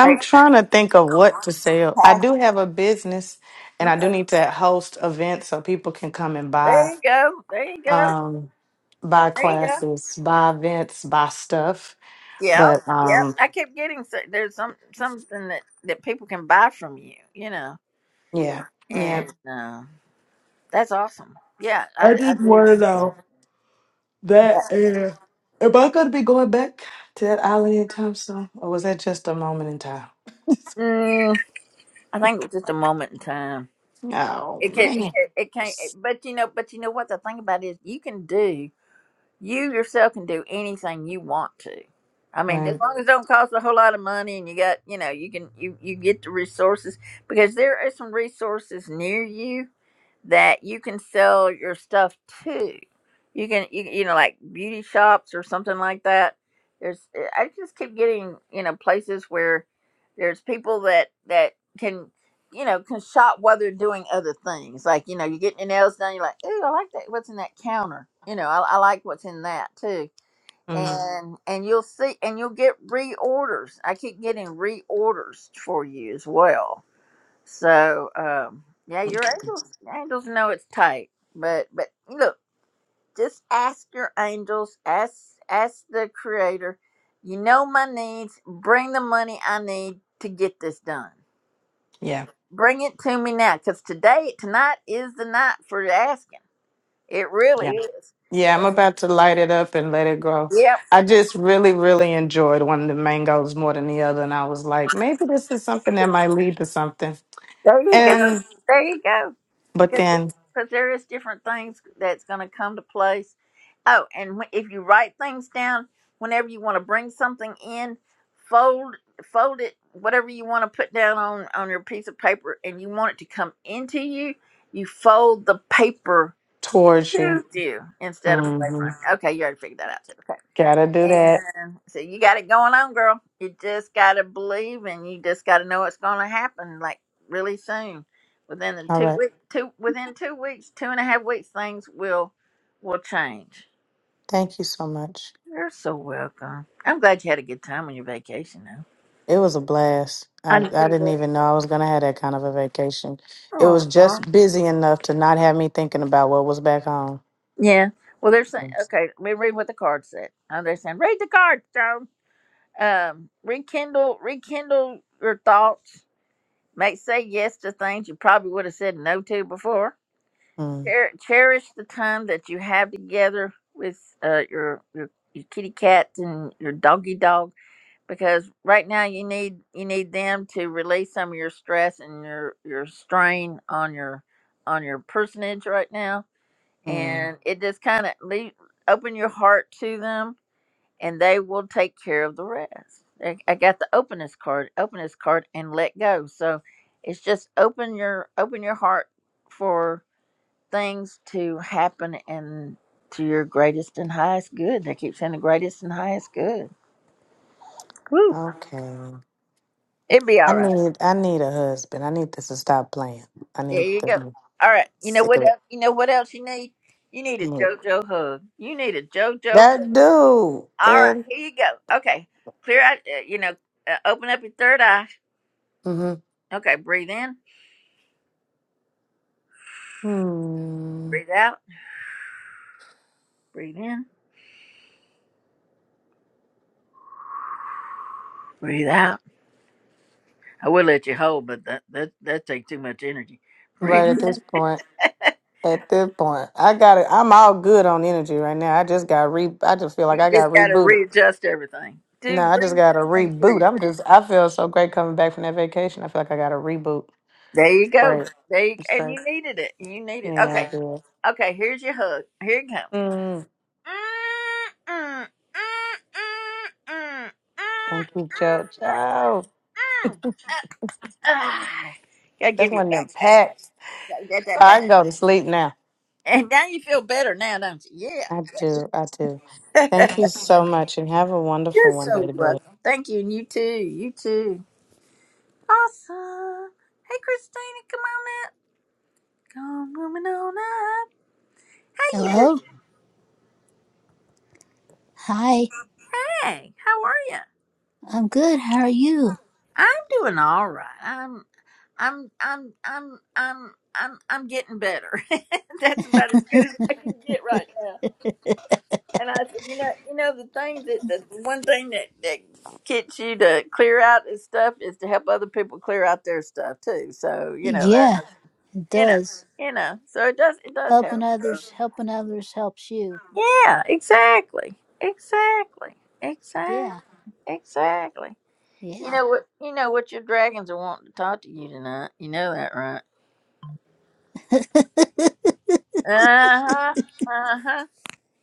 hey, trying to think of what to sell. I pass- do have a business and I do okay. need to host events so people can come and There buy. you go. There you go. um, buy There you go. classes, buy events, buy stuff. Yeah, But yep. um, I kept getting so there's some something that that people can buy from you, you know, yeah, yeah. and uh, that's awesome. Yeah, I, I d- I just do want think to that. know that uh, am I going to be going back to that island anytime soon, or was that just a moment in time? Mm, I think it's just a moment in time. Oh It can, it man, can, it can't. it- But you know, but you know what the thing about it is, you can do. You yourself can do anything you want to. I mean, right? as long as it don't cost a whole lot of money, and you got, you know, you can, you you get the resources because there are some resources near you that you can sell your stuff to. You can, you, you know, like beauty shops or something like that. There's, eh, I just keep getting, you know, places where there's people that that can, you know, can shop while they're doing other things. Like, you know, you're getting your nails done. You're like, ooh, I like that. What's in that counter? You know, I, I like what's in that too. Mhm. Mm. And and you'll see, and you'll get reorders. I keep getting reorders for you as well so um, yeah, your okay. angels your angels know it's tight, but but look, just ask your angels, ask ask the Creator. You know my needs. Bring the money I need to get this done. Yeah, Bring it to me now, because today tonight is the night for asking. It yeah, really is. yeah. I'm about to light it up and let it grow. Yep. I just really, really enjoyed one of the mangoes more than the other, and I was like, maybe this is something that might lead to something. There you go. And There you but go. then because there is different things that's going to come to place. Oh, and wh- if you write things down, whenever you want to bring something in, fold fold it whatever you want to put down on on your piece of paper, and you want it to come into you. You fold the paper towards you. with you instead of away from. hmm Okay, you already figured that out too. Okay. Gotta do that. And So you got it going on, girl. You just got to believe and you just got to know it's going to happen like really soon. Within the All two right. week, two within two weeks, two and a half weeks, things will will change. Thank you so much. You're so welcome. I'm glad you had a good time on your vacation, though. It was a blast. I, I know. I didn't even know I was gonna have that kind of a vacation. It was Aw. just busy enough to not have me thinking about what was back home. Yeah. Well, they're saying okay. Let me read what the card said. Oh, they're saying read the card, Joan. Um, rekindle, rekindle your thoughts. Make say yes to things you probably would have said no to before mm Cher- Cherish the time that you have together with uh, your, your your kitty cats and your doggy dog because right now you need you need them to release some of your stress and your your strain on your on your personage right now mm. and it just kind of leave open your heart to them and they will take care of the rest. I I got the openness card, openness card, and let go. So it's just open your open your heart for things to happen and to your greatest and highest good. They keep saying the greatest and highest good. Woo. Okay. It'd be I all right. need I need a husband. I need this to stop playing. I There need you to go. be All right. You know sick what of it. else? You know what else you need? You need a Mm. JoJo hug. You need a JoJo. hug. That dude All right. and Here you go. Okay. Clear out. Uh, you know, uh, open up your third eye. hmm Okay. Breathe in. hmm. Breathe out. Breathe in. Breathe out. I will let you hold, but that that that take too much energy. <laughs> Breathe right at in. this point. At this point, I got it. I'm all good on energy right now. I just got re. I just feel You like I got just got to rebooted. readjust everything. No, To I just bring got a everything to reboot. you. I'm just. I feel so great coming back from that vacation. I feel like I got a reboot. It's There you go. great. There you It's and great. you needed it. You Yeah, needed I okay. did. Okay, here's your hug. Here it comes. Mm, <sighs> thank you, Joe. Joe, Ah, gotta that's give you a one of them back pat. packs. Gotta get that I back. can go to sleep now. And now you feel better now, don't you? I do. I do. Yeah. Thank you so much, and have a <laughs> You're wonderful one, so Lady Bird. welcome. Thank you, and you too. You too. Awesome. Hey, Christina, come on up. Come on on up. How you Hello? doing? Hi. Hey, how are you? I'm good. How are you? I'm doing all right. I'm I'm I'm I'm I'm I'm I'm getting better. <laughs> That's about as good as I can get right now. And I said, you know, you know, the thing that the one thing that that gets you to clear out this stuff is to help other people clear out their stuff too. So you know that, Yeah, it you know, does. you know. So it does it does Helping help. So, others, helping others helps you. Yeah, exactly, exactly, exactly, Yeah. exactly. You Yeah. know what? You know what your dragons are wanting to talk to you tonight. You know that, right? <laughs> Uh huh. Uh huh.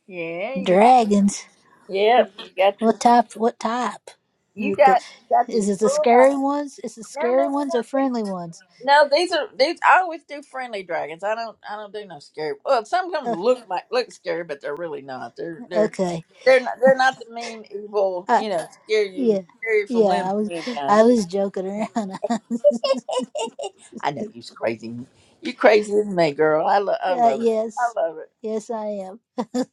Yeah. You, Dragons. yep. You got the. What type? What type? Is You it the got. You got the. is it the full- scary ones? Is it No, no, no, scary no. ones or friendly These, ones? no, these are these. I always do friendly dragons. I don't. I don't do no scary. Well, some of them Uh, look like look scary, but they're really not. They're they're okay. they're not. They're not the mean, evil. Uh, You know, scare you, yeah. scare you from Yeah, limb I to was limb kind. I was joking around. <laughs> uh, <laughs> I know you's crazy. You crazy as me, girl. I love, I love it. yes. I love it. Yes, I am.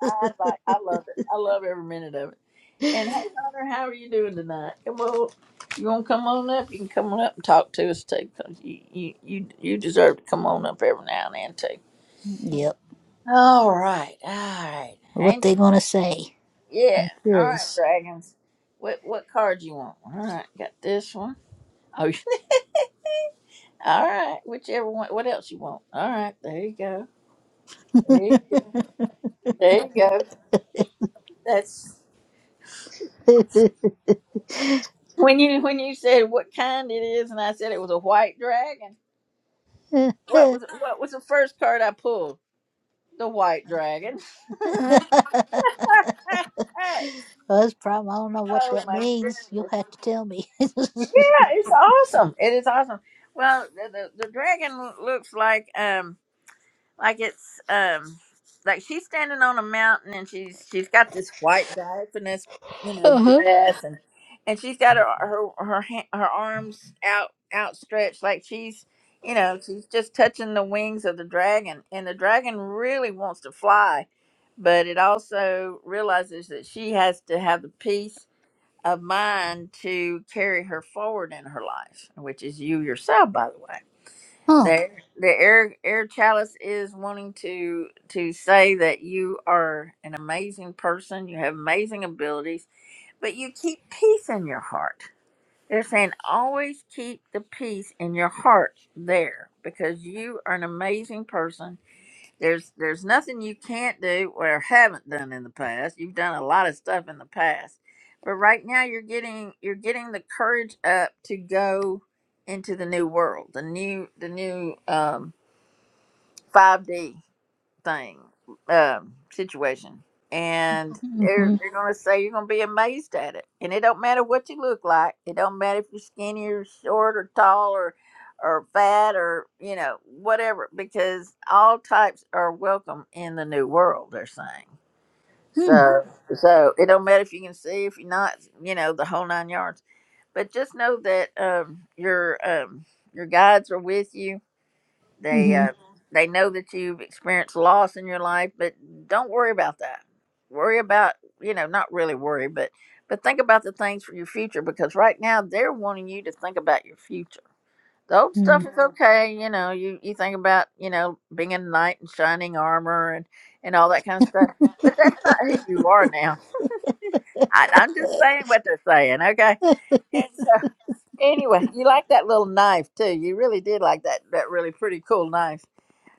I like, I love it. I love every minute of it. <laughs> And hey, Hunter, how are you doing tonight? Come on, you want to come on up? You can come on up and talk to us too, 'cause you, you, you, you deserve to come on up every now and then too. Yep. All right, all right, What they Angel. gonna say? Yeah, I'm all right, curious. dragons. What what card you want? All right, got this one. Oh, <laughs> all right. Whichever one. What else you want? All right, there you go. There you There you go. That's <laughs> when you when you said what kind it is, and I said it was a white dragon. What <laughs> was what was the first card I pulled? The white dragon. <laughs> oh Well, That's problem. I don't know what that my means. You'll have goodness! to tell me. Yeah, <laughs> it's awesome. It is awesome. Well, the the, the dragon looks like um. like it's um like she's standing on a mountain and she's she's got this white diaphanous you know Uh-huh. dress and and she's got her her her ha- her arms out outstretched like she's you know she's just touching the wings of the dragon and the dragon really wants to fly but it also realizes that she has to have the peace of mind to carry her forward in her life which is you yourself by the way the huh. air- the air air chalice is wanting to to say that you are an amazing person. You have amazing abilities, but you keep peace in your heart. They're saying always keep the peace in your heart there because you are an amazing person. There's there's nothing you can't do or haven't done in the past. You've done a lot of stuff in the past. But right now you're getting you're getting the courage up to go into the new world, the new the new um five D thing um, situation, and they're Mm-hmm. they're gonna say you're gonna be amazed at it. And it don't matter what you look like. It don't matter if you're skinny or short or tall or or fat or you know whatever, because all types are welcome in the new world. They're saying Hmm. so. So it don't matter if you can see if you're not. You know the whole nine yards. But just know that um, your um, your guides are with you they Mm-hmm. uh, they know that you've experienced loss in your life, but don't worry about that. Worry about you know not really worry, but but think about the things for your future because right now they're wanting you to think about your future. The old hmm stuff is Mhm. okay, you know. You you think about you know being a knight in shining armor and and all that kind of stuff, but that's not who you are now. I, I'm just saying what they're saying, okay? And so anyway, you like that little knife too. You really did like that that really pretty cool knife.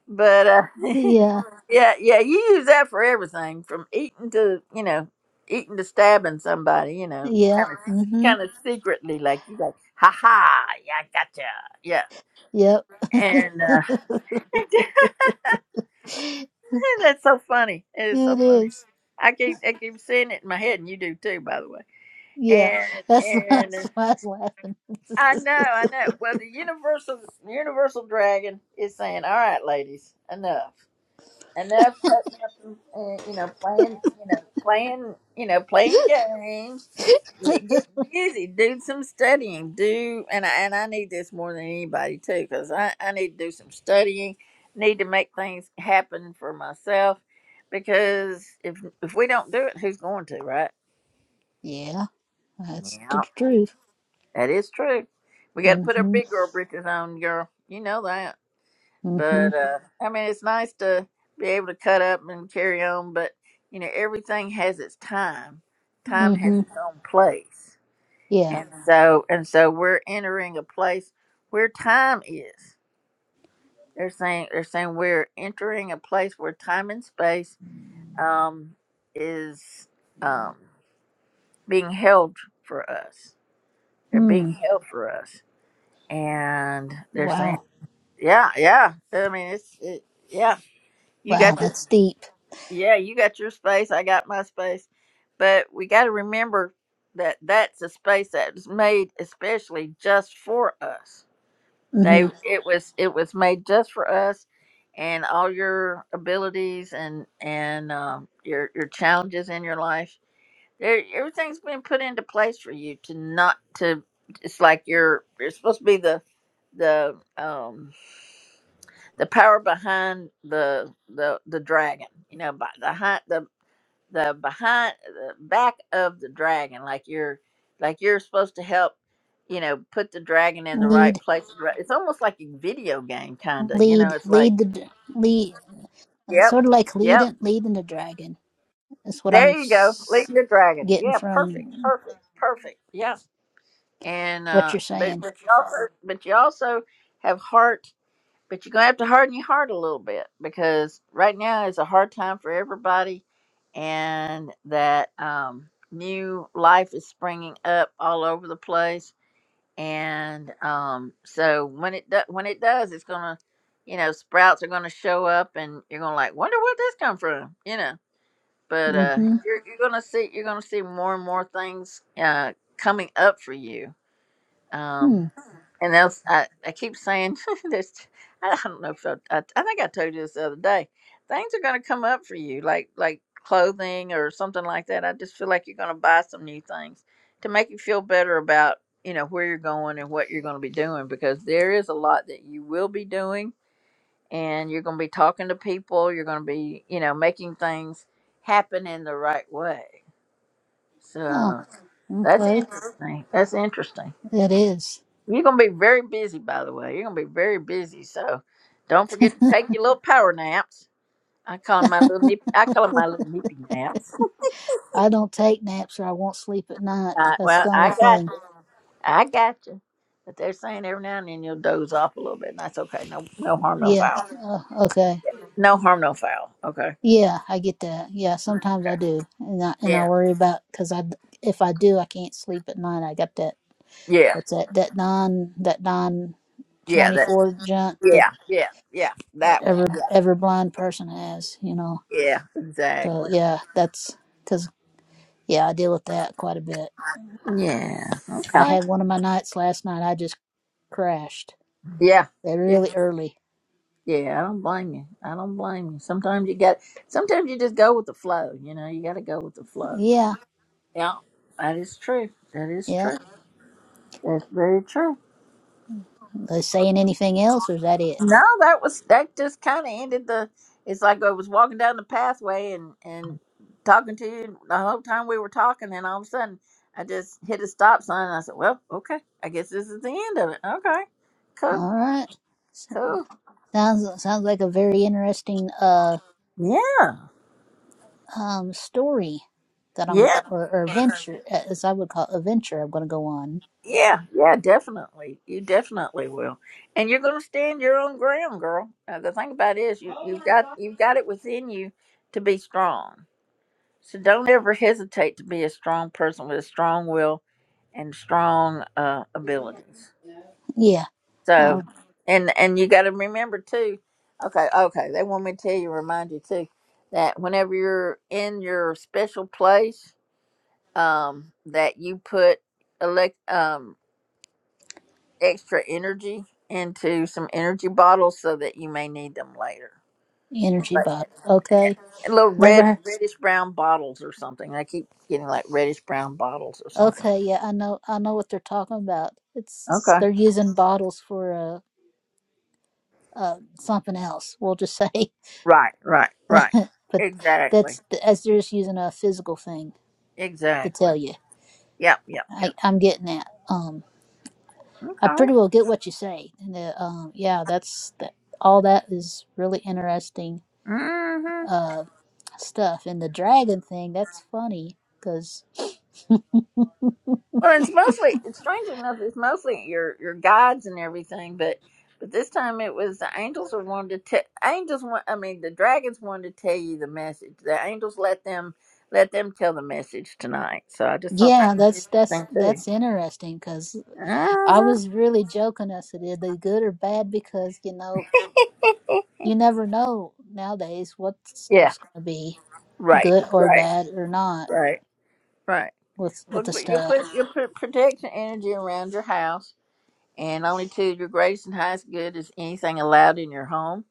But uh <laughs> Yeah. Yeah, yeah, you use that for everything from eating to, you know, eating to stabbing somebody, you know, Yeah. kind of Mm-hmm. kind of secretly like you like, ha ha, yeah, I gotcha. Yeah. Yep. And uh <laughs> It that's so funny. It is so funny. is. I keep I keep seeing it in my head and you do too, by the way. Yeah. And That's, <laughs> and that's uh, why I was laughing. I know, I know. Well the universal universal dragon is saying, All right, ladies, enough. and they're putting up, uh, you know, playing, you know, playing, you know, playing games. Get, get busy, do some studying, do, and I, and I need this more than anybody too, because I, I need to do some studying, need to make things happen for myself, because if if we don't do it, who's going to, right? Yeah. That's the Yeah, truth. that is true. We got to put our Mm-hmm. big girl britches on, girl. You know that. Mm-hmm. But uh, I mean, it's nice to be able to cut up and carry on. But you know, everything has its time. Time has Mm-hmm. its own place, Yeah. and Mhm. so and so we're entering a place where time is. They're saying they're saying we're entering a place where time and space um, is um, being held for us. They're being Hmm. held for us, and they're saying, Wow. yeah, yeah. I mean, it's it, yeah. You Wow. got your That's deep. Yeah, you got your space. I got my space. But we got to remember that that's a space that was made especially just for us. They Mm-hmm. it was it was made just for us, and all your abilities and and um, your your challenges in your life. There, everything's been put into place for you to not to. It's like you're you're supposed to be the the um the power behind the the the dragon you know by the hi- the the behind the back of the dragon like you're like you're supposed to help you know put the dragon in the right Lead. place Right. it's almost like a video game kind of you Lead. know it's like Lead the lead. Uh, yep sort of like yep leading leading the dragon. That's what I'm there you go lead s- the dragon getting yeah perfect from perfect perfect and what uh you're but saying. but you also but you also have heart but you're gonna have to harden your heart a little bit because right now is a hard time for everybody, and that um, new life is springing up all over the place. And um, so when it do- when it does, it's gonna, you know, sprouts are gonna show up, and you're gonna like wonder where this come from, you know. But uh, Mm-hmm. you're you're gonna see you're gonna see more and more things uh, coming up for you. Um, Hmm. and else, I, I keep saying, <laughs> there's, I don't know if I, I, I think I told you this the other day. Things are going to come up for you, like like clothing or something like that. I just feel like you're going to buy some new things to make you feel better about you know where you're going and what you're going to be doing because there is a lot that you will be doing and you're going to be talking to people. You're going to be you know making things happen in the right way. Huh. So that's Okay. interesting. That's interesting. It is. You're gonna be very busy, by the way. You're gonna be very busy, so don't forget to take your little power naps. I call 'em my little nip. I call 'em my little nippy naps. <laughs> I don't take naps or I won't sleep at night. I, That's well, the only I got thing. you. I got you. But they're saying every now and then you'll doze off a little bit, and that's okay. No, no harm, no Yeah. foul. Uh, okay. No harm, no foul. Okay. Yeah, I get that. Yeah, sometimes I Okay. do, and I and I Yeah. worry about because I if I do, I can't sleep at night. I got that. Yeah. What's that? That non that non Yeah. twenty That. four junk that Yeah. Yeah. Yeah. That one. every Yeah. every blind person has. You know. Yeah. So Exactly. yeah, that's because yeah, I deal with that quite a bit. Yeah. I Okay. had one of my nights last night. I just crashed. Yeah. They're really early. Yeah, I don't blame you. I don't blame you. Sometimes you got, sometimes you just go with the flow. You know, you got to go with the flow. Yeah, Yeah, that is true. That is yeah. true. That's very true. They saying anything else, or is that it? No, that was that just kind of ended the. It's like I was walking down the pathway and and talking to you the whole time we were talking, and all of a sudden I just hit a stop sign. And I said, "Well, okay, I guess this is the end of it. Okay, cool, All right. S- cool. Sounds sounds like a very interesting uh Yeah, um story that I'm yeah. or, or venture as I would call it, a venture I'm going to go on. Yeah, yeah, definitely. You definitely will. And you're going to stand your own ground, girl. Uh, the thing about it is you you've got you've got it within you to be strong. So don't ever hesitate to be a strong person with a strong will and strong uh, abilities. Yeah. So Um, and and you got to remember too. Okay, okay. They want me to tell you remind you too that whenever you're in your special place um that you put elect um extra energy into some energy bottles so that you may need them later. It's energy like bottle. uh, Okay. little red, Never. reddish brown bottles or something. I keep getting like reddish brown bottles or something. Okay. Yeah. I know. I know what they're talking about. It's Okay. they're using bottles for uh, uh, something else. We'll just say, Right, right, right. <laughs> but Exactly. that's as they're just using a physical thing to Exactly. tell you. Yep, yep, I, yep. I'm getting that. Um, I Okay. pretty well get what you say. And uh, um, yeah, that's that. All that is really interesting Mm-hmm. uh, stuff. And the dragon thing, that's funny because <laughs> Well, it's mostly strangely enough, it's mostly your your guides and everything, but but this time it was the angels were wanted to te- angels want I mean the dragons wanted to tell you the message. The angels let them let them tell the message tonight. So I just thought yeah, that was that's that's interesting too. that's interesting because I Uh-huh. was really joking. I said, "Are they good or bad?" Because you know, you never know nowadays what Yeah. stuff's gonna be. Right. good or Right. bad or not Right. Right. with Well, with the put- you stuff. put you put protection energy around your house, and only to your greatest and highest good is anything allowed in your home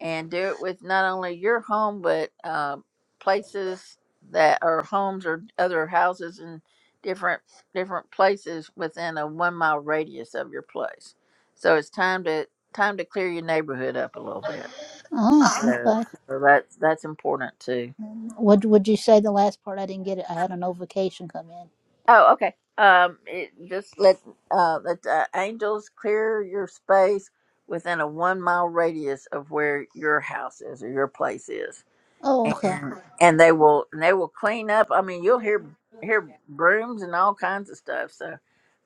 and do it with not only your home but uh, places that are homes or other houses in different different places within a one mile radius of your place. So it's time to time to clear your neighborhood up a little bit. Oh, So, okay. so that's that's important too. What would you say the last part? I didn't get it. I had a notification come in. Oh, okay. Um, it, just let uh, let the angels clear your space within a one mile radius of where your house is or your place is Oh, okay. and and they will and they will clean up. I mean, you'll hear hear brooms and all kinds of stuff. So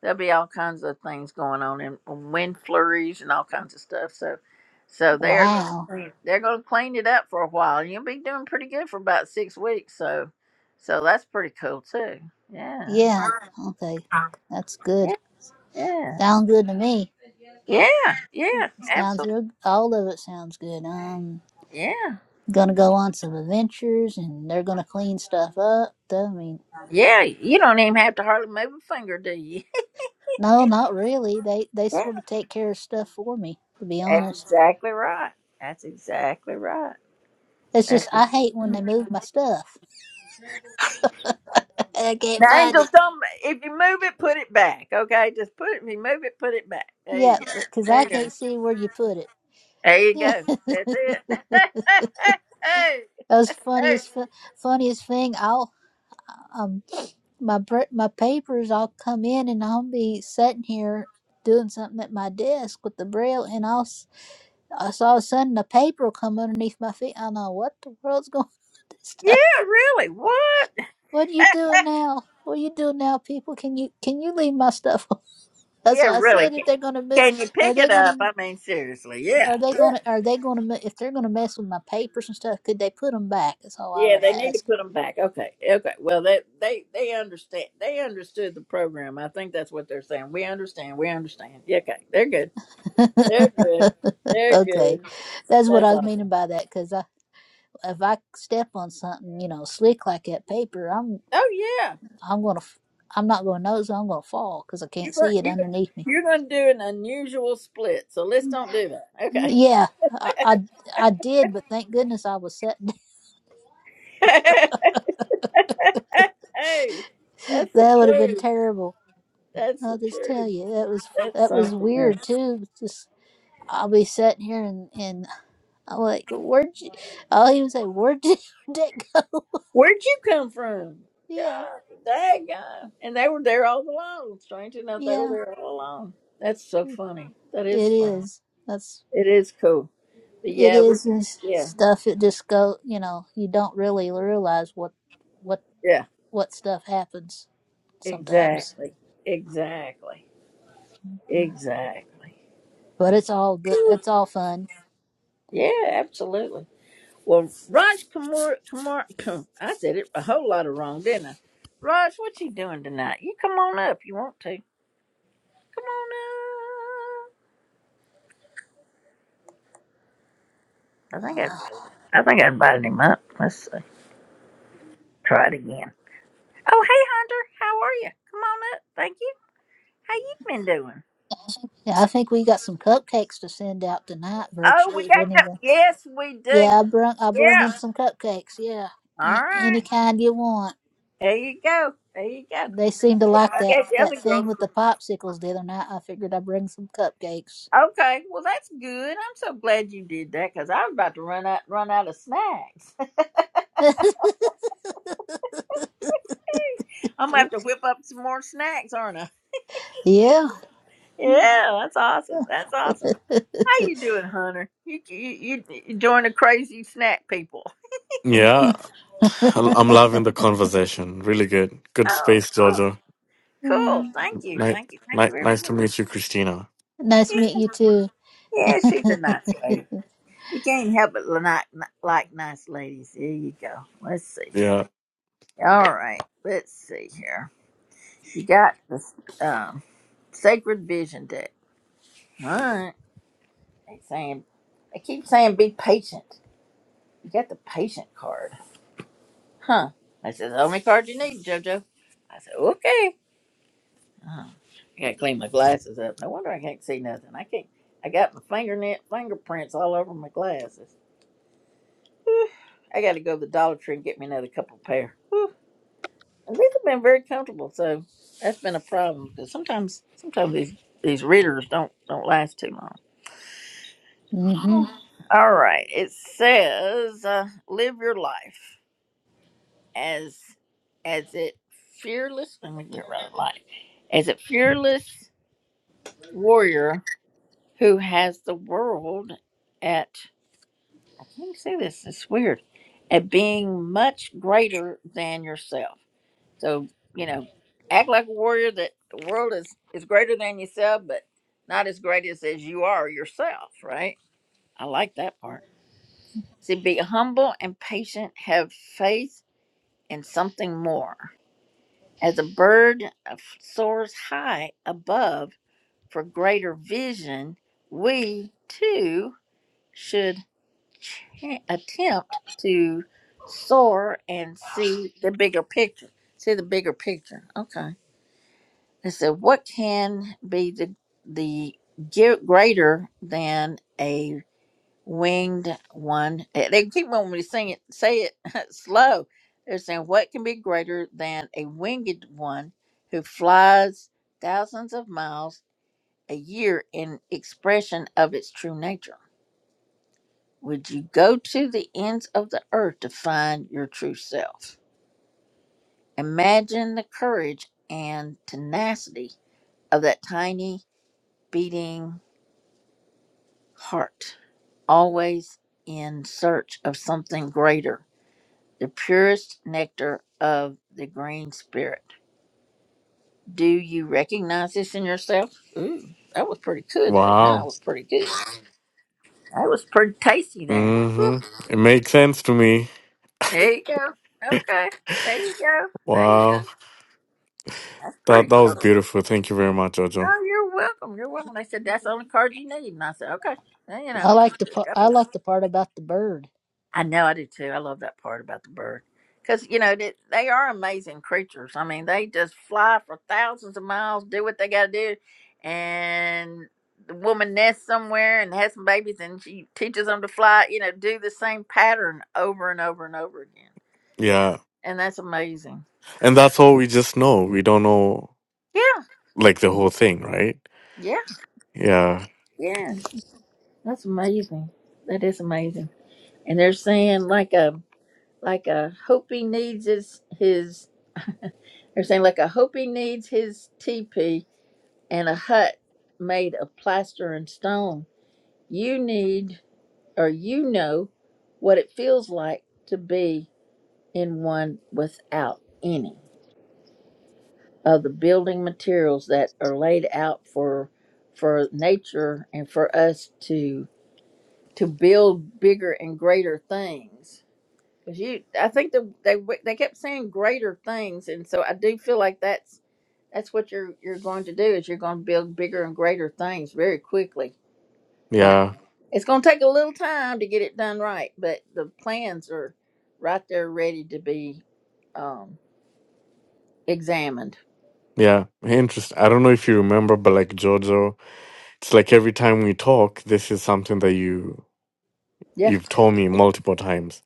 there'll be all kinds of things going on and wind flurries and all kinds of stuff. So so they are gonna- Wow. they're going to clean it up for a while. and You'll be doing pretty good for about six weeks. So so that's pretty cool too. Yeah. Yeah. Okay. That's Yeah. good. Yeah. Sounds good to me. Yeah. Yeah. Sounds Absolutely. real. All of it sounds good. Um, Yeah. gonna go on some adventures, and they're gonna clean stuff up. I mean, Yeah. You don't even have to hardly move a finger, do you? no, not really. They they sort of <laughs> take care of stuff for me. To be Yeah. That's honest, exactly right. That's exactly right. it's just That's the I hate when they move my stuff. <laughs> I can't The find it. angels don't. If you move it, put it back. Okay, just put it. If you move it, put it back. There you Yeah, go. because There I you go. can't see where you put it. There you <laughs> go. That's it. <laughs> that hey, was hey. funniest, fu- funniest thing. I'll um my br- my papers. I'll come in and I'll be sitting here doing something at my desk with the braille, and I'll s- I saw all of a sudden a paper will come underneath my feet. I know what the world's going <laughs> on with this stuff. Yeah, really. What? What are you <laughs> doing now? What are you doing now, people? Can you can you leave my stuff? <laughs> alone?" That's yeah, what I really. said. If Can they're gonna move, can you are pick they it gonna? up? I mean, seriously. Yeah. Are they Yeah. gonna? Are they gonna? me- If they're gonna mess with my papers and stuff, could they put them back? That's all I Yeah, would they need to ask. put them back. Okay. Okay. Well, they they they understand. They understood the program. I think that's what they're saying. We understand. We understand. Yeah, okay. They're good. They're good. <laughs> They're good. okay, that's what That's I was meaning awesome. by that. Because I, if I step on something, you know, slick like that paper, I'm, Oh yeah, I'm gonna, f- I'm not gonna notice. I'm gonna fall because I you can't go, see it you go- underneath me. you're going to do an unusual split, so let's don't do that. Okay. Yeah, I, I, I did, but thank goodness I was sitting. <laughs> hey, that's <laughs> the that would have been truth. terrible. That's the I'll just tell truth. you, that was, That's that was something else. weird too. Just, I'll be sitting here and and. I'm like, where'd you? Oh, he was like, where'd did <laughs> that go? Where'd you come from? Yeah, God, that guy. And they were there all along. Strange enough, they were yeah, there all along. That's so funny. That is it funny. is. That's It is cool. But it yeah, we, is this yeah, stuff. It just go. You know, you don't really realize what what yeah. what stuff happens sometimes. Exactly. Exactly. Exactly. But it's all good. It's all fun. Yeah, absolutely. Well, Raj Kumar, Kumar, Kum- I said it a whole lot of wrong, didn't I? Raj, what you doing tonight? You come on up. You want to? Come on up. I think Uh, I, I think I invited him up. Let's see. try it again. Oh, hey Hunter, how are you? Come on up. Thank you. How you been doing? yeah, I think we got some cupcakes to send out tonight, Oh, we virtually. If got to. anyone, Yes, we do. yeah, I brung I brung Yeah. in some cupcakes. Yeah, All a- right. any kind you want. There you go. There you go. They seem to like I that got the that other thing with girl. the popsicles the other night. I figured I'd bring some cupcakes. Okay, well that's good. I'm so glad you did that because I was about to run out run out of snacks. <laughs> <laughs> I'm gonna have to whip up some more snacks, aren't I? yeah. Yeah, that's awesome. That's awesome. How you doing, Hunter? You you you you join the crazy snack people? <laughs> Yeah, I- I'm loving the conversation. Really good. Good Oh, space, cool. Jojo. Cool. <laughs> Thank you. Nice, Thank you. Thank you nice, very much. nice to meet you, Christina. Nice to Yeah, meet you too. yeah <laughs> she's a nice lady. You can't help but li- not- not like nice ladies. There you go. Let's see here. Yeah. All right. Let's see here. You got this. um, Sacred Vision deck. All right. They saying, they keep saying be patient. You got the patient card, huh? I said the only card you need, JoJo. I said okay. Oh, I gotta clean my glasses up. No wonder I can't see nothing. I can't. I got my fingernail fingerprints all over my glasses. I got to go to the Dollar Tree and get me another couple pair. Whew. And these have been very comfortable, so that's been a problem because sometimes, sometimes these these readers don't don't last too long. hmm All right. It says, uh, "Live your life as as it fearless." Let me get right light. As a fearless warrior who has the world at I can't say this. It's weird. At being much greater than yourself. So you know, act like a warrior that the world is is greater than yourself, but not as great as as you are yourself. Right? I like that part. See, be humble and patient. Have faith in something more. As a bird soars high above for greater vision, we too should ch- attempt to soar and see the bigger picture. See the bigger picture. Okay. It said, what can be the the gi- greater than a winged one. eh, They keep wanting me to sing it, say it <laughs> slow. They're saying, What can be greater than a winged one who flies thousands of miles a year in expression of its true nature? Would you go to the ends of the earth to find your true self? Imagine the courage and tenacity of that tiny beating heart, always in search of something greater the purest nectar of the green spirit. Do you recognize this in yourself? Ooh, that was pretty good there. Now that Wow. was pretty good. That was pretty tasty there. Whew. hmm It makes sense to me. There you go. Okay. There you go. There you go. Wow. That's pretty That that was cool. beautiful. Thank you very much, Jojo. Oh, you're welcome. You're welcome. They said that's the only card you need, and I said, okay. Well, you I know, like the just pa- go I with it. like the part about the bird. I know I do too. I love that part about the bird because you know they, they are amazing creatures. I mean, they just fly for thousands of miles, do what they got to do, and the woman nests somewhere and has some babies, and she teaches them to fly. You know, do the same pattern over and over and over again, Yeah. and that's amazing. And that's all we just know. We don't know Yeah, like the whole thing, right? yeah, Yeah. yeah. That's amazing. That is amazing. And they're saying like a like a Hopi needs his his. They're saying like a Hopi needs his teepee and a hut made of plaster and stone. You need, or you know, what it feels like to be in one without any of the building materials that are laid out for for nature and for us to to build bigger and greater things. Because you, I think the, they they kept saying greater things, and so I do feel like that's that's what you're you're going to do is you're going to build bigger and greater things very quickly Uh, Yeah. <clears throat> it's going to take a little time to get it done right, but the plans are right there ready to be um, examined. Yeah. Interesting. I don't know if you remember, but like Jojo, it's like every time we talk, this is something that you Yeah. you've told me multiple times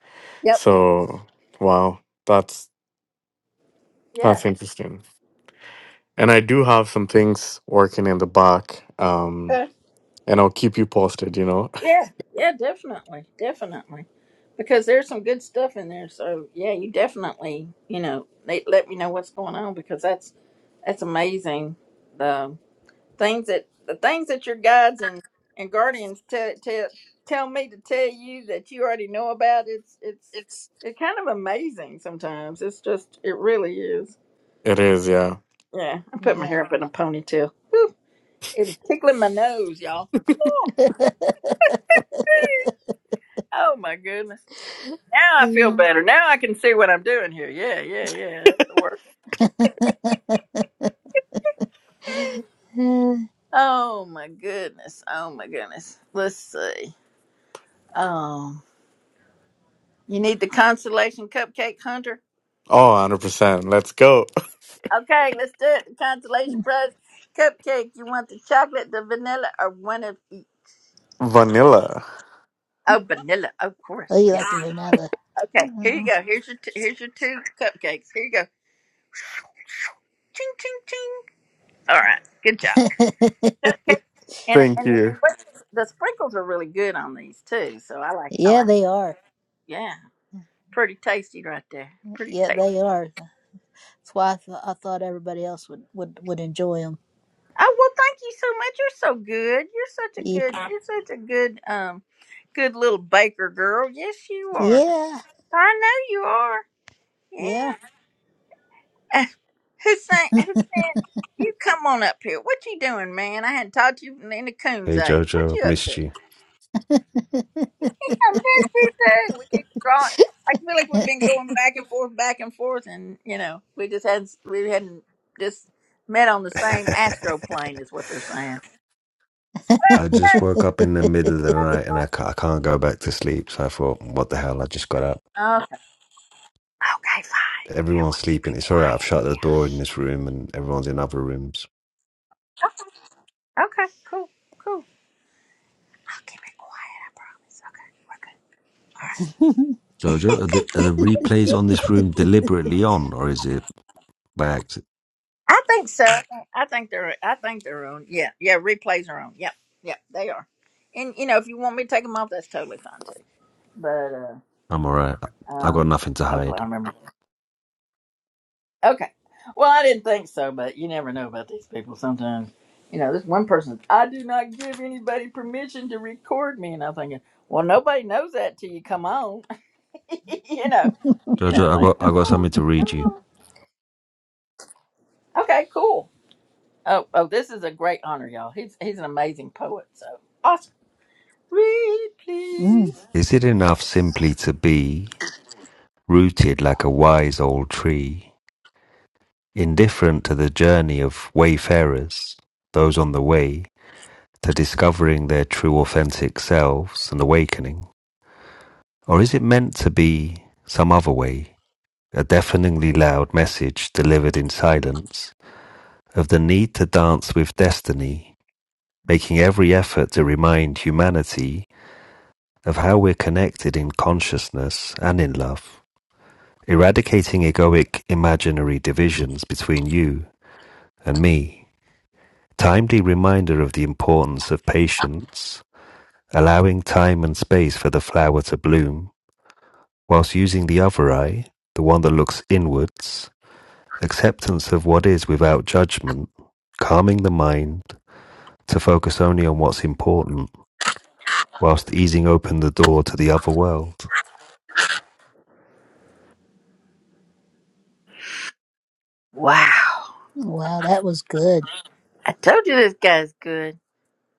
Yep. So, wow, that's Yeah. that's interesting. And I do have some things working in the back, um, Okay. and I'll keep you posted. You know, Yeah. Yeah, definitely. Definitely. Because there's some good stuff in there. So, yeah, you definitely, you know, they let me know what's going on because that's that's amazing things that the things that your guides and and guardians tell tell tell me to tell you that you already know about it's it's <laughs> it's kind of amazing sometimes it's just it really is it is, yeah. yeah i put my Yeah. hair up in a ponytail Whew, it's tickling my nose y'all oh, oh my goodness now i feel <laughs> better now i can see what i'm doing here yeah yeah yeah that's the work oh my goodness oh my goodness let's see um you need the constellation cupcake hunter Oh, 100 percent. Let's go, Okay, let's do it. The consolation prize cupcake. You want the chocolate, the vanilla, or one of each? <laughs> vanilla. Oh, vanilla, of Oh, course. you Yeah. like the vanilla? Okay, here you Mm. go. Here's your t- here's your two cupcakes. Here you go. Ching ching ching. All right, good job. <laughs> Cupcake. And Thank and the, you. sprinkles- the sprinkles are really good on these too. So I like I yeah, like. they are. Yeah, pretty tasty right there. Pretty Yeah, tasty. they are. That's why I, th- I thought everybody else would would would enjoy them. Oh well, thank you so much. You're so good. You're such a good. You're such a good um, good little baker girl. Yes, you are. Yeah. I know you are. Yeah. <laughs> Yeah. Uh, Who's saying? Who's saying? You come on up here. What you doing, man? I hadn't talked to you from Nina Hey Coon's age. What Jojo, you up to? missed you. I'm busy too. We keep drawing. I feel like we've been going back and forth, back and forth, and you know, we just hadn't we hadn't just met on the <laughs> same I astro plane, is what they're saying. <laughs> just woke up in the <laughs> middle of the That's night and I, ca- I can't go back to sleep. So I thought, what the hell? I just got up. Okay. Okay, fine. Everyone's Keep sleeping. it It's all right. quiet. I've shut the door in this room and everyone's in other rooms. Okay, cool, cool. I'll keep it quiet. Jojo, are the, are the replays on this room deliberately on or is it by accident? I think so. I think they're. I think they're on. Yeah, yeah. Replays are on. Yep, yep. They are. And you know, if you want me to take them off, that's totally fine too. But uh, I'm all right. I uh got nothing to hopefully hide. I remember. Okay. Well, I didn't think so, but you never know about these people. Sometimes, you know, this one person. I do not give anybody permission to record me, and I'm thinking, well, nobody knows that till you come on. <laughs> you know, you know, Jojo, I got, like I come got on, something to come read you. on. Okay, cool. Oh, oh, this is a great honor, y'all. He's he's an amazing poet. So, Austin, read Mm. please. Is it enough simply to be rooted like a wise old tree? Indifferent to the journey of wayfarers, those on the way, to discovering their true authentic selves and awakening? Or is it meant to be some other way, a deafeningly loud message delivered in silence of the need to dance with destiny, making every effort to remind humanity of how we're connected in consciousness and in love, eradicating egoic imaginary divisions between you and me? Timely reminder of the importance of patience, allowing time and space for the flower to bloom, whilst using the other eye, the one that looks inwards, acceptance of what is without judgment, calming the mind to focus only on what's important, whilst easing open the door to the other world. Wow, Wow, that was good. I told you this guy's good.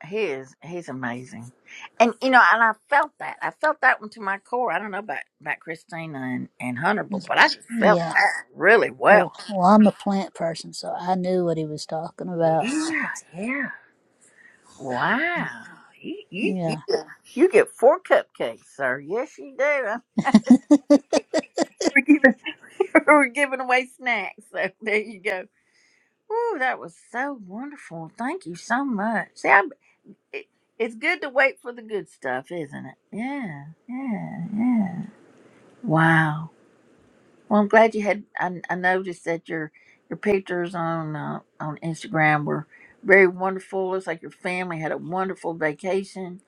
He is. He's amazing. And you know, and I felt that. I felt that one to my core. I don't know about about Christina and and Hunter, but, but I just felt Yeah. that really well. Well, well, I'm a plant person, so I knew what he was talking about. Yeah, yeah. Wow. You, you, you, Yeah. you get four cupcakes, sir. Yes, you do. <laughs> We're giving, we're giving away snacks. So there you go. Ooh, that was so wonderful. Thank you so much. See, I, it, it's good to wait for the good stuff, isn't it? Yeah, yeah, yeah. Wow. Well, I'm glad you had. I, I noticed that your your pictures on uh, on Instagram were very wonderful. Looks like your family had a wonderful vacation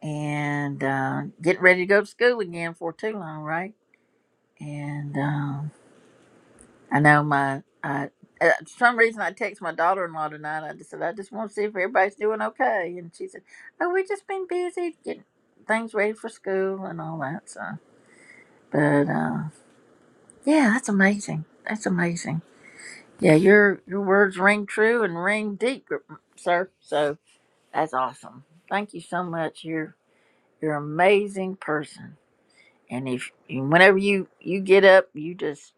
and uh, getting ready to go to school again for too long, right? And um, I know my I uh, for some reason I text my daughter in law tonight. I just said I just want to see if everybody's doing okay, and she said, "Oh, we just been busy getting things ready for school and all that." So, but uh, yeah, that's amazing. That's amazing. Yeah, your your words ring true and ring deep, gr- sir. So that's awesome. Thank you so much. You're you're an amazing person. And if whenever you you get up, you just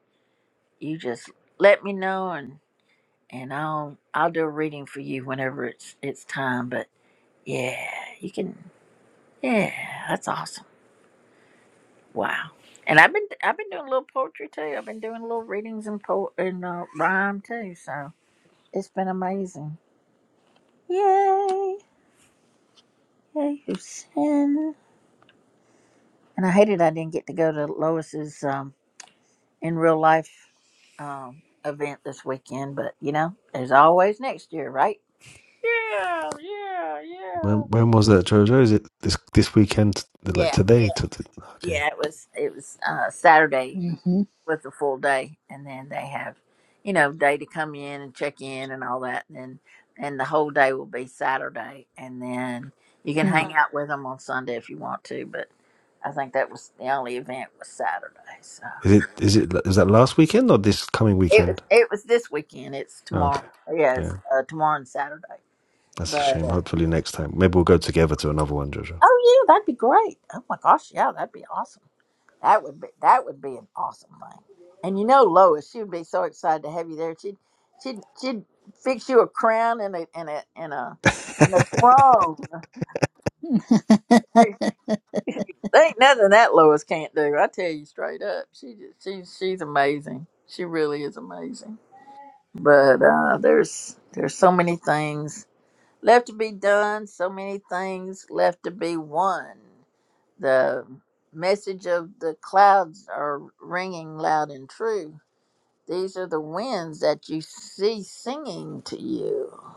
you just let me know and. and I'll I'll do a reading for you whenever it's it's time. But yeah, you can. Yeah, that's awesome. Wow. And I've been I've been doing a little poetry too. I've been doing little readings and po and uh, rhyme too. So it's been amazing. Yay! Yay, Houston. And I hated I didn't get to go to Lois's um, in real life um, event this weekend, but you know, there's always next year, right? When when was that, Jojo? Is it this this weekend? Like Yeah, today? To, to- okay. yeah. It was it was uh, Saturday with a full day and then they have you know day to come in and check in and all that and then and the whole day will be saturday and then you <laughs> hmm can <laughs> hang out with them on sunday if you want to but i think that was the only event was saturday so Is it is it is that last weekend or this coming it was weekend? it was this weekend it's Oh, okay. tomorrow yes Yeah. uh, tomorrow and saturday That's a but shame. uh, Hopefully next time. Maybe we'll go together to another one, Jojo. oh yeah that'd be great oh my gosh yeah that'd be awesome That would be that would be an awesome thing. And you know Lois, she would be so excited to have you there. She'd she'd she'd fix you a crown and a and a and a and a <laughs> throne. Hey, there ain't nothing that Lois can't do. I tell you straight up, she just, she's she's amazing. She really is amazing. But uh, there's there's so many things left to be done. So many things left to be won. The message of the clouds are ringing loud and true These are the winds that you see singing to you.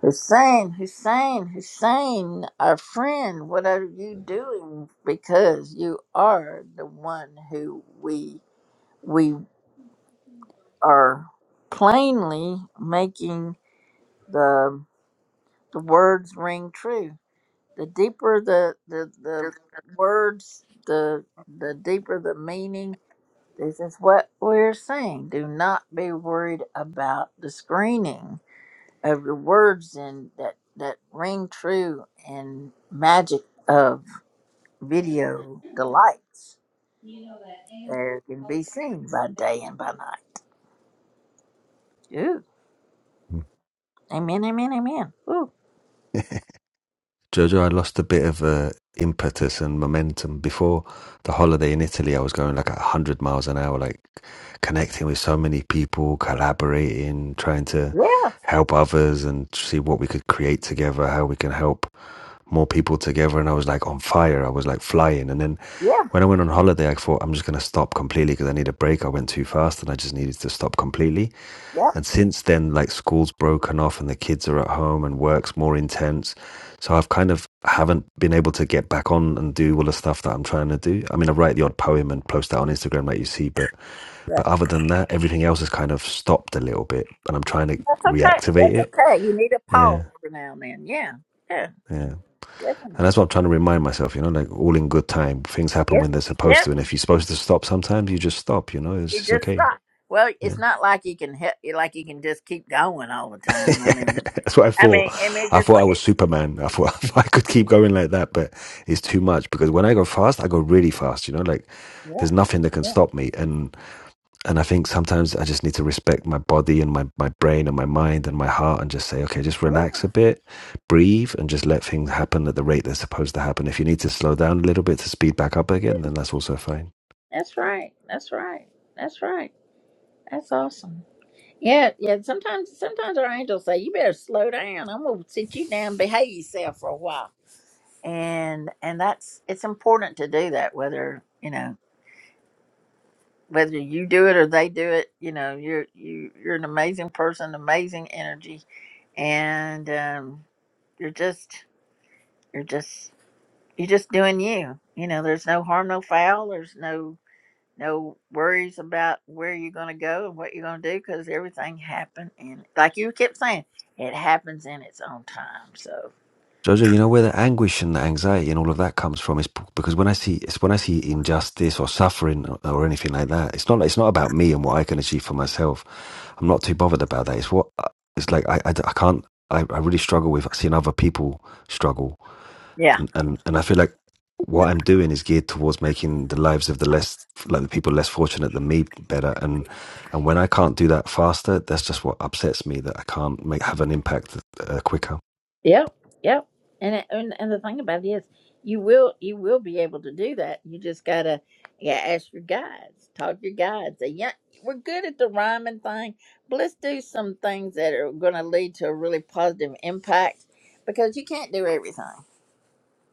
Hussein, Hussein, Hussein, our friend, what are you doing? Because you are the one who we we are plainly making the the words ring true. The deeper the the, the words, the the deeper the meaning. This is what we're saying. Do not be worried about the screening of the words and that that ring true and magic of video delights there can be seen by day and by night. Ooh. Amen, amen, amen. Ooh. Jojo, I lost a bit of uh, impetus and momentum. Before the holiday in Italy, I was going like 100 miles an hour, like connecting with so many people, collaborating, trying to Yeah, help others and see what we could create together, how we can help. more people together and I was like on fire. I was like flying. And then yeah, when I went on holiday, I thought I'm just going to stop completely because I need a break. I went too fast and I just needed to stop completely. yep. And since then, like school's broken off and the kids are at home and work's more intense. So I've kind of haven't been able to get back on and do all the stuff that I'm trying to do. I mean, I write the odd poem and post that on Instagram, like you see, but That, but other than that, everything else has kind of stopped a little bit, and I'm trying to that's okay. reactivate That's it. okay. You need a pause Yeah, every now and then. Yeah. Yeah, yeah. And that's definitely. what I'm trying to remind myself, you know, like all in good time. Things happen Yep. when they're supposed Yep. to. And if you're supposed to stop sometimes, you just stop, you know, it's, You it's just okay. stop. Well, it's Yeah. not like you can help like you can just keep going all the <laughs> time. I mean That's what I I thought. mean I mean I just thought I like was Superman. I thought <laughs> I could keep going like that, but it's too much because when I go fast, I go really fast, you know, like there's yeah, nothing that can Yeah. stop me. And and I think sometimes I just need to respect my body and my, my brain and my mind and my heart and just say, okay, just Yeah. relax a bit, breathe, and just let things happen at the rate they're supposed to happen. If you need to slow down a little bit to speed back up again, then that's also fine. That's right. That's right. That's right. That's awesome. Yeah, yeah. Sometimes, sometimes our angels say, "You better slow down. I'm gonna sit you down, and behave yourself for a while." And and that's it's important to do that. Whether you know whether you do it or they do it, you know you're you you're an amazing person, amazing energy, and um, you're just you're just you're just doing you. You know, there's no harm, no foul. There's no no worries about where you're going to go and what you're going to do because everything happened and like you kept saying it happens in its own time so Jojo, you know where the anguish and the anxiety and all of that comes from is because when I see it's when I see injustice or suffering or, or anything like that, it's not it's not about me and what I can achieve for myself. I'm not too bothered about that. It's what uh, it's like I, I, I can't I, I really struggle with seeing other people struggle yeah and and and I feel like what I'm doing is geared towards making the lives of the less like the people less fortunate than me better and and when I can't do that faster that's just what upsets me that I can't make have an impact uh, quicker yep yep and it, and, and the thing about it is you will you will be able to do that you just gotta yeah ask your guides talk to your guides Say, yeah we're good at the rhyming thing but let's do some things that are going to lead to a really positive impact because you can't do everything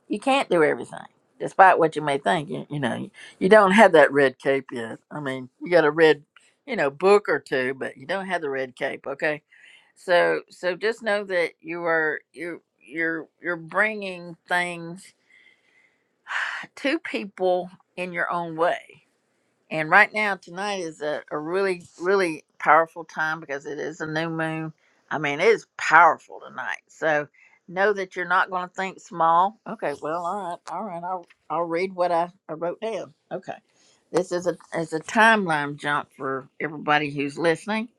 You can't do everything, despite what you may think. You, you know, you you don't have that red cape yet. I mean, you got a red, you know, book or two, but you don't have the red cape. Okay, so so just know that you are you you're you're bringing things to people in your own way and right now, tonight is a, a really, really powerful time because it is a new moon. I mean, it is powerful tonight. So know that you're not going to think small. Okay, well, all right, all right. I'll, I'll read what I, I wrote down. Okay. This is a, is a timeline jump for everybody who's listening.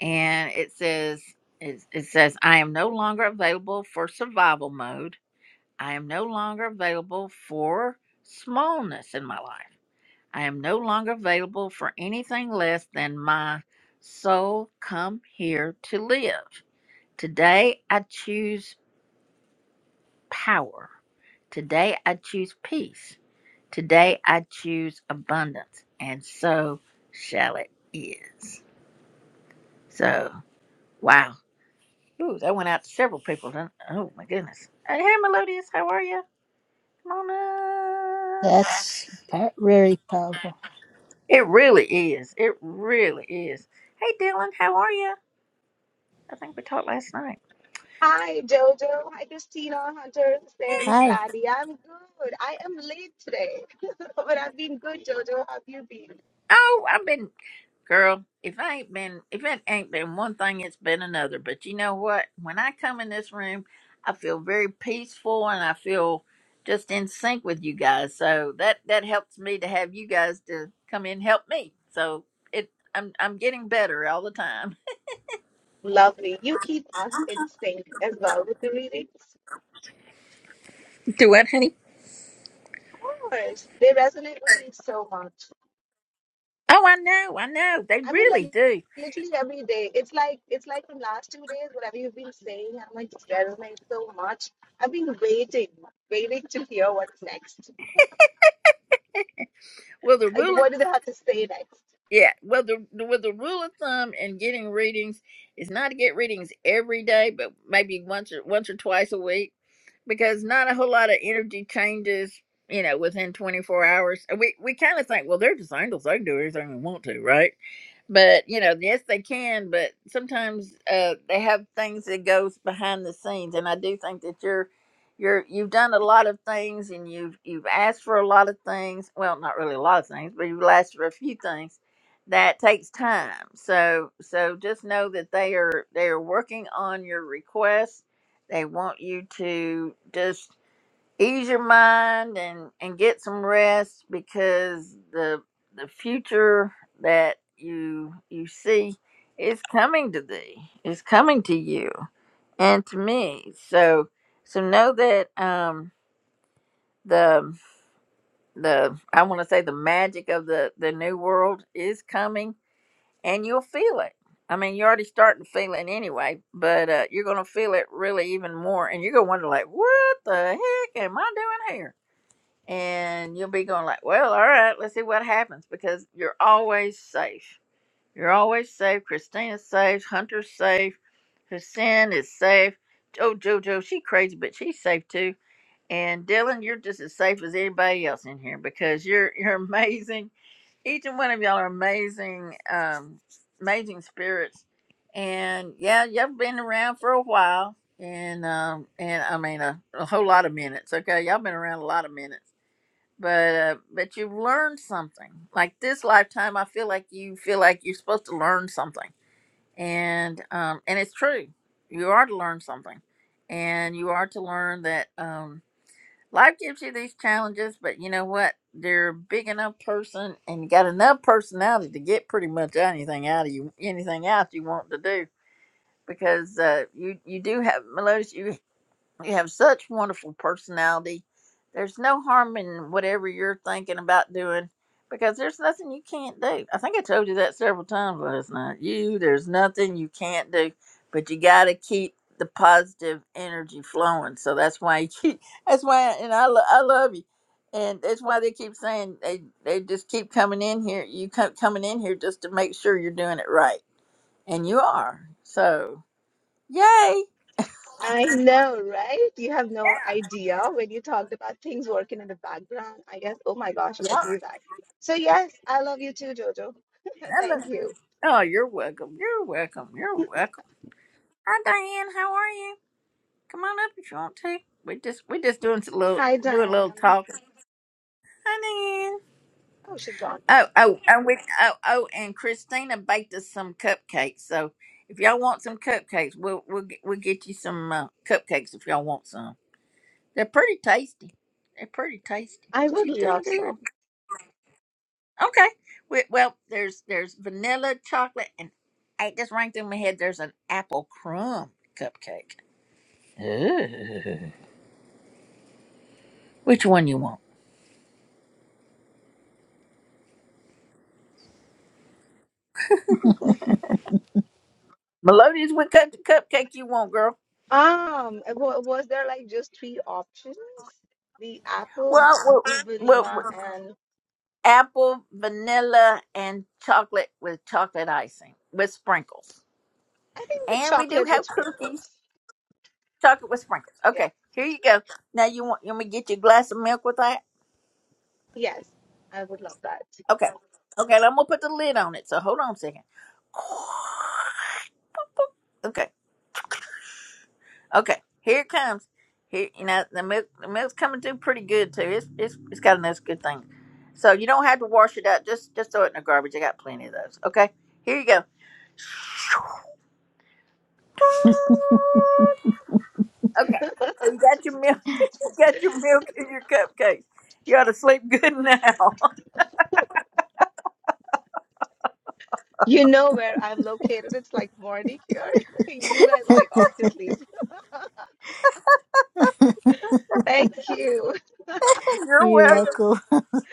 And it says, it, it says, I am no longer available for survival mode. I am no longer available for smallness in my life. I am no longer available for anything less than my soul come here to live. Today I choose power. Today I choose peace. Today I choose abundance. And so shall it is. So, wow. Ooh, that went out to several people. didn't- Oh, my goodness. Hey, hey, Melodious, how are you? Come on up. that's pa- very powerful. It really is. It really is. Hey, Dylan, how are you? I think we talked last night. Hi, Jojo. Hi, Christina, Hunter, and Hi. Sandy. I'm good. I am late today, <laughs> but I've been good, Jojo. How have you been? Oh, I've been, girl. If I ain't been, if it ain't been one thing, it's been another. But you know what? When I come in this room, I feel very peaceful and I feel just in sync with you guys. So that that helps me to have you guys to come in and help me. So it, I'm I'm getting better all the time. Lovely. You keep us in sync as well with the readings. <laughs> Do what, honey? Of course, they resonate with me so much. Oh, I know, I know. They I mean, really like do. literally every day. It's like it's like from last two days, whatever you've been saying, I'm like just resonates so much. I've been waiting, waiting to hear what's next. Well, the Like, rule of what do they have to say next? yeah, well the with the rule of thumb in getting readings is not to get readings every day, but maybe once or once or twice a week because not a whole lot of energy changes, you know, within 24 hours. And We we kind of think, well, they're just angels; they can do everything they want to, right? but you know yes they can but sometimes uh, they have things that goes behind the scenes and i do think that you're you're you've done a lot of things and you've you've asked for a lot of things well not really a lot of things but you've asked for a few things that takes time so so just know that they are they are working on your request they want you to just ease your mind and and get some rest because the the future that you you see is coming to thee is coming to you and to me so so know that um the the i want to say the magic of the the new world is coming and you'll feel it i mean you're already starting to feel it anyway but uh you're gonna feel it really even more and you're gonna wonder like what the heck am i doing here and you'll be going like, well, all right, let's see what happens because you're always safe. You're always safe. Christina's safe. Hunter's safe. Hussein is safe. Oh, Jojo, she crazy, but she's safe too. And Dylan, you're just as safe as anybody else in here because you're you're <laughs> amazing. Each and one of y'all are amazing, um, amazing spirits. And yeah, y'all been around for a while, and um, and I mean a, a whole lot of minutes. Okay, y'all been around a lot of minutes but uh, but you've learned something like this lifetime i feel like you feel like you're supposed to learn something and um and it's true you are to learn something and you are to learn that um life gives you these challenges but you know what you're a big enough person and you got enough personality to get pretty much anything out of you anything out you want to do because uh you you do have melodious you have such wonderful personality. There's no harm in whatever you're thinking about doing because there's nothing you can't do. I think I told you that several times last night. You, there's nothing you can't do, but you got to keep the positive energy flowing. So that's why you keep, <laughs> that's why, and I, lo- I love you. And that's why they keep saying they, they just keep coming in here. You come coming in here just to make sure you're doing it right. And you are. So, yay. I know, right? You have no idea when you talked about things working in the background. I guess, oh my gosh, I Yeah. feel that. So, yes, I love you too, Jojo. <laughs> Thank you. Oh, you're welcome. You're welcome. You're welcome. Hi, Diane. How are you? Come on up if you want to. We just we just doing a little Hi, doing a little Diane. talking. Hi, Diane. Oh, she's gone. Oh, oh, and we oh oh, and Christina baked us some cupcakes. So if y'all want some cupcakes, we'll we'll get, we'll get you some uh, cupcakes if y'all want some. They're pretty tasty. They're pretty tasty. I would She's done love some. good. Okay. We, well, there's there's vanilla chocolate and I it just rang through my head. There's an apple crumb cupcake. <laughs> Ooh. Which one you want? Melodious with cut the cupcake you want, girl. Um, wa- was there like just three options? The apple, Well, well, the well, vanilla, well, and apple, vanilla, and chocolate with chocolate icing with sprinkles. I think the And we do chocolate have with cookies, sprinkles. chocolate with sprinkles. Yeah. Okay, here you go. Now you want you want me to get you a glass of milk with that? Yes, I would love that. Okay, okay. I'm gonna put the lid on it. So hold on a second. <laughs> Okay. Okay, here it comes. Here, you know the milk. The milk's coming through pretty good too. It's it's it's got a nice good thing. So you don't have to wash it out. Just just throw it in the garbage. I got plenty of those. Okay, here you go. Okay, so you got your milk. <laughs> you got your milk and your cupcakes. You ought to sleep good now. You know where I'm located. It's like morning here. <laughs> You guys like off to sleep. Thank you. <laughs> You're You're welcome. welcome.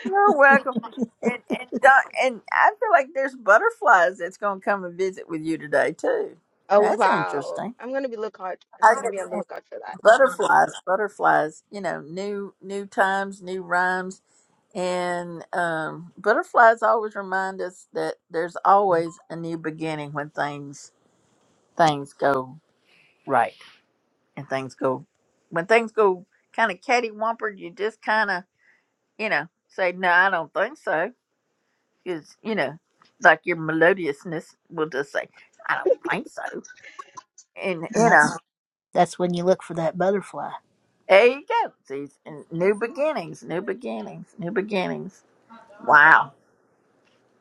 You're welcome. And and Don, and I feel like there's butterflies that's gonna come and visit with you today too. Oh That's wow. interesting. I'm gonna be lookout. I I'm gonna be on get the lookout for that. butterflies, butterflies, you know, new new times, new rhymes. And um, butterflies always remind us that there's always a new beginning when things things go right and things go when things go kind of cattywampus. You just kind of you know say no, I don't think so, because you know, like your melodiousness will just say I don't think so, and And you know, That's that's when you look for that butterfly. there you go. These new beginnings, new beginnings, new beginnings. Wow.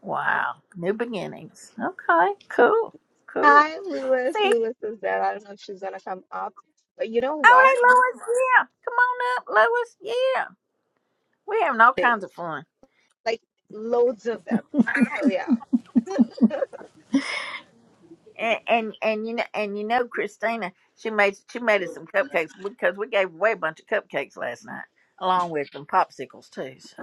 Wow. New beginnings. Okay. Cool. Cool. Hi, Lewis. See, Lewis is there. I don't know if she's gonna come up, but you know oh, what? hey, Lois. Yeah. Come on up, Lois. Yeah. We're having all kinds of Days. fun. Like loads of them. So yeah. And, and and you know and you know Christina she made she made us some cupcakes because we gave away a bunch of cupcakes last night along with some popsicles too so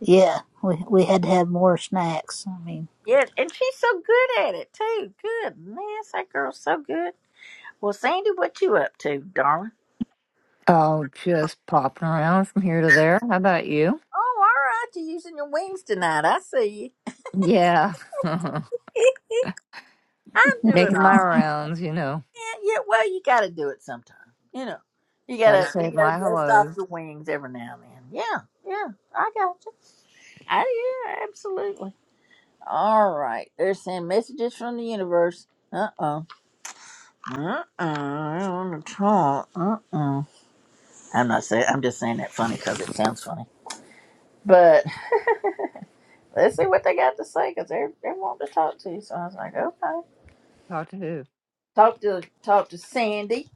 Yeah. We we had to have more snacks. I mean. yeah and she's so good at it too goodness that girl's so good well Sandy what you up to darling Oh, just popping around from here to there. How about you? oh all right you're using your wings tonight I see Yeah. <laughs> you <laughs> I'm doing Making my all rounds, you know. Yeah, yeah. Well, you got to do it sometime. You know, you Gotta gotta say you gotta my dust off hellos. your wings every now and then. Yeah, yeah. I got you. I yeah, absolutely. All right. They're sending messages from the universe. Uh oh. Uh oh. I don't want to talk. Uh oh. I'm not saying. I'm just saying that funny because it sounds funny. But <laughs> let's see what they got to say because they're they want to talk to you. So I was like, okay. Talk to who? Talk to talk to Sandy.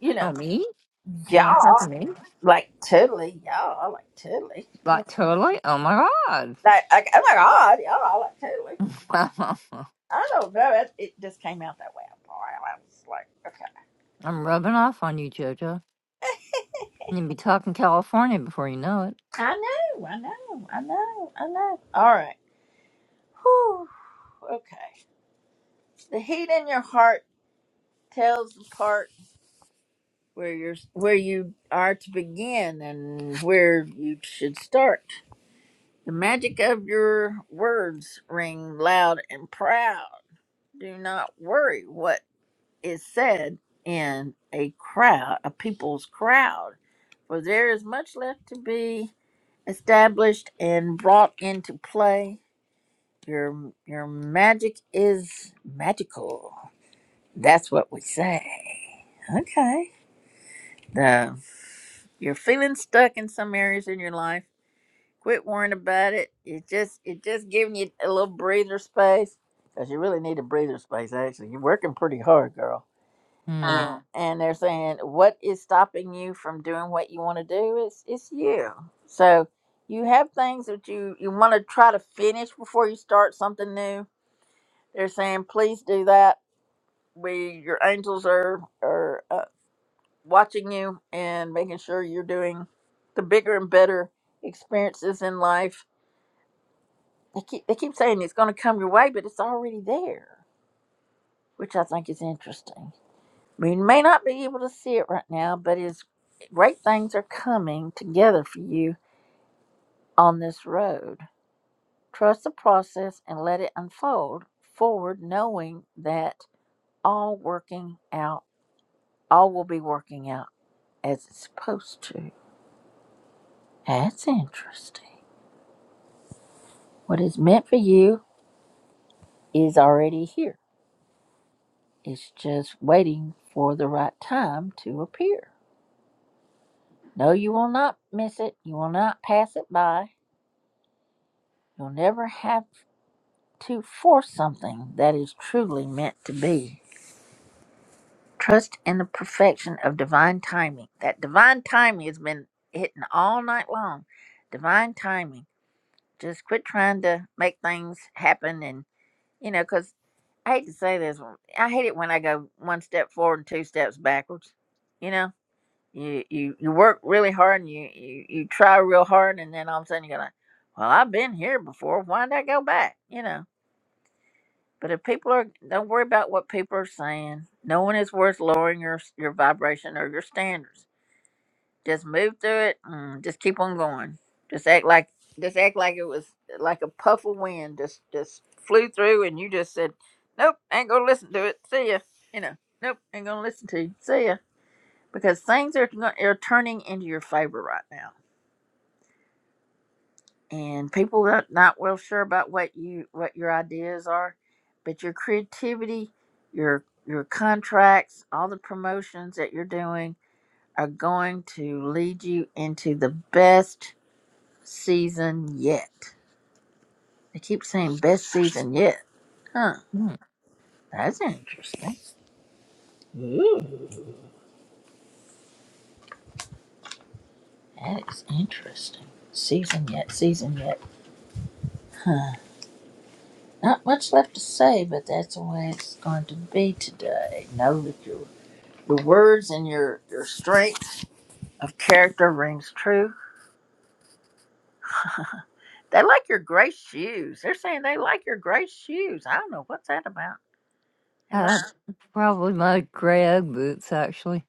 You know, Oh, me? you yeah. want to talk to me? Like totally, y'all. I Like totally. Yeah. Like, totally? Oh my God. Like, like oh my god, y'all. I Like totally. <laughs> I don't know. It, it just came out that way. I was like, okay. I'm rubbing off on you, JoJo. Eh, You'll be talking California before you know it. I know. I know. I know. I know. All right. Whew. Okay. The heat in your heart tells the part where you're where you are to begin and where you should start. The magic of your words ring loud and proud. Do not worry. what. it said in a crowd, a people's crowd, for there is much left to be established and brought into play. Your your magic is magical. That's what we say. Okay. The, you're feeling stuck in some areas in your life. Quit worrying about it. It just it just giving you a little breather space because you really need a breather space. Actually, you're working pretty hard, girl Mm. Hmm. and and they're saying what is stopping you from doing what you want to do it's it's you so you have things that you you want to try to finish before you start something new they're saying please do that we your angels are are uh, watching you and making sure you're doing the bigger and better experiences in life they keep they keep saying it's going to come your way but it's already there which i think is interesting We may not be able to see it right now, but it's great things are coming together for you on this road. Trust the process and let it unfold forward, knowing that all working out, all will be working out as it's supposed to. That's interesting. What is meant for you is already here. It's just waiting for the right time to appear. No, you will not miss it. You will not pass it by. You'll never have to force something that is truly meant to be. Trust in the perfection of divine timing. That divine timing has been hitting all night long. Divine timing. Just quit trying to make things happen. And, you know, because I hate to say this, I hate it when I go one step forward and two steps backwards. You know, you, you, you work really hard and you, you, you try real hard, and then all of a sudden you're going well, I've been here before. Why'd I go back? You know But if people are, don't worry about what people are saying. No one is worth lowering your your vibration or your standards. Just move through it. And just keep on going. Just act like just act like it was like a puff of wind just just flew through, and you just said, "Nope, ain't gonna listen to it. See ya." You know, "Nope, ain't gonna listen to you. See ya." Because things are are turning into your favor right now and people are not well sure about what you what your ideas are but your creativity your your contracts all the promotions that you're doing are going to lead you into the best season yet they keep saying best season yet huh Hmm. that's interesting that is interesting season yet season yet huh not much left to say but that's the way it's going to be today know that your your words and your your strength of character rings true. They like your gray shoes. They're saying they like your gray shoes. I don't know what's that about. They like, Uh, probably my gray Ugg boots, actually.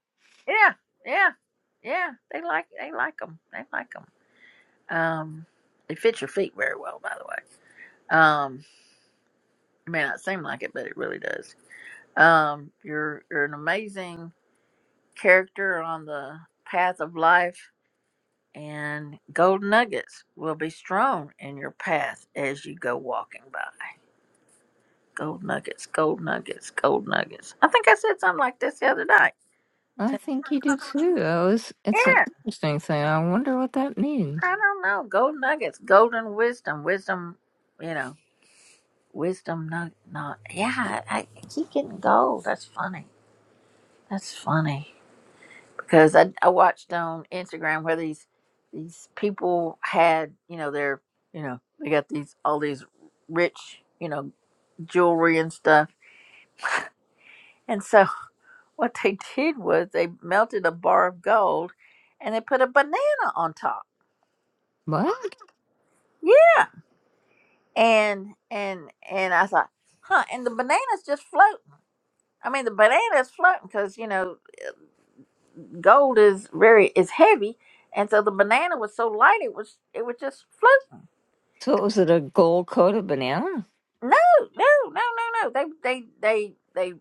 yeah, yeah, yeah. They like, they like them. They like them. Um, they fit your feet very well, by the way. Um, it may not seem like it, but it really does. Um, you're you're an amazing character on the path of life, and gold nuggets will be strewn in your path as you go walking by. Gold nuggets, gold nuggets, gold nuggets. I think I said something like this the other night. I think you do too. That was, it's an Yeah, interesting thing. I wonder what that means. I don't know. Gold nuggets, golden wisdom, wisdom, you know, wisdom nug Not, yeah, I, I keep getting gold. That's funny. That's funny because I, I watched on Instagram where these these people had, you know, their, you know, they got these all these rich, you know, jewelry and stuff, And so What they <laughs> did was they melted a bar of gold and they put a banana on top. What? Yeah. And and and I thought, huh? And the banana's just floating. I mean, the banana's floating because you know gold is very is heavy, and so the banana was so light it was it was just floating. So was it a gold coated banana? No, no, no, no, no. They they they they.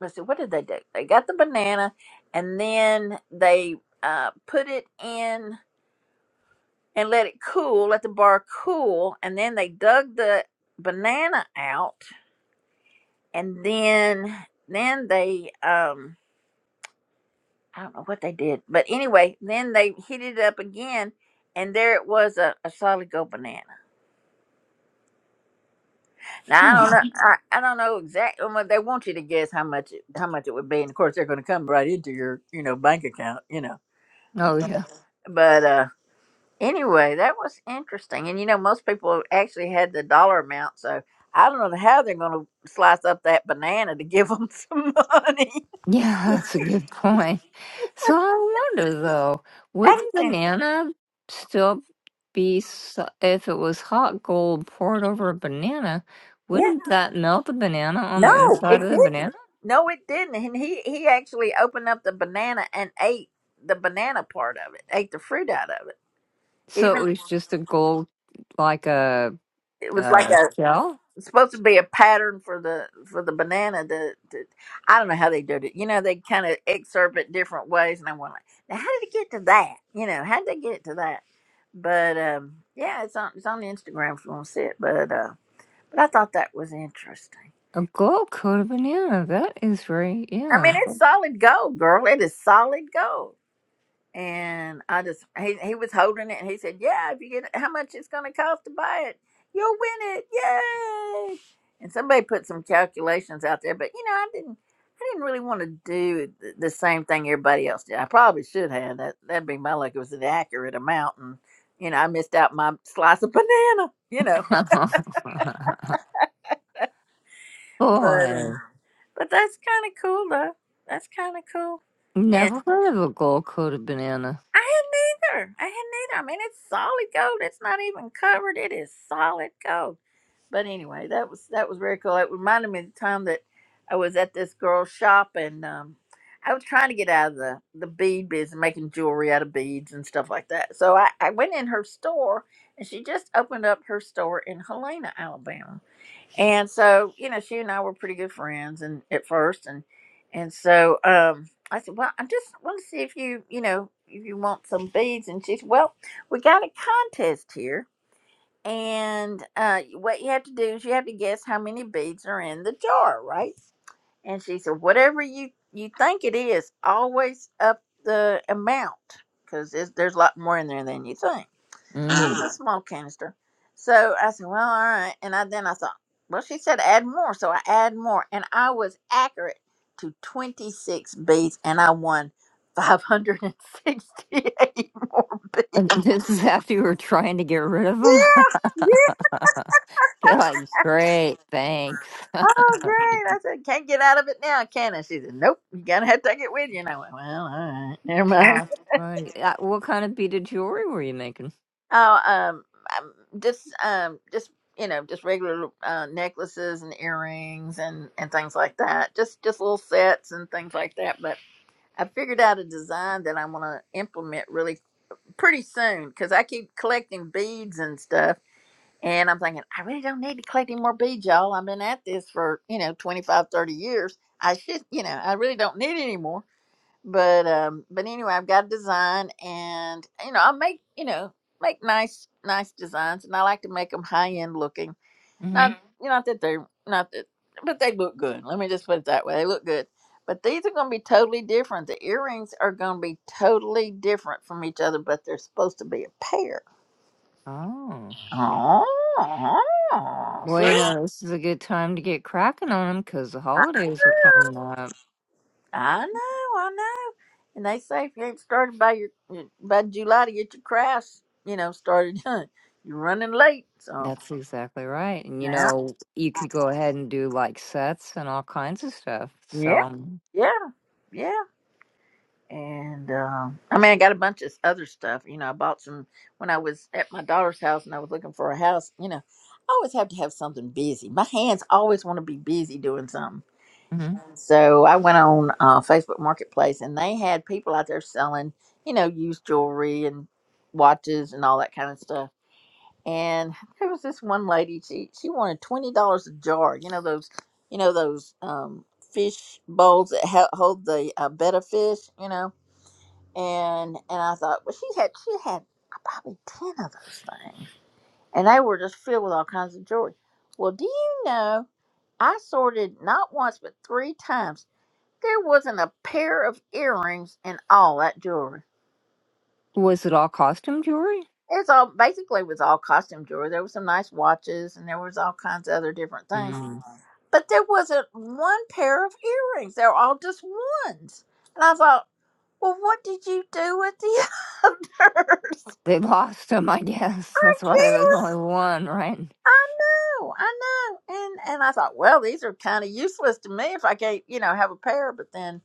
Let's see, what did they do? They got the banana, and then they uh, put it in. and let it cool, let the bar cool, and then they dug the banana out, and then then they um I don't know what they did, but anyway, then they heated it up again, and there it was a, a solid gold banana. Now I Hmm. don't know, <sighs> I, I don't know exactly. Well, they want you to guess how much it, how much it would be, and of course they're going to come right into your you know bank account, you know. Oh yeah. But uh anyway, that was interesting. And you know, most people actually had the dollar amount, so I don't know how they're going to slice up that banana to give them <laughs> some money. Yeah, <laughs> that's a good point. So I wonder though, would That the is, in- banana still be so- if it was hot gold poured over a banana? yeah, Wouldn't that melt the banana on the no, inside it of the didn't. banana? No, it didn't. And he he actually opened up the banana and ate the banana part of it, ate the fruit out of it. So Even it was just a gold, like a, it was like a a shell, It's supposed to be a pattern for the for the banana. The, the I don't know how they did it. You know, they kind of excerpt it different ways, and I went like, now how did it get to that? You know, how did they get it to that? But um, yeah, it's on it's on Instagram if you want to see it. But uh, but I thought that was interesting. a gold coated banana. That is very I mean, yeah. it's solid gold, girl. It is solid gold. And I just he he was holding it and he said, Yeah, if you get how much it's gonna cost to buy it, you'll win it. Yay. And somebody put some calculations out there, but you know, I didn't I didn't really want to do th- the same thing everybody else did. I probably should have. That that'd be my luck. It was an accurate amount and you know, I missed out my slice of banana, you know. <laughs> Boy, But that's kinda cool though. That's kinda cool. And never heard of a gold coated banana. I had neither. I had neither. I mean it's solid gold. It's not even covered. It is solid gold but anyway, that was that was very cool. It reminded me of the time that I was at this girl's shop and um, I was trying to get out of the the bead business, making jewelry out of beads and stuff like that. So I, I went in her store and she just opened up her store in Helena, Alabama. And so you know, she and I were pretty good friends and at first and and so um, I said, well, I just want to see if you you know if you want some beads and she said, well, we got a contest here and uh, what you have to do is you have to guess how many beads are in the jar, right? And she said, whatever you you think it is, always up the amount because there's a lot more in there than you think. So It Mm. was a <gasps> small canister. So I said, well, all right. And I, then I thought, well, she said add more. So I add more. And I was accurate to 26 beads and I won 568 <laughs> more beads. <laughs> This is after you were trying to get rid of them. <laughs> Yeah, yeah. You're like, great, thanks. oh, great. I said, can't get out of it now, can I? She said, nope, you gotta have to take it with you. And I went, well, all right, never mind. How fun! Uh, What kind of beaded jewelry were you making? <laughs> oh, um, um, just, um, just, you know, just regular uh, necklaces and earrings and, and things like that. Just, just little sets and things like that. But I figured out a design that I want to implement really pretty soon because I keep collecting beads and stuff And I'm thinking, I really don't need to collect any more beads, y'all. I've been at this for, you know, 25, 30 years. I should, you know, I really don't need any more. But um, but anyway, I've got a design and you know, I make, you know, make nice nice designs and I like to make them high end looking. hmm Not Mhm. you know, not that they're not that but they look good. Let me just put it that way. They look good. But these are gonna be totally different. The earrings are gonna be totally different from each other, but they're supposed to be a pair. Oh, Oh, well, you see? know, this is a good time to get cracking on them because the I, holidays are coming up. I know, I know. And they say if you ain't started by your by July to get your crafts, you know, started, <laughs> you're running late. So That's exactly right. And you yeah, know, you could go ahead and do like sets and all kinds of stuff. yeah, So, um, yeah, yeah. And um, I mean, I got a bunch of other stuff. You know, I bought some when I was at my daughter's house and I was looking for a house. You know, I always have to have something busy. My hands always want to be busy doing something. mhm. So I went on uh, Facebook Marketplace and they had people out there selling, you know, used jewelry and watches and all that kind of stuff. And there was this one lady, she, she wanted $20 a jar, you know, those, you know, those um, fish bowls that ha- hold the uh, betta fish, you know. And, and I thought, well, she had, she had probably 10 of those things and they were just filled with all kinds of jewelry. Well, do you know I sorted not once but three times there wasn't a pair of earrings in all that jewelry. was it all costume jewelry? It's all basically was all costume jewelry. There was some nice watches and there was all kinds of other different things. Mm. But there wasn't one pair of earrings. They were all just ones. And I thought, well, what did you do with the <laughs> other? They <laughs> lost them, I guess. That's why there was only Yes, one, right? I know, I know. And and I thought, well, these are kind of useless to me if I can't, you know, have a pair. But then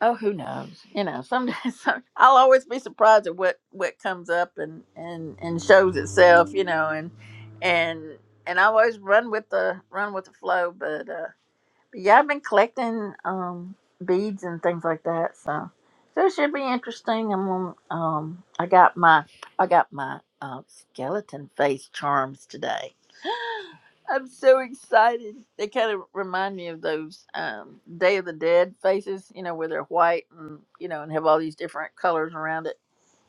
Oh, who knows? You know, someday <laughs> some, I'll always be surprised at what what comes up and and and shows itself. You know, and and and I always run with the run with the flow. but. uh, yeah, I've been collecting um beads and things like that, so so it should be interesting. I'm on, um I got my I got my uh, skeleton face charms today. <gasps> I'm so excited. They kind of remind me of those um Day of the Dead faces, you know, where they're white and you know and have all these different colors around it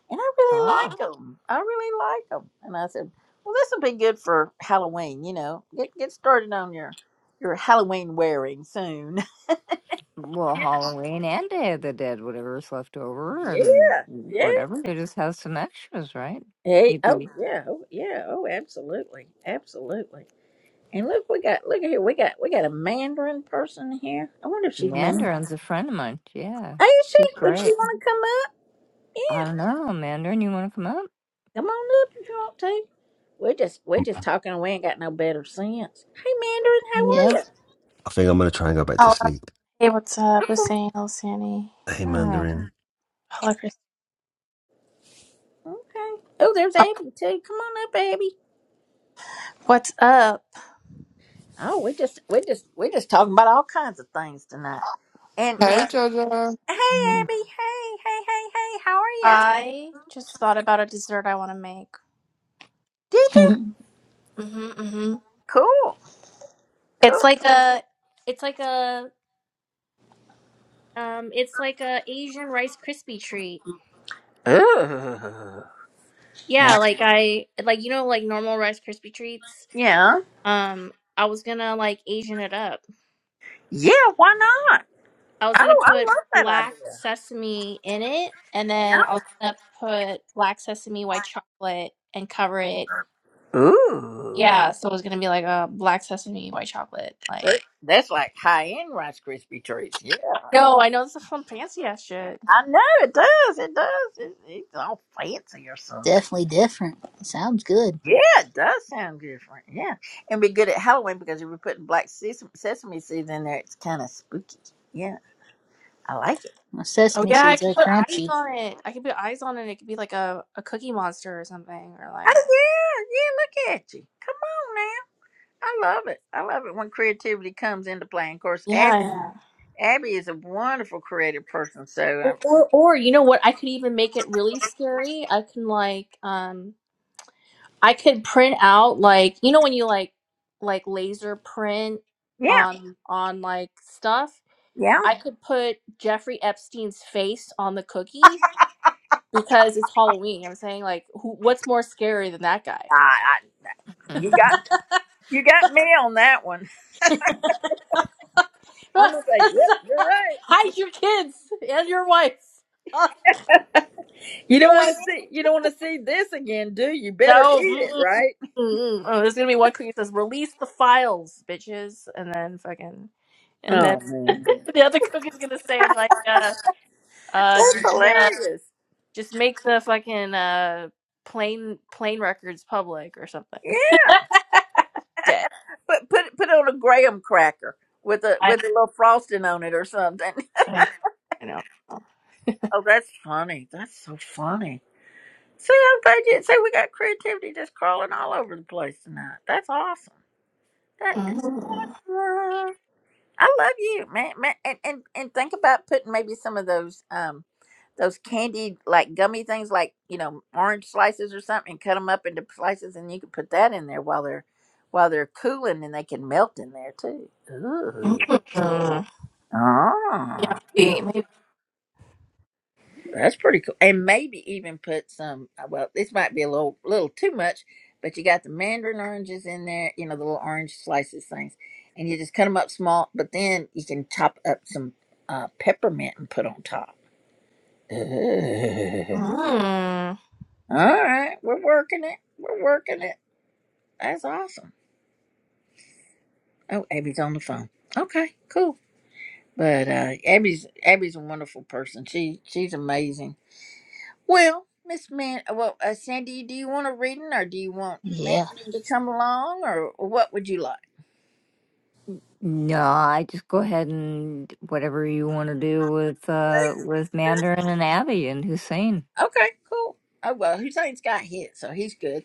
and I really Oh. like them. I really like them. And I said, well, this will be good for Halloween. You know, get get started on your your Halloween wearing soon. <laughs> well, Halloween and Day of the Dead, whatever's left over Yeah, and yeah. whatever, they just have some extras, right? Hey, You'd oh be yeah, oh yeah, oh absolutely, absolutely. And look, we got look at here, we got we got a Mandarin person here. I wonder if she's Mandarin. Mandarin's a friend of mine. Yeah, Hey, is he's she? Would she great. want to come up? I Yeah, don't know, Mandarin. You want to come up? come on up if you want to. We're just we're Um, just talking. We ain't got no better sense. Hey, Yep. Mandarin, I think I'm going to try and go back to Hello. sleep Hey, what's up? how are you? Hussein, El Sani. hey Hi. mandarin Hello, Chris. Okay. Oh, there's Oh, Abby too. Come on up, Abby. What's up? Oh, we just we just we just talking about all kinds of things tonight. And Mm, Hey, and Jojo. hey, Mm. Abby. Hey, hey, hey, hey. How are you? I just thought about a dessert I want to make. Did you? <laughs> hmm hmm Cool, cool. It's like a, it's like a, um, it's like a Asian Rice crispy treat. Ooh. Now, Yeah, like I, like you know, like normal Rice crispy treats. yeah, Um, I was gonna like Asian it up. yeah. Why not? I was gonna Oh, I put love that black sesame in it, and then I was gonna put black sesame, white chocolate, and cover it idea. Ooh, Yeah, so it was gonna be like a black sesame, white chocolate. Like, That- that's like high end Rice Krispie treats. Yeah, no, I know this is some fancy ass shit. I know it does. It does. It, it's all fancy or something. Definitely different. Sounds good. Yeah, it does sound different. Yeah, and we're good at Halloween because if we're putting black ses- sesame seeds in there, it's kind of spooky. Yeah, I like it. My Oh sesame yeah, I seeds could are put eyes crunchy. on it. I could put eyes on it. It could be like a, a cookie monster or something, or like Oh yeah, yeah. Look at you. Come on now. I love it. I love it when creativity comes into play. And of course, Abby, yeah, yeah. Abby is a wonderful creative person. So Or, um, or or you know what? I could even make it really scary. I can like um, I could print out like you know when you like like laser print yeah, on on like stuff. yeah. I could put Jeffrey Epstein's face on the cookie because it's Halloween. I'm saying like, who? What's more scary than that I, guy? I, you <laughs> got <laughs> you got me on that one. <laughs> I'm gonna say, yep, you're right. Hide your kids and your wife. <laughs> You don't want Right. to see you don't want to see this again, do you? Better No. eat it, Mm-mm. right? Mm-mm. Oh, there's gonna be one queen that says, "Release the files, bitches," and then fucking, and then Oh <laughs> man. the other cook is gonna say like, uh, uh, That's just, uh, hilarious. just make the fucking uh plane plane records public or something. Yeah, <laughs> Dead. but put put it on a graham cracker with a with a little frosting on it or something. <laughs> I know. I know. Oh, that's funny. That's so funny. See, I'm glad you see we got creativity just crawling all over the place tonight. That's awesome. That is Mm. awesome. I love you, man, man. And, and and think about putting maybe some of those um those candied like gummy things, like you know orange slices or something, and cut them up into slices, and you can put that in there while they're while they're cooling, and they can melt in there too. Ooh. Mm. Oh. Yeah, maybe, maybe. That's pretty cool. And maybe even put some, uh, well, this might be a little, little too much, but you got the mandarin oranges in there, you know, the little orange slices things, and you just cut them up small, but then you can chop up some uh, peppermint and put on top. <laughs> Ugh. Mm. All right, we're working it. We're working it. That's awesome. Oh, Abby's on the phone. Okay, cool. But uh, Abby's Abby's a wonderful person. She she's amazing Well, Miss Man, well, uh, Sandy, do you want a reading or do you want Yeah. Madeline to come along or what would you like? No, I just go ahead and whatever you want to do with uh with Mandarin and Abby and Hussein. Okay, cool. Oh, well, Hussein's got hit, so he's good.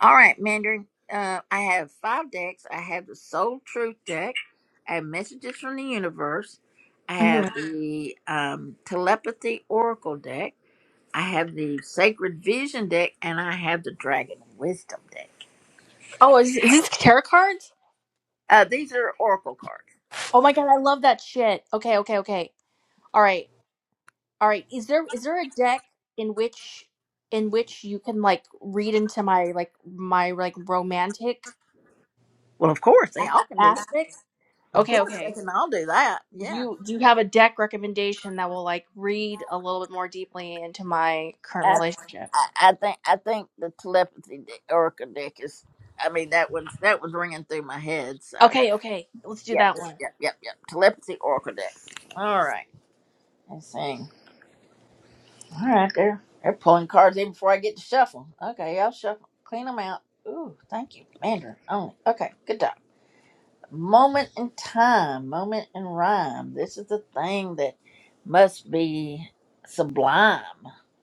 All right, Mandarin. Uh, I have five decks. I have the Soul Truth deck. I have Messages from the Universe. I have Mm. the um, Telepathy Oracle deck. I have the Sacred Vision deck, and I have the Dragon Wisdom deck. Oh, is, is this tarot cards? Uh, these are Oracle cards. Oh my god, I love that shit. Okay, okay, okay. All right, all right. Is there is there a deck in which in which you can like read into my like my like romantic Well, of course, they a- all can do that. aspects? Of Okay, course, they okay. can all do that. Do Yeah. you do you have a deck recommendation that will like read a little bit more deeply into my current I, relationship? I I think I think the telepathy dick, Erica dick is. I mean that was that was ringing through my head. So Okay, okay. Let's do yep that yep one. yep yep yep telepathy Oracle dick. All right, let's see. All right, they're they're pulling cards even before I get to shuffle. Okay, I'll shuffle, clean them out. Ooh, thank you, Mandarin only. Okay, good job. moment in time, moment in rhyme. This is the thing that must be sublime.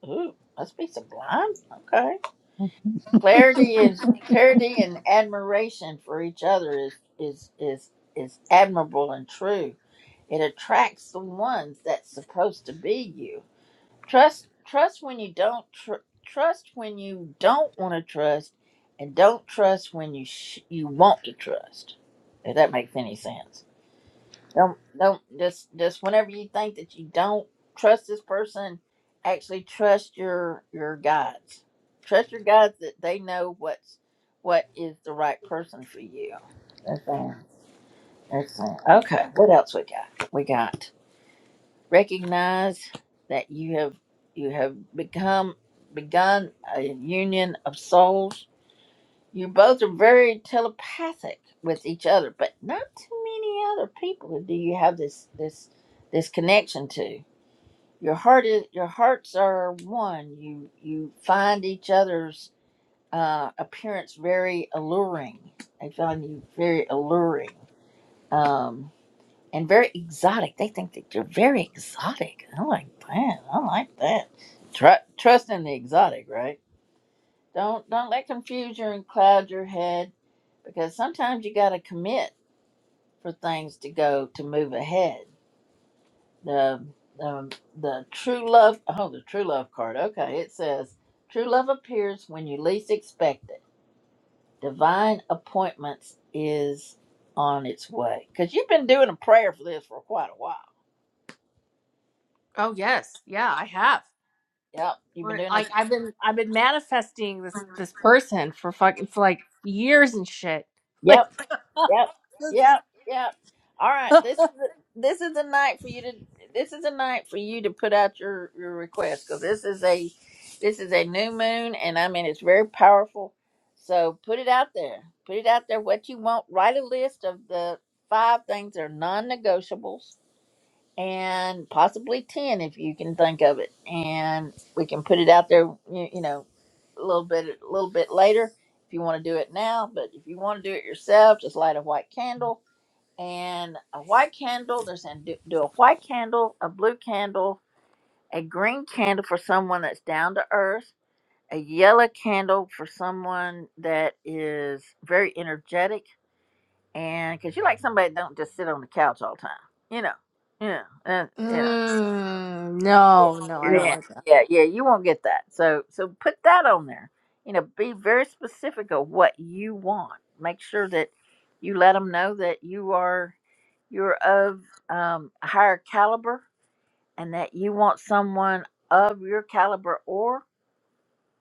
Ooh, must be sublime. Okay. Clarity is clarity and admiration for each other is is is is admirable and true. It attracts the ones that's supposed to be you. Trust trust when you don't tr- trust when you don't want to trust, and don't trust when you sh- you want to trust. If that makes any sense. Don't don't just just whenever you think that you don't trust this person, actually trust your your guides. Trust your guides that they know what's what is the right person for you. That's all. That's all. Okay. Okay. What else we got? We got recognize that you have you have become begun a union of souls you both are very telepathic with each other, but not too many other people do you have this this this connection to. Your heart is your hearts are one. You you find each other's uh, appearance very alluring. They find you very alluring um, and very exotic. They think that you're very exotic. i like, that. I like that. Tru trust in the exotic, right? Don't don't let confusion cloud your head because sometimes you got to commit for things to go to move ahead. The um, the true love oh the true love card okay it says true love appears when you least expect it. Divine appointments is on its way because you've been doing a prayer for this for quite a while. Oh yes, yeah, I have. Yep, you've been Where doing like it. I've been I've been manifesting this this person for fucking for like years and shit. Yep, Like <laughs> Yep. this is. Yep. Yep. All right. <laughs> This is the, this is the night for you to this is a night for you to put out your your request because this is a this is a new moon and I mean it's very powerful. So put it out there. Put it out there what you want. Write a list of the five things that are non-negotiables and possibly 10 if you can think of it and we can put it out there you, you know a little bit a little bit later if you want to do it now but if you want to do it yourself just light a white candle and a white candle there's and do, do a white candle a blue candle a green candle for someone that's down to earth a yellow candle for someone that is very energetic and because you like somebody that don't just sit on the couch all the time, you know, you know, and, you know, Mm, no, no, I don't yeah, like that. yeah, yeah, you won't get that. So, so put that on there. You know, be very specific of what you want. Make sure that you let them know that you are you're of um, a higher caliber and that you want someone of your caliber or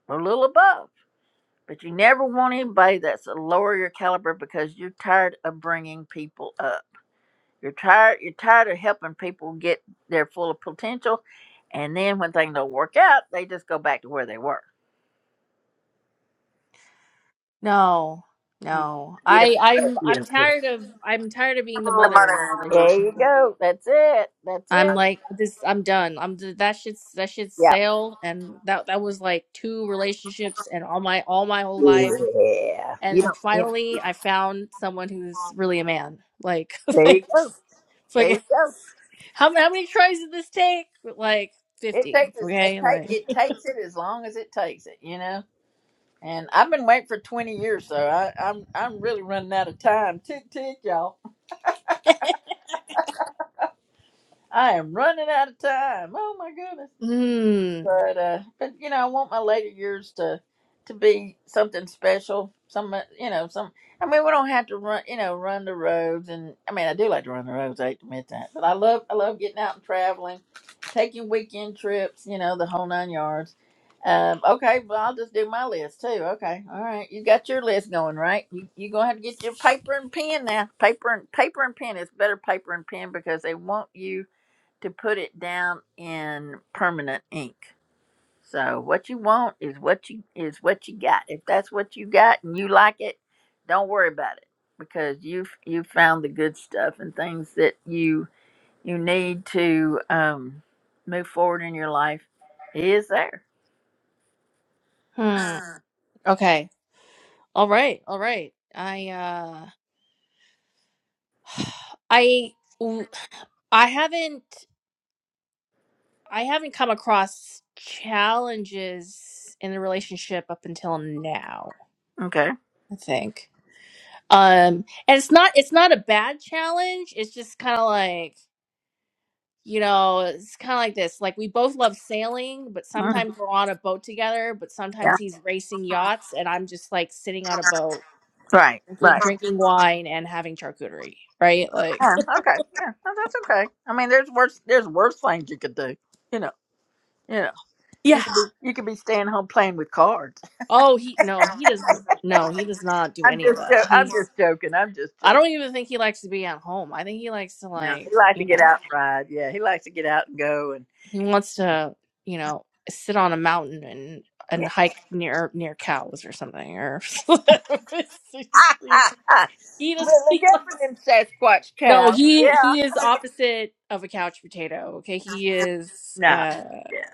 a little above. But you never want anybody that's a lower your caliber because you're tired of bringing people up you're tired. You're tired of helping people get their full of potential, and then when things don't work out, they just go back to where they were. No, You no, you I don't. I'm You I'm don't do that. tired of I'm tired of being the mother in the There relationship. you go. That's it. That's I'm it. like this. I'm done. I'm d- that shit's that shit's Yep. sailed, and that that was like two relationships and all my all my whole life. Yeah. You and don't. You know. finally I found someone who's really a man. Like, <laughs> There you go. thanks. It's There you like go. how how many tries did this take? Like It fifty. takes us. It Okay, take. like It takes it as long as it takes it. You know. And I've been waiting for twenty years, so I, I'm I'm really running out of time. Tick tick, y'all. I am running out of time. Oh my goodness. hmm but uh, but you know, I want my later years to to be something special. Some uh, you know, some. I mean, we don't have to run, you know, run the roads, and I mean, I do like to run the roads. I hate to admit that, but I love, I love getting out and traveling, taking weekend trips, you know, the whole nine yards. Um, okay, well, I'll just do my list too. Okay, all right, you got your list going, right? You you gonna have to get your paper and pen now. Paper and paper and pen. It's better paper and pen because they want you to put it down in permanent ink so what you want is what you is what you got. If that's what you got and you like it, don't worry about it because you've you found the good stuff and things that you you need to um, move forward in your life is there. hmm. Okay, all right, all right. I uh, <sighs> I w- I haven't I haven't come across challenges in the relationship up until now. Okay. I think. Um, and it's not it's not a bad challenge. It's just kind of like you know, it's kind of like this. Like we both love sailing, but Mm, sometimes we're on a boat together, but yeah. sometimes he's racing yachts and I'm just like sitting on a boat Right. drinking Right. drinking wine and having charcuterie, right? Like Yeah, okay. Yeah. No, that's okay. I mean, there's worse. There's worse things you could do. You know. You know. <laughs> You yeah. could be. You could be staying home playing with cards. Oh, he no, he doesn't no, he does not do I'm any of just. that. Jo- I'm just He's joking. I'm just joking. I don't even think he likes to be at home. I think he likes to No, like, he likes to you get out know, and ride. Yeah, he likes to get out and go and. he wants to, you know, sit on a mountain and and Yeah. <laughs> hike near near cows or something or <laughs> he But does Look <laughs> out for them Sasquatch No, cows. he Yeah. he is opposite of a couch potato. Okay, he is No. uh Yeah.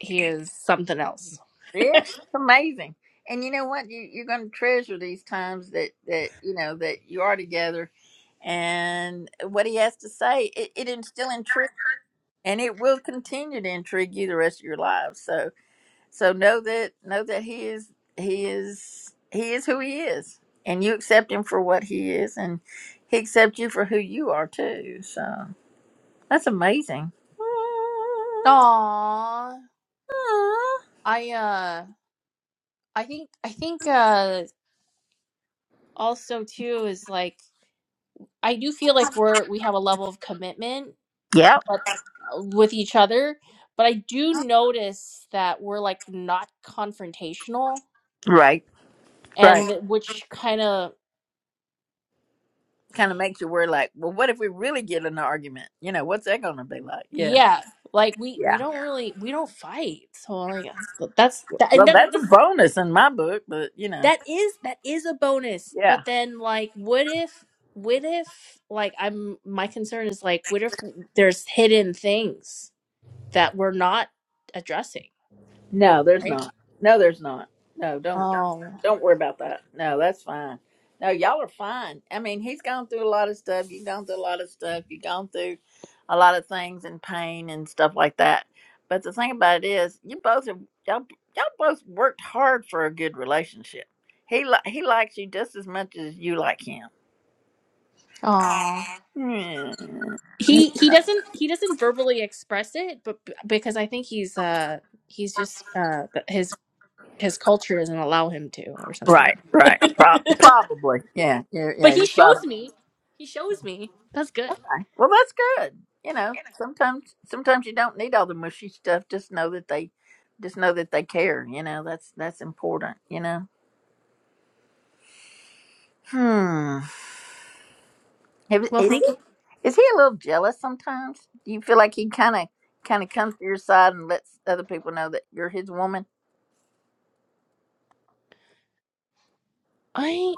he is something else. Yeah. It's amazing. And you know what? You, you're going to treasure these times that that you know that you are together, and what he has to say, it, it is still intrigue, and it will continue to intrigue you the rest of your lives. So. So know that know that he is he is he is who he is, and you accept him for what he is, and he accepts you for who you are too. So that's amazing. Aw, I uh, I think I think uh, also too is like I do feel like we're we have a level of commitment, Yep. but uh, with each other. But I do notice that we're like not confrontational, Right. Right. and that- which kind of Kind of makes you worry, like, well, what if we really get in an argument? You know, what's that going to be like? Yeah. yeah, like we we Yeah. don't really we don't fight. So like that's that's that, and Well, that's a that, bonus in my book, but you know, That is that is a bonus. yeah. But then like what if what if like I'm my concern is like what if there's hidden things that we're not addressing, No, there's right? not. No, there's not. No, don't don't Oh, don't worry about that. No, that's fine. No, y'all are fine. I mean, he's gone through a lot of stuff. You've gone through a lot of stuff. You've gone through a lot of things and pain and stuff like that. But the thing about it is, you both have y'all y'all both worked hard for a good relationship. He li- he likes you just as much as you like him. oh, Hmm. He he doesn't he doesn't verbally express it, but b- because I think he's uh he's just uh th- his his culture doesn't allow him to or something. Right, <laughs> right. Pro- probably. Yeah, yeah, but yeah. he You probably shows me. He shows me. That's good. Okay. Well, that's good. You know, sometimes sometimes you don't need all the mushy stuff. Just know that they, just know that they care. You know, that's that's important. You know. Hmm. Have- Well, Is thank he, you. is he a little jealous sometimes? Do you feel like he kind of kind of comes to your side and lets other people know that you're his woman? I.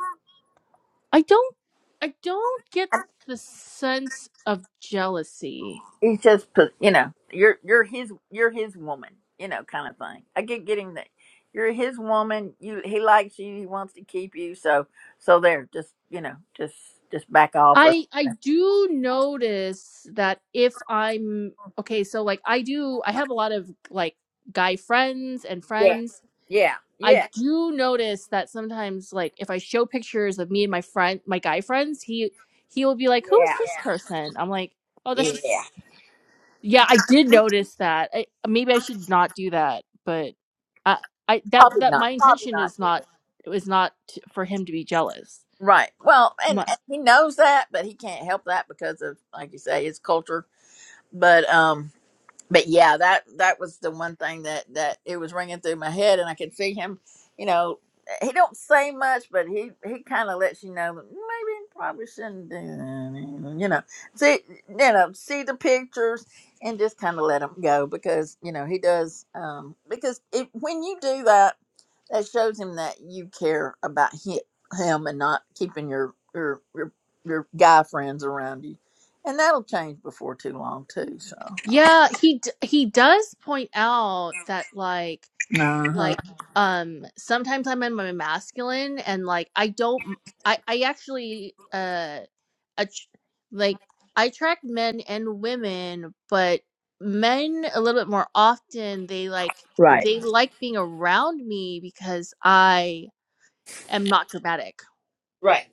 I don't I don't get the sense of jealousy. he's just pos- you know you're you're his you're his woman you know kind of thing i keep getting that you're his woman you he likes you he wants to keep you so so there just you know just just back off or I I do notice that if I'm okay, so like I do I have a lot of like guy friends and yeah friends. yeah I yeah do notice that sometimes like if I show pictures of me and my friend my guy friends, he he will be like, "Who is yeah this person?" I'm like, "Oh, that's just yeah Yeah, I did notice that. I, maybe I should not do that, but I, I that probably that not my probably intention not is do not that. it was not t- for him to be jealous. right well and, My, and he knows that but he can't help that because of like you say his culture but um. but yeah, that that was the one thing that that it was ringing through my head, and I could see him. You know, he don't say much, but he he kind of lets you know that maybe you probably shouldn't do that. You know, see you know see the pictures and just kind of let him go because you know he does. Um, because it, when you do that, that shows him that you care about him, him and not keeping your your your your guy friends around you, and that'll change before too long too. So. Yeah, he d- he does point out that like Uh-huh. like um sometimes I'm in my masculine and like I don't I I actually uh, a tr- like I track men and women, but men a little bit more often they like Right. they like being around me because I am not dramatic, Right,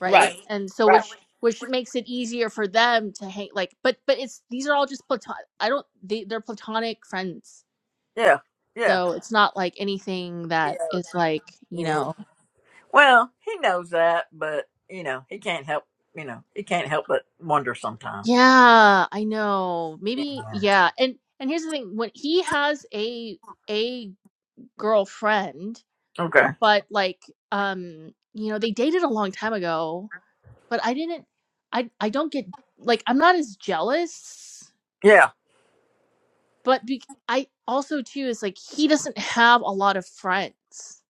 right? right, And so right. which which makes it easier for them to hang like but but it's these are all just platon I don't they they're platonic friends. Yeah, yeah, So it's not like anything yeah, that is like, you yeah. know, Well, he knows that, but you know, he can't help. You know, he can't help but wonder sometimes. yeah, I know. Yeah. Maybe yeah. And and here's the thing, when he has a a girlfriend, Okay. but like um you know, they dated a long time ago, but I didn't I I don't get like I'm not as jealous, Yeah. but be, I also too is like he doesn't have a lot of friends.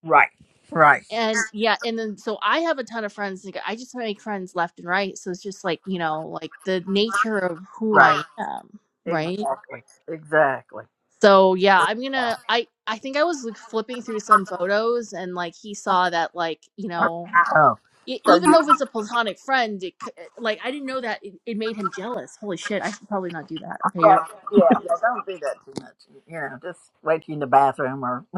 Right. Right. And yeah, and then so I have a ton of friends. Like I just make friends left and right. So it's just like, you know, like the nature of who Right. I am, right? Exactly. Exactly. So yeah, I'm gonna I I think I was like flipping through some photos and like he saw that like, you know, Oh. E- So even you, though if it's a platonic friend, it, c- eh, like I didn't know that it, it made him jealous. Holy shit, I should probably not do that. Okay, you're, yeah, yeah, yeah. Don't do that too much. You know, just wait till you in the bathroom or <laughs>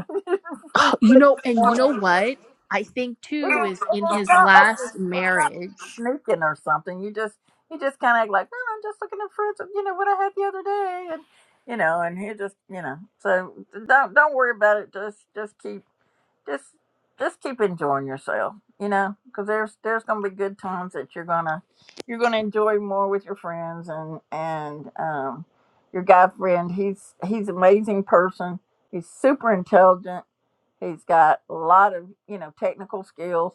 first <sighs> you thing know, in the and you morning. know It is, what? I think it too is in is his not like last this. marriage. Sneaking or something. You just you just kind of act like, well, I'm just looking at fruits, of, you know, what I had the other day, and you know, and he just, you know, so don't don't worry about it. Just just keep just just keep enjoying yourself, you know, because there's there's gonna be good times that you're gonna you're gonna enjoy more with your friends and and um your guy friend. He's he's an amazing person. He's super intelligent He's got a lot of, you know, technical skills,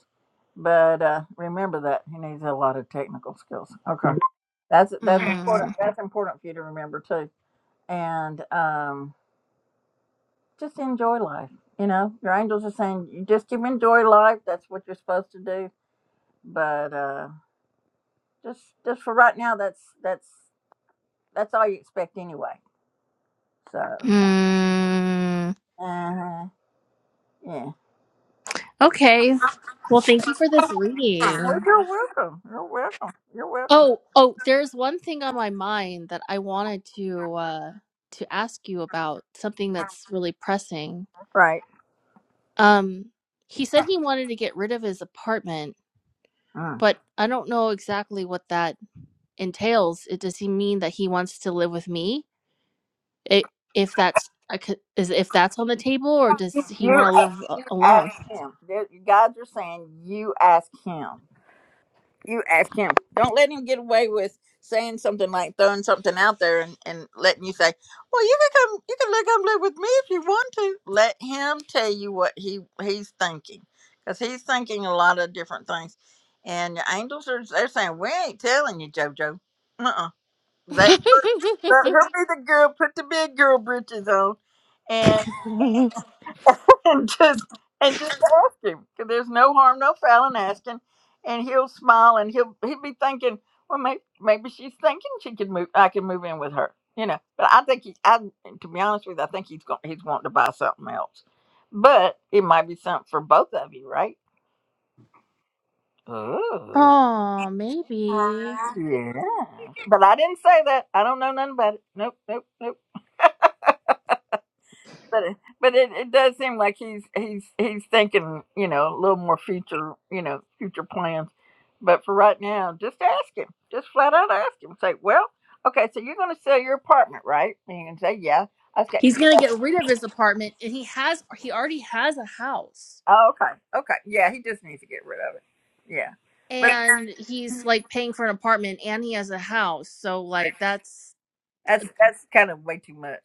but uh, remember that he needs a lot of technical skills. Okay, that's that's important. Mm, That's important for you to remember too. And um, just enjoy life. You know, your angels are saying you just you enjoy life. That's what you're supposed to do. But uh, just just for right now, that's that's that's all you expect anyway. So mm, uh yeah. okay, well, thank you for this Well, reading. you're welcome. You're welcome. You're welcome. Oh, oh, there's one thing on my mind that I wanted to uh to ask you about something that's really pressing. Right. Um, he said he wanted to get rid of his apartment Mm. but I don't know exactly what that entails. It does he mean that he wants to live with me? It, if that's I could, is if that's on the table, or does he You want to ask, live a- you ask alone? him. There- guys are saying you ask him. You ask him. Don't let him get away with saying something like throwing something out there and, and letting you say, "Well, you can come. You can li- come live with me if you want to." Let him tell you what he he's thinking, because he's thinking a lot of different things. And the angels are they're saying, "We ain't telling you, JoJo." Uh uh Let her, let her <laughs> be the girl. Put the big girl britches on, and. <laughs> and just and just ask him. 'Cause There's no harm, no foul in asking, and he'll smile and he'll he'll be thinking, well, maybe maybe she's thinking she could move. I could move in with her, you know. But I think he, I to be honest with you, I think he's going he's wanting to buy something else, but it might be something for both of you, right? Ooh. oh, maybe Yeah. But I didn't say that. I don't know nothing about it. Nope, nope, nope. but it, but it, it does seem like he's he's he's thinking you know a little more future you know future plans but for right now just ask him just flat out ask him say well okay so you're going to sell your apartment right and you can say yeah okay he's gonna get rid of his apartment, and he has he already has a house, oh, okay okay yeah he just needs to get rid of it yeah but and he's like paying for an apartment, and he has a house. So like that's that's that's kind of way too much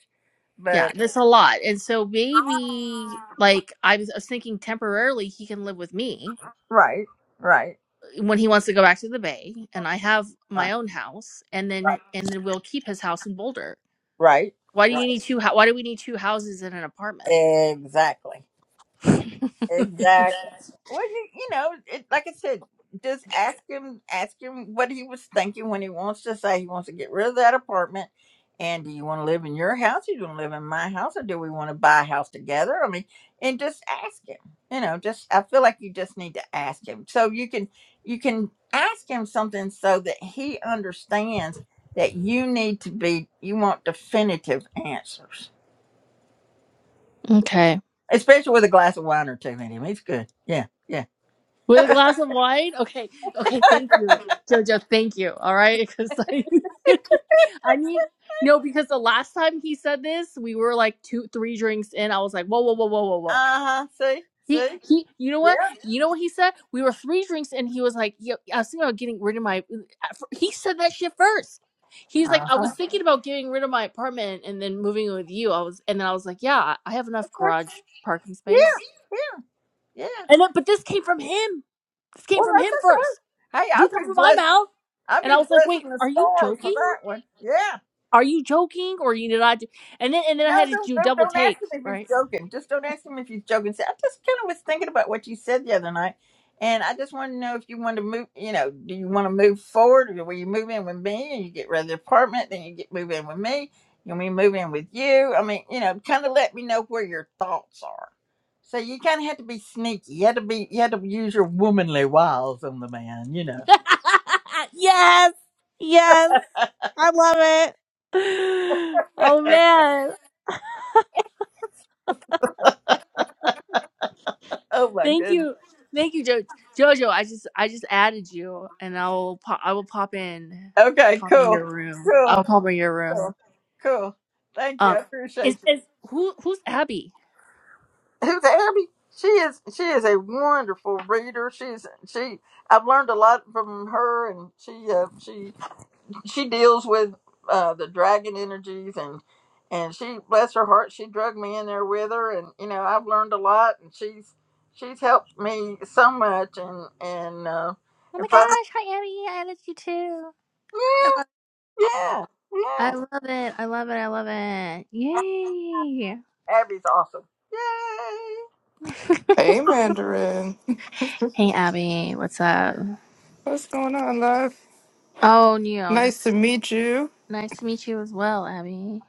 Yeah, but that's a lot. And so maybe like I was, I was thinking temporarily he can live with me right right uh, when he wants to go back to the bay and I have my right own house and then right and then we'll keep his house in Boulder. right Why do you right need two hou- why do we need two houses in an apartment? exactly Exactly. Well, you, you know, it, like I said, just ask him, ask him what he was thinking when he wants to say he wants to get rid of that apartment. And do you want to live in your house? do you want to live in my house? Or do we want to buy a house together? I mean, and just ask him. You know, just I feel like you just need to ask him. So you can you can ask him something so that he understands that you need to be you want definitive answers. Okay. Especially with a glass of wine or two in him. He's good. Yeah. Yeah. <laughs> With a glass of wine? Okay. Okay, thank you. Jojo, thank you. All right, cuz I <laughs> I need no because the last time he said this, we were like two three drinks in. I was like, "Whoa, whoa, whoa, whoa, whoa, Uh whoa." huh. See, He see. he you know what? Yeah. You know what he said? We were three drinks and he was like, Yo, I was thinking about getting rid of my he said that shit first. He's like, Uh I huh. was thinking about getting rid of my apartment and then moving in with you. I was and then I was like, Yeah, I I have enough garage parking space. Yeah, yeah, yeah. And then but this came from him. This came Well, from that's him first. okay. Hey, Didn't I've come been from my blessed. mouth. I've And I been was like, Wait, blessing the are you stars for joking? that one. Yeah, Are you joking? Or you did not do-" and then and then I No, had to don't, do a don't double don't take, ask him if he's right? joking. Just don't ask him if he's joking. Say, I just kind of was thinking about what you said the other night, and I just want to know if you want to move. You know, do you want to move forward, or will you move in with me and you get rid of the apartment, then you get move in with me, and we move in with you? I mean, you know, kind of let me know where your thoughts are. So you kind of had to be sneaky. You had to be. You had to use your womanly wiles on the man. You know. <laughs> yes. Yes. I love it. <gasps> Oh <laughs> man. oh my Thank goodness. you. Thank you, jo- Jojo. I just I just added you and I will pop I will pop in. I'll Okay. pop in Cool. your room. Cool. I'll pop in your Cool. room. Cool. Thank you. Um I is appreciate you. is who who's Abby? <laughs> Who's Abby, she is she is a wonderful reader. She's she I've learned a lot from her and she uh, she she deals with uh, the dragon energies and and she bless her heart, she drugged me in there with her and you know, I've learned a lot and she's she's helped me so much and and uh Oh my and probably, gosh, hi Abby, I love you too. yeah, yeah, I yeah. love it, I love it, I love it. Yay! Abby's awesome. Yay! Hey, <laughs> Mandarin. hey Abby, what's up? <laughs> What's going on, love? Oh, Neo, Nice to just meet you. nice to meet you as well, Abby.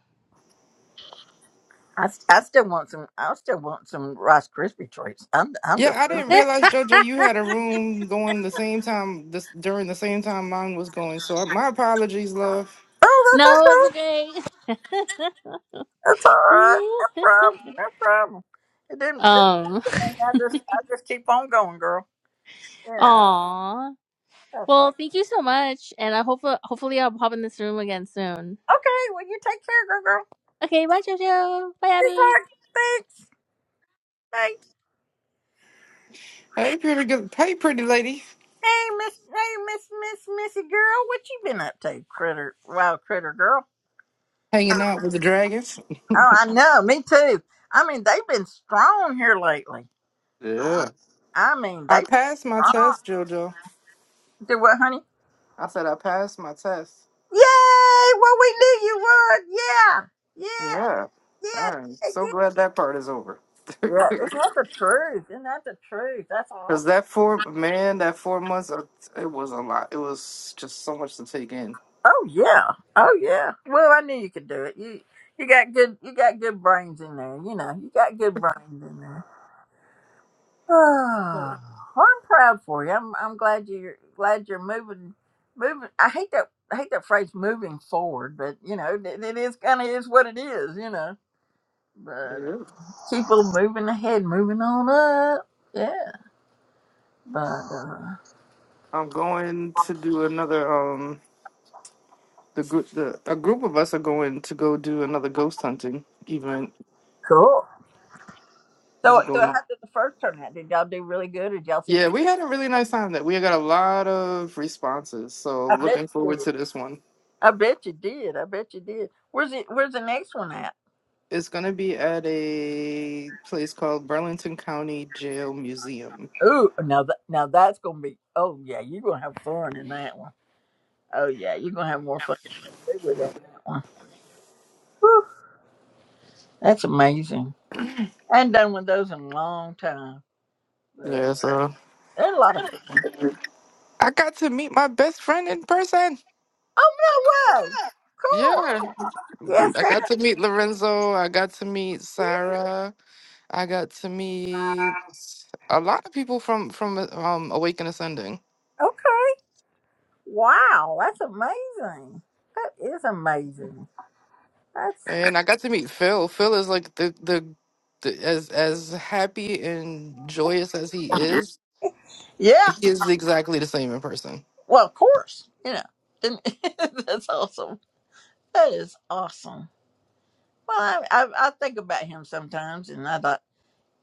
I, I still want some. I still want some Rice Krispie treats. I'm I'm Yeah, just. I didn't <laughs> thinking, realize, Jojo, you had a room going the same time this during the same time mine was going. So uh, my apologies, love. Oh, that's okay. no, it's okay. That's all right. No problem. <laughs> No problem. It didn't. It um, didn't I just I just keep on going, girl. Yeah, <laughs> aw. That's all. Well, thank you so much, and I hope hopefully I'll pop in this room again soon. Okay. Well, you take care, girl. Girl. Okay, bye, JoJo. Bye, You Abby. talk. Thanks. Hey. Hey, pretty good. Hey, pretty lady. Hey, Miss. Hey, Miss. Miss. Missy girl. What you been up to, critter? Wild critter girl. Hanging out with the dragons. Oh, I know. Me too. I mean, they've been strong here lately. Yeah. I mean, I they passed my strong. test, Jojo. Do what, honey? I said I passed my test. Yay! Well, we knew you would. Yeah, yeah, Yeah. yeah, I'm yeah. so yeah. glad that part is over. Yeah, <laughs> Isn't that the truth? Isn't that the truth? That's Cause awesome. that four man, that four months, uh, it was a lot. It was just so much to take in. Oh yeah, oh yeah. Well, I knew you could do it. You you got good you got good brains in there. You know you got good brains in there. <sighs> Oh, well, I'm proud for you. I'm I'm glad you're glad you're moving moving. I hate that I hate that phrase moving forward, but you know it, it is kind of is what it is. You know, but Yeah. people moving ahead, moving on up. Yeah, but uh, I'm going to do another um the group the a group of us are going to go do another ghost hunting event. cool. So, We're so how going did the first turnout? Did y'all do really good? Or did y'all see Yeah, some? we had a really nice time that we got a lot of responses. So I bet looking you forward did. to this one. I bet you did. I bet you did. Where's it? Where's the next one at? It's gonna be at a place called Burlington County Jail Museum. Ooh, now that now that's gonna be. Oh yeah, you're gonna have fun in that one. Oh yeah, you're gonna have more fun than we would on that one. Whew, that's amazing. I ain't done with those in a long time, but Yeah, so they're a lot of fun. I got to meet my best friend in person. Oh no way! Yeah. Cool. Yes. I got to meet Lorenzo, I got to meet Sarah. I got to meet a lot of people from from uh, um Awake and Ascending, Wow, that's amazing. That is amazing. That's and I got to meet Phil. Phil is like the the, the as as happy and joyous as he is, Yeah. he is exactly the same in person. Well, of course. You know, and- <laughs> that's awesome. That is awesome. Well, I, I, I think about him sometimes, and I thought,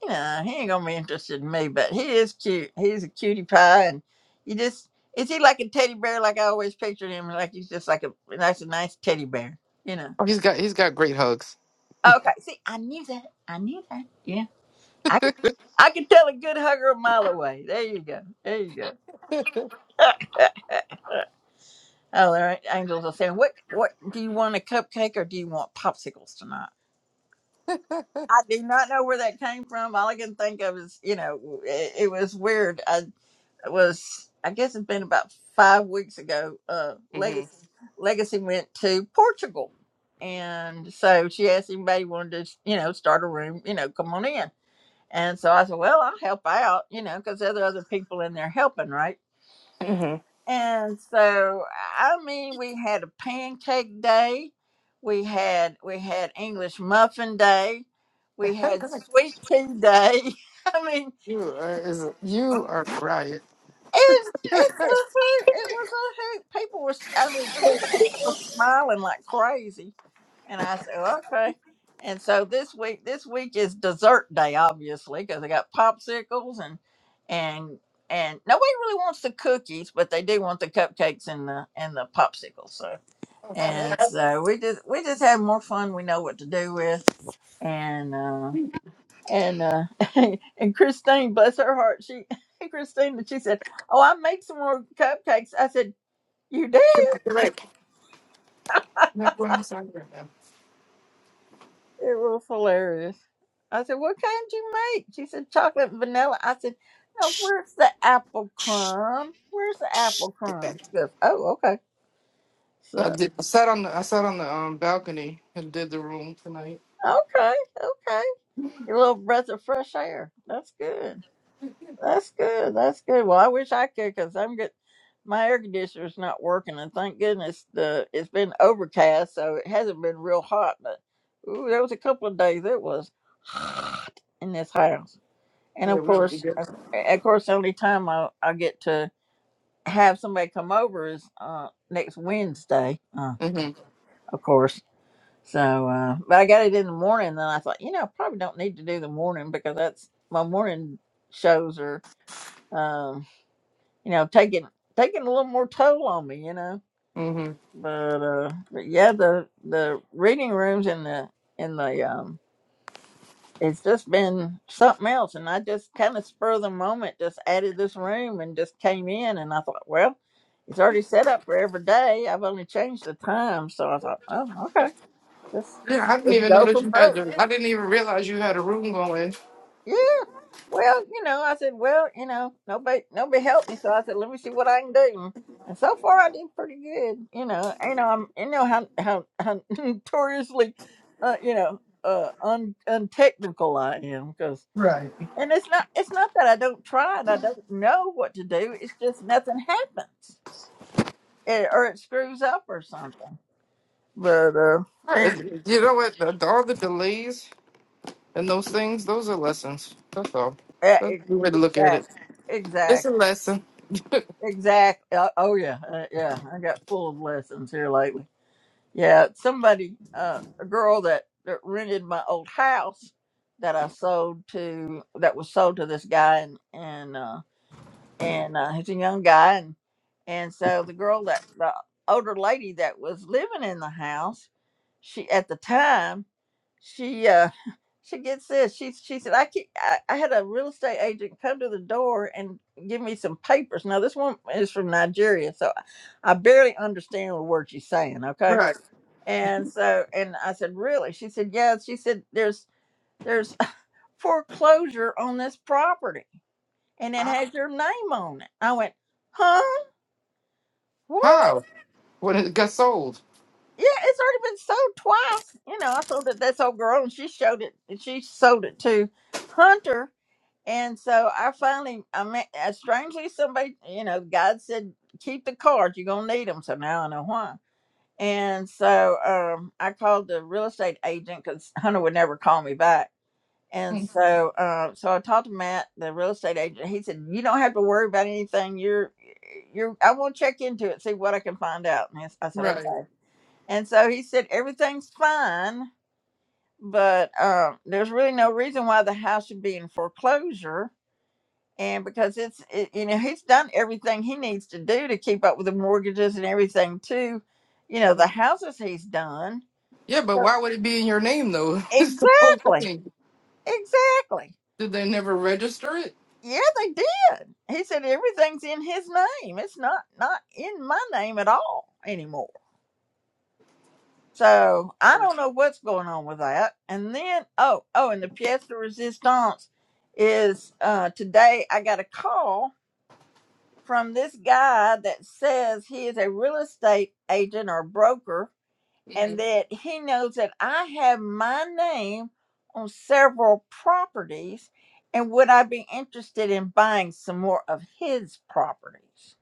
you know, he ain't gonna be interested in me, but he is cute. He's a cutie pie, and you just is he like a teddy bear, like I always pictured him, like he's just like a that's a nice teddy bear, you know. Oh, he's got he's got great hugs. Okay, see, I knew that. I knew that. Yeah, I could, I could tell a good hugger a mile away. There you go. There you go. Oh, there ain't angels are saying, "What? What do you want? A cupcake or do you want popsicles tonight?" I do not know where that came from. All I can think of is, you know, it, it was weird. I was, I guess it's been about five weeks ago. Uh, hmm Legacy, Legacy went to Portugal, and so she asked anybody wanted to, you know, start a room, you know, come on in. And so I said, well, I'll help out, you know, because there are other people in there helping, right? hmm And so, I mean, we had a pancake day, we had we had English muffin day, <laughs> we had sweet tea day. <laughs> I mean, you are is you are a riot. it was it's <laughs> a hoot. It was a hoot. People were, I mean, people were still smiling like crazy. And I said, okay. And so this week, this week is dessert day, obviously, because they got popsicles and and and nobody really wants the cookies, but they do want the cupcakes and the and the popsicles. So and so we just we just have more fun. We know what to do with, and uh, and uh, <laughs> and Christine, bless her heart, she <laughs> Christine, she said, "Oh, I make some more cupcakes." I said, "You did?" You're right. like what I'm saying right now. It was hilarious. I said, "What kind you make?" She said, "Chocolate and vanilla." I said, "No, Shh, where's the apple shh, crumb? Where's the shh, apple Get back. crumb?" She goes, "Oh, okay." So I did. I sat on the I sat on the um balcony and did the room tonight. okay, okay, your little breath of fresh air. That's good. That's good. That's good. Well, I wish I could because I'm get my air conditioner's not working, and thank goodness the it's been overcast, so it hasn't been real hot. But ooh, there was a couple of days it was hot in this house, and Yeah, of we we course, good. of of course, the only time I I get to have somebody come over is uh next Wednesday, uh, hmm of course. So, uh, but I got it in the morning, and I thought, you know, I probably don't need to do the morning because that's my morning shows are. um, you know, taking taking a little more toll on me, you know. hmm But uh but yeah, the the reading rooms in the in the um it's just been something else and I just kinda spur of the moment just added this room and just came in and I thought, well, it's already set up for every day. I've only changed the time, so I thought, Oh, okay. Just Yeah, I didn't just even know go that from you broke. had. Your, I didn't even realize you had a room going. yeah. Well, you know, I said, well, you know, nobody, nobody helped me, so I said, let me see what I can do. And so far, I did pretty good. You know, you know, I'm, you know how how, how <laughs> notoriously, uh, you know, uh, un untechnical I am because, Right. and it's not it's not that I don't try and I don't know what to do. It's just nothing happens, Eh, or it screws up or something. But uh, Uh, eh, You know what? The, the- all the delays and those things, those are lessons. That's all. eh, That's the way to look at it. exactly, exactly, It's a lesson. Exactly. Uh, oh yeah, uh, yeah. I got full of lessons here lately. Yeah, somebody, uh, a girl that, that rented my old house that I sold to, that was sold to this guy, and and uh, and uh, he's a young guy, and and so the girl that the older lady that was living in the house, she at the time, she uh, she gets this. She she said, I, can I I had a real estate agent come to the door and give me some papers. Now this woman is from Nigeria, so I barely understand what word she's saying. Okay, Right. and so and I said, really? She said, yeah. She said, there's there's <laughs> foreclosure on this property, and it How? has your name on it. I went, huh? What? How? When it got sold. Yeah, it's already been sold twice. You know, I sold it to this old girl, and she showed it. and She sold it to Hunter And so I finally, I mean, uh, strangely, somebody, you know, God said, keep the cards. You're going to need them. So now I know why. And so um, I called the real estate agent because Hunter would never call me back. And Mm, so, uh, so I talked to Matt, the real estate agent. He said, "You don't have to worry about anything. You're, you're. I will check into it, see what I can find out." And I s- I said, Right. "Okay." And so he said, "Everything's fine, but uh, there's really no reason why the house should be in foreclosure." and because it's it, you know he's done everything he needs to do to keep up with the mortgages and everything too you know the Mhm. houses he's done Yeah, but So- why would it be in your name though? <laughs> It's the whole exactly thing. exactly Did they never register it? yeah they did he said everything's in his name it's not not in my name at all anymore so i don't know what's going on with that and then oh oh and the pièce de resistance is uh today i got a call from this guy that says he is a real estate agent or broker Mhm. and that he knows that I have my name on several properties and would I be interested in buying some more of his properties?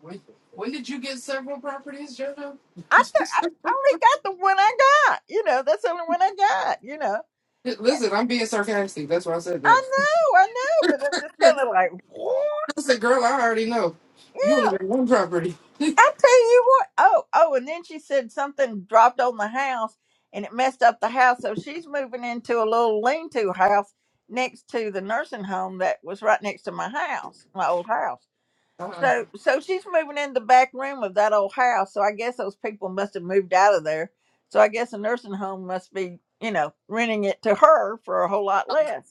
When when did you get several properties, JoJo? I, th- I I only got the one I got. You know, that's the only one I got, you know. Listen, I'm being sarcastic. That's why I said I that. know, I know, but I'm just kind of like, what? I said, girl, I already know. You only got one property. I tell you what. Oh, oh, and then she said something dropped on the house and it messed up the house. So she's moving into a little lean to house next to the nursing home that was right next to my house, my old house. Uh-uh. So so she's moving in the back room of that old house. So I guess those people must have moved out of there. So I guess the nursing home must be, you know, renting it to her for a whole lot less.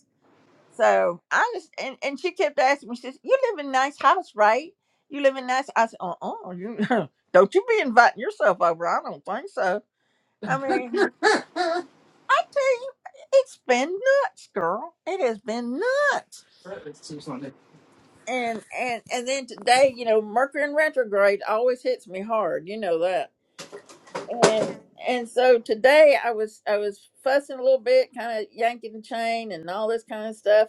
So I just and, and she kept asking me, she says, You live in a nice house, right? You live in nice I said, Uh uh you <laughs> don't you be inviting yourself over. I don't think so. <laughs> I mean, that I tell you, it's been nuts, girl. It has been nuts. is too funny. And and and then today, you know, Mercury in retrograde always hits me hard, you know that. And and so today I was I was fussing a little bit, kinda yanking the chain and all this kind of stuff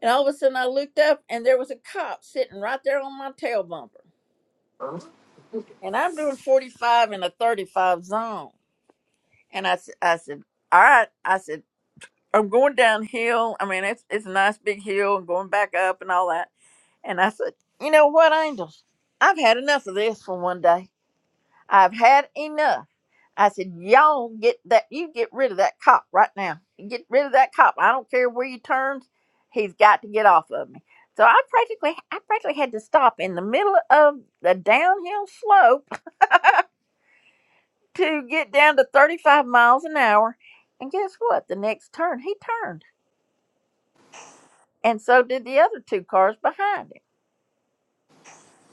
And all of a sudden I looked up and there was a cop sitting right there on my tail bumper. And I'm doing 45 in a 35 zone. And I, s- I said, all right. I said, I'm going downhill. I mean, it's, it's a nice big hill and going back up and all that. And I said, you know what, Angels? I've had enough of this for one day. I've had enough. I said, y'all get that, you get rid of that cop right now. Get rid of that cop. I don't care where he turns. He's got to get off of me. So I practically, I practically had to stop in the middle of the downhill slope <laughs> to get down to 35 miles an hour. And guess what? The next turn, he turned. And so did the other two cars behind him.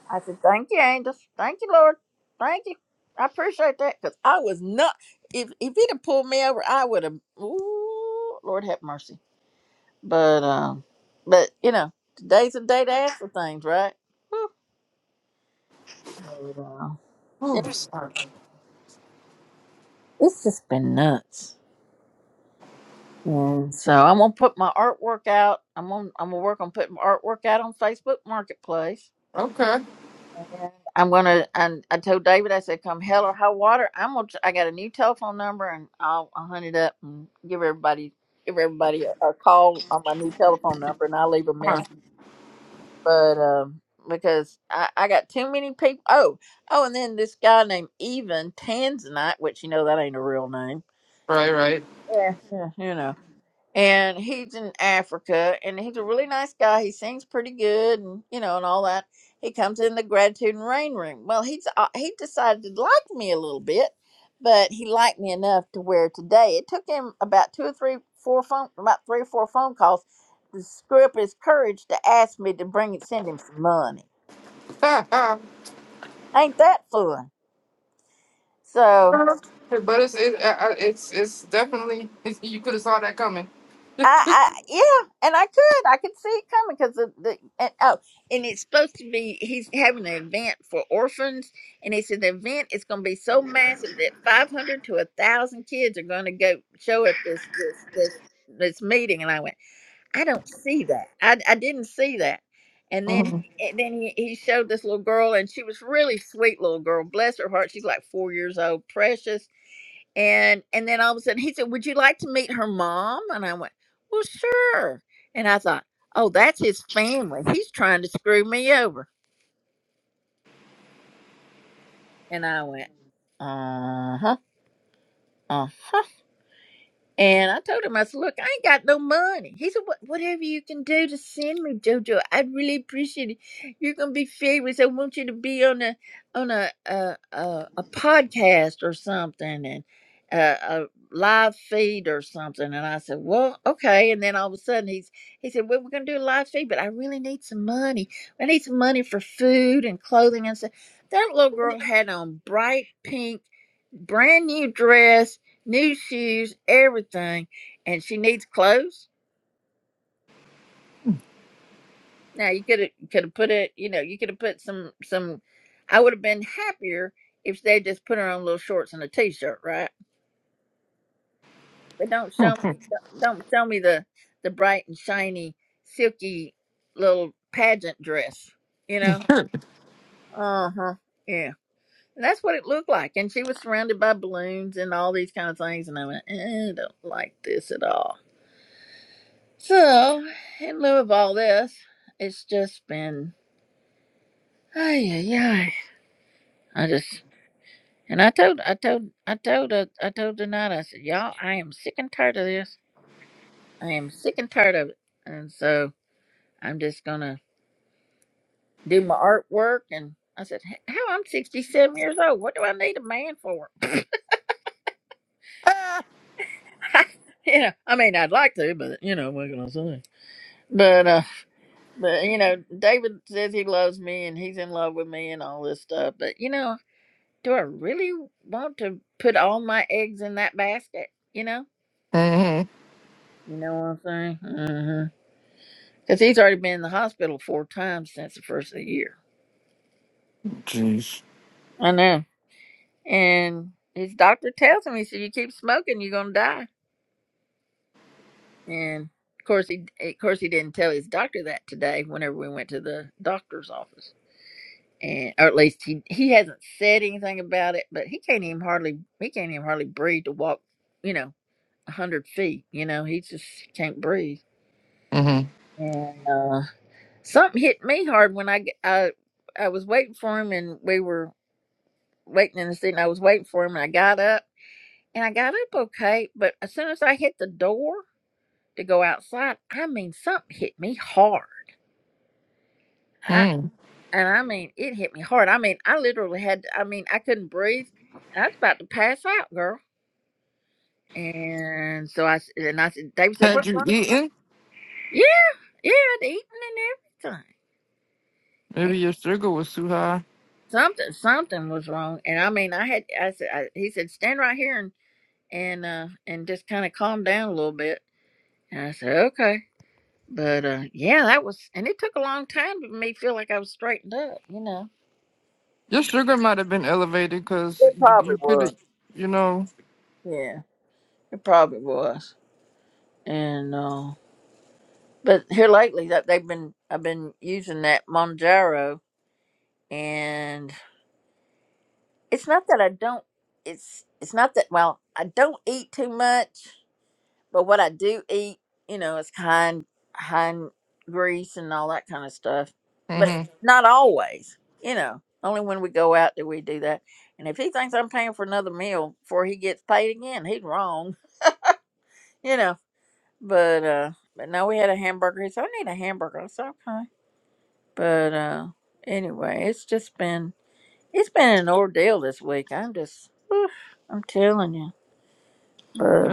I said, "Thank you, angels. Thank you, Lord. Thank you. I appreciate that because I was not. If if he'd have pulled me over, I would have. Ooh, Lord have mercy. But um, but you know, today's the day to ask for things, right? But, uh, Oh, it- sorry. it's just been nuts. And so I'm gonna put my artwork out. I'm on. I'm gonna work on putting my artwork out on Facebook Marketplace Okay. I'm gonna. And I told David, I said, "Come hell or high water, I'm gonna. tr- I got a new telephone number, and I'll, I'll hunt it up and give everybody give everybody a, a call on my new telephone number, and I'll leave a Huh. message. But um, because I, I got too many people. Oh, oh, and then this guy named Even Tanzanite, which you know that ain't a real name. Right, right. <laughs> Yeah, yeah, you know and he's in Africa, and he's a really nice guy. He sings pretty good, and you know, and all that. He comes in the gratitude and rain room. Well, he's uh, he decided to like me a little bit, but he liked me enough to where today it took him about two or three, four phone, about three or four phone calls to screw up his courage to ask me to bring and send him some money. Ha, ha. Ain't that fun? So but it's it, I I- it's it's definitely it's, you could have saw that coming. I, I yeah, and I could, I could see it coming because the, the and, oh, and it's supposed to be he's having an event for orphans, and he said the event is going to be so massive that five hundred to a thousand kids are going to go show at this this this this meeting, and I went, I don't see that, I I didn't see that, and then Mm-hmm. and then he, he showed this little girl, and she was really sweet little girl, bless her heart, she's like four years old, precious, and and then all of a sudden he said would you like to meet her mom and i went well sure and i thought oh that's his family he's trying to screw me over and i went uh-huh uh-huh And I told him, I said, look, I ain't got no money. He said, what, whatever you can do to send me, Jojo, I'd really appreciate it. You're gonna be famous. I want you to be on a on a a, a, a podcast or something, and a, a live feed or something. And I said, well, okay. And then all of a sudden, he's he said, well, we're gonna do a live feed, but I really need some money. I need some money for food and clothing and stuff. That little girl had on bright pink, brand new dress new shoes, everything, and she needs clothes. Now you could have could have put it, you know, you could have put some some. I would have been happier if they just put her on little shorts and a t-shirt, right? But don't show me, don't show me the the bright and shiny, silky little pageant dress, you know. Uh huh. Yeah, and that's what it looked like, and she was surrounded by balloons and all these kind of things, and I went, eh, I don't like this at all. So, in lieu of all this, it's just been ay ay ay. I just and I told I told I told uh, I told tonight I said y'all I am sick and tired of this. I am sick and tired of it, and so I'm just gonna do my artwork. And I said, "H- "How I'm 67 years old? What do I need a man for?" <laughs> you know, I mean, I'd like to, but you know, what can I say? But uh, but you know, David says he loves me and he's in love with me and all this stuff. But you know. do I really want to put all my eggs in that basket? You know, you know what I'm saying? Mm-hmm. Because he's already been in the hospital four times since the first of the year. Jeez. I know. And his doctor tells him, he said, "You keep smoking, you're gonna die." And of course, he eh, of course he didn't tell his doctor that today. Whenever we went to the doctor's office, and or at least he he hasn't said anything about it. But he can't even hardly he can't even hardly breathe to walk. You know, a hundred feet. You know, he just can't breathe Mm-hmm. and uh, something hit me hard when I, g- I I was waiting for him, and we were waiting in the seat, and I was waiting for him, and I got up, and I got up okay, but as soon as I hit the door to go outside, I mean, something hit me hard, I, Mm. and I mean, it hit me hard. I mean, I literally had, I mean, I couldn't breathe, and I was about to pass out, girl. And so I s- and I said, David said, Had "What's you wrong?" eaten? Yeah, yeah, I'd eaten and everything. Maybe your sugar was too high. something something was wrong and i mean i had i said I, he said stand right here and and uh and just kind of calm down a little bit and i said okay but uh yeah that was and it took a long time for me to feel like i was straightened up you know Your sugar might have been elevated because it you, probably you could was have, you know. yeah it probably was and uh but here lately that they've been i've been using that monjaro and it's not that i don't it's it's not that well i don't eat too much But what I do eat, you know, is hind hind grease and all that kind of stuff. But Mhm. Mm-hmm. not always, you know. Only when we go out do we do that. And if he thinks I'm paying for another meal before he gets paid again, he's wrong, <laughs> you know. But uh, but no, we had a hamburger. He said, "I need a hamburger." I said, "Okay." But uh, anyway, it's just been it's been an ordeal this week. I'm just, oof, I'm telling you.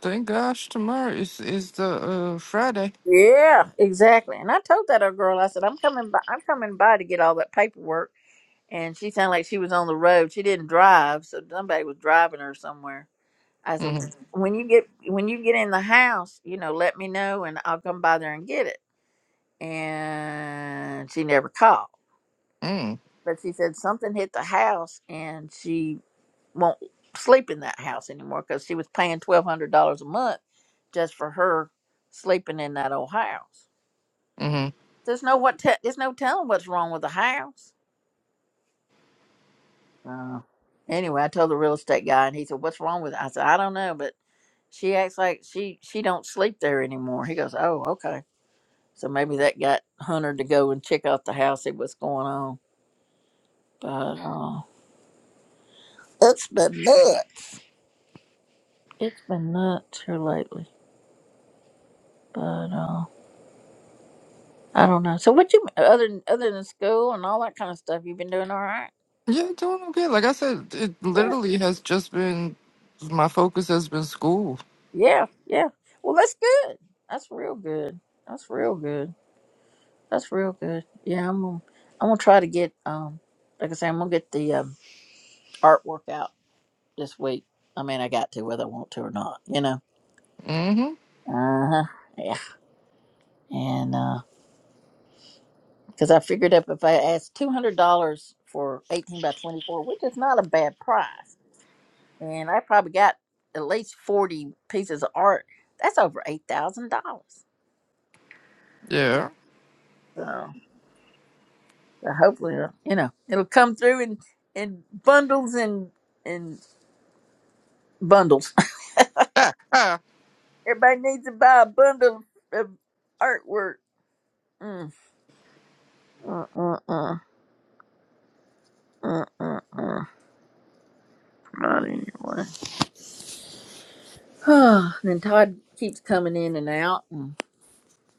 Thank gosh, tomorrow is is the uh, Friday. Yeah, exactly. And I told that other girl, I said, I'm coming by I'm coming by to get all that paperwork and she sounded like she was on the road. She didn't drive, so somebody was driving her somewhere. I said, Mm-hmm. When you get when you get in the house, you know, let me know and I'll come by there and get it. And she never called. Mm. But she said something hit the house and she won't sleep in that house anymore because she was paying twelve hundred dollars a month just for her sleeping in that old house. Mm-hmm. There's no what. Te- there's no telling what's wrong with the house. Uh, anyway, I told the real estate guy, and he said, "What's wrong with?" It? I said, "I don't know, but she acts like she she don't sleep there anymore." He goes, "Oh, okay." So maybe that got Hunter to go and check out the house, see what's going on. But uh, it's been nuts. It's been nuts here lately. But uh, I don't know. So what you other than- other than school and all that kind of stuff, you've been doing all right? Yeah, doing okay. Like I said, it Good. literally has just been my focus has been school. Yeah, yeah. Well, that's good. That's real good. That's real good. That's real good. Yeah, I'm gonna, I'm gonna try to get um like I say, I'm gonna get the um, artwork out this week. I mean, I got to whether I want to or not, you know. Mm-hmm. Uh huh. Yeah. And uh, because I figured up if I asked two hundred dollars for eighteen by twenty four, which is not a bad price, and I probably got at least forty pieces of art. That's over eight thousand dollars. Yeah. So, so hopefully, uh, you know, it'll come through in in bundles and and bundles. Ah, ah. Everybody needs to buy a bundle of, of artwork. Mm. <sighs> Uh, uh, uh, uh, uh, uh. Not anyway. <sighs> then Todd keeps coming in and out, and,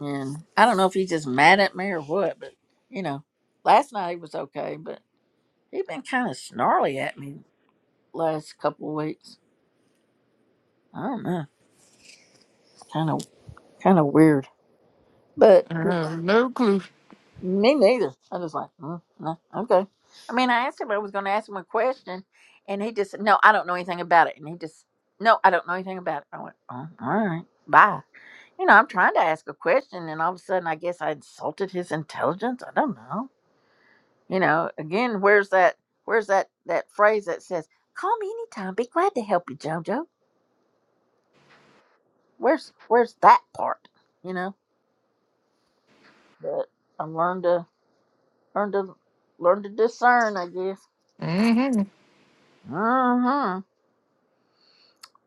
and I don't know if he's just mad at me or what, but you know, last night he was okay, but he has been kind of snarly at me last couple of weeks. I don't know, kind of kind of weird, But. I have no clue. Me neither. I was like, mm, no, okay. I mean, I asked him. I was going to ask him a question, and he just, no, I don't know anything about it. And he just, no, I don't know anything about it. I went, oh, all right, bye. You know, I'm trying to ask a question, and all of a sudden, I guess I insulted his intelligence. I don't know. You know, again, where's that? Where's that? That phrase that says, "Call me anytime. Be glad to help you, Jojo." Where's Where's that part? You know, but I learned to learn to learn to discern. I guess. Mm-hmm. Mm-hmm.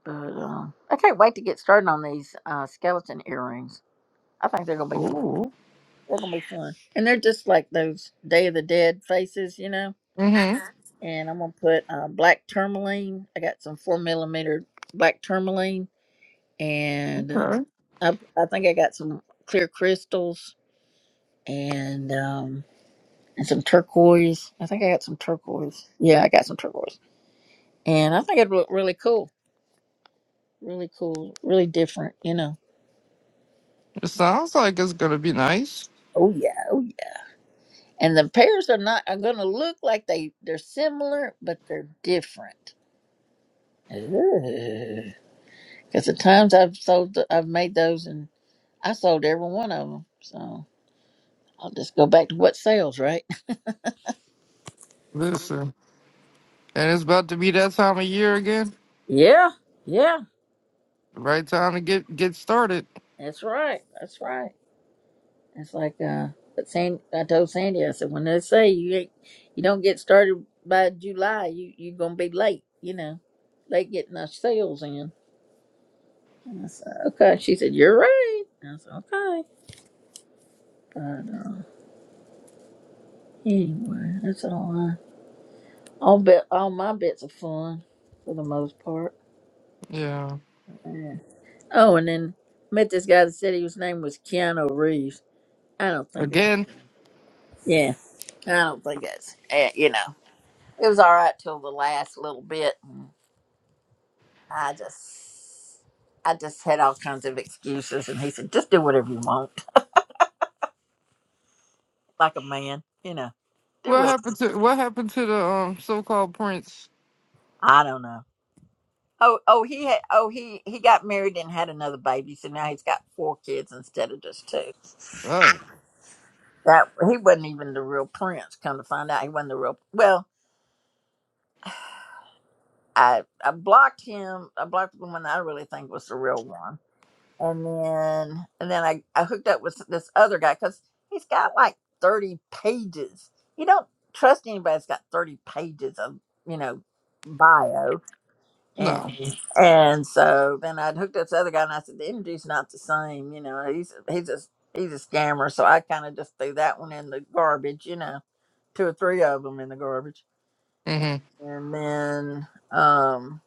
But um, I can't wait to get started on these uh, skeleton earrings. I think they're gonna be fun. Cool. They're gonna be fun, and they're just like those Day of the Dead faces, you know. Mm-hmm. And I'm gonna put uh, black tourmaline. I got some four millimeter black tourmaline, and uh, Okay. I, I think I got some clear crystals and um, and some turquoise. I think I got some turquoise. Yeah, I got some turquoise, and I think it'd look really cool, really cool, really different, you know. It sounds like it's gonna be nice. Oh yeah, oh yeah. and the pears are not are going to look like they they're similar but they're different because the times i've sold th- i've made those and i sold every one of them so i'll just go back to what sells right Listen, and it's about to be that time of year again. <laughs> yeah yeah Right time to get get started. that's right that's right it's like uh but Sandy, i told sandy i said when they say you ain't you don't get started by july you you're gonna be late you know late getting our sales in and i said okay she said you're right i said okay Anyway, that's all I. All bet all my bets are fun for the most part. Yeah. Yeah. Oh, and then met this guy that said he- his name was Keanu Reeves. I don't think it. Again, Yeah, I don't think it's. eh, You know, it was all right till the last little bit. And I just, I just had all kinds of excuses, and he said, "Just do whatever you want, like a man." You know, do what whatever. happened to what happened to the um so-called prince? I don't know. Oh, oh, he had. Oh, he he got married and had another baby, so now he's got four kids instead of just two. Oh. That he wasn't even the real prince. Come to find out, he wasn't the real. Well, I I blocked him. I blocked the one that I really think was the real one, and then and then I I hooked up with this other guy because he's got like thirty pages. You don't trust anybody that's got thirty pages of you know bio and No. and so then I'd hooked up this other guy and I said the energy's not the same. You know, he's he's a he's a scammer. So I kind of just threw that one in the garbage. You know two or three of them in the garbage. hmm And then, um,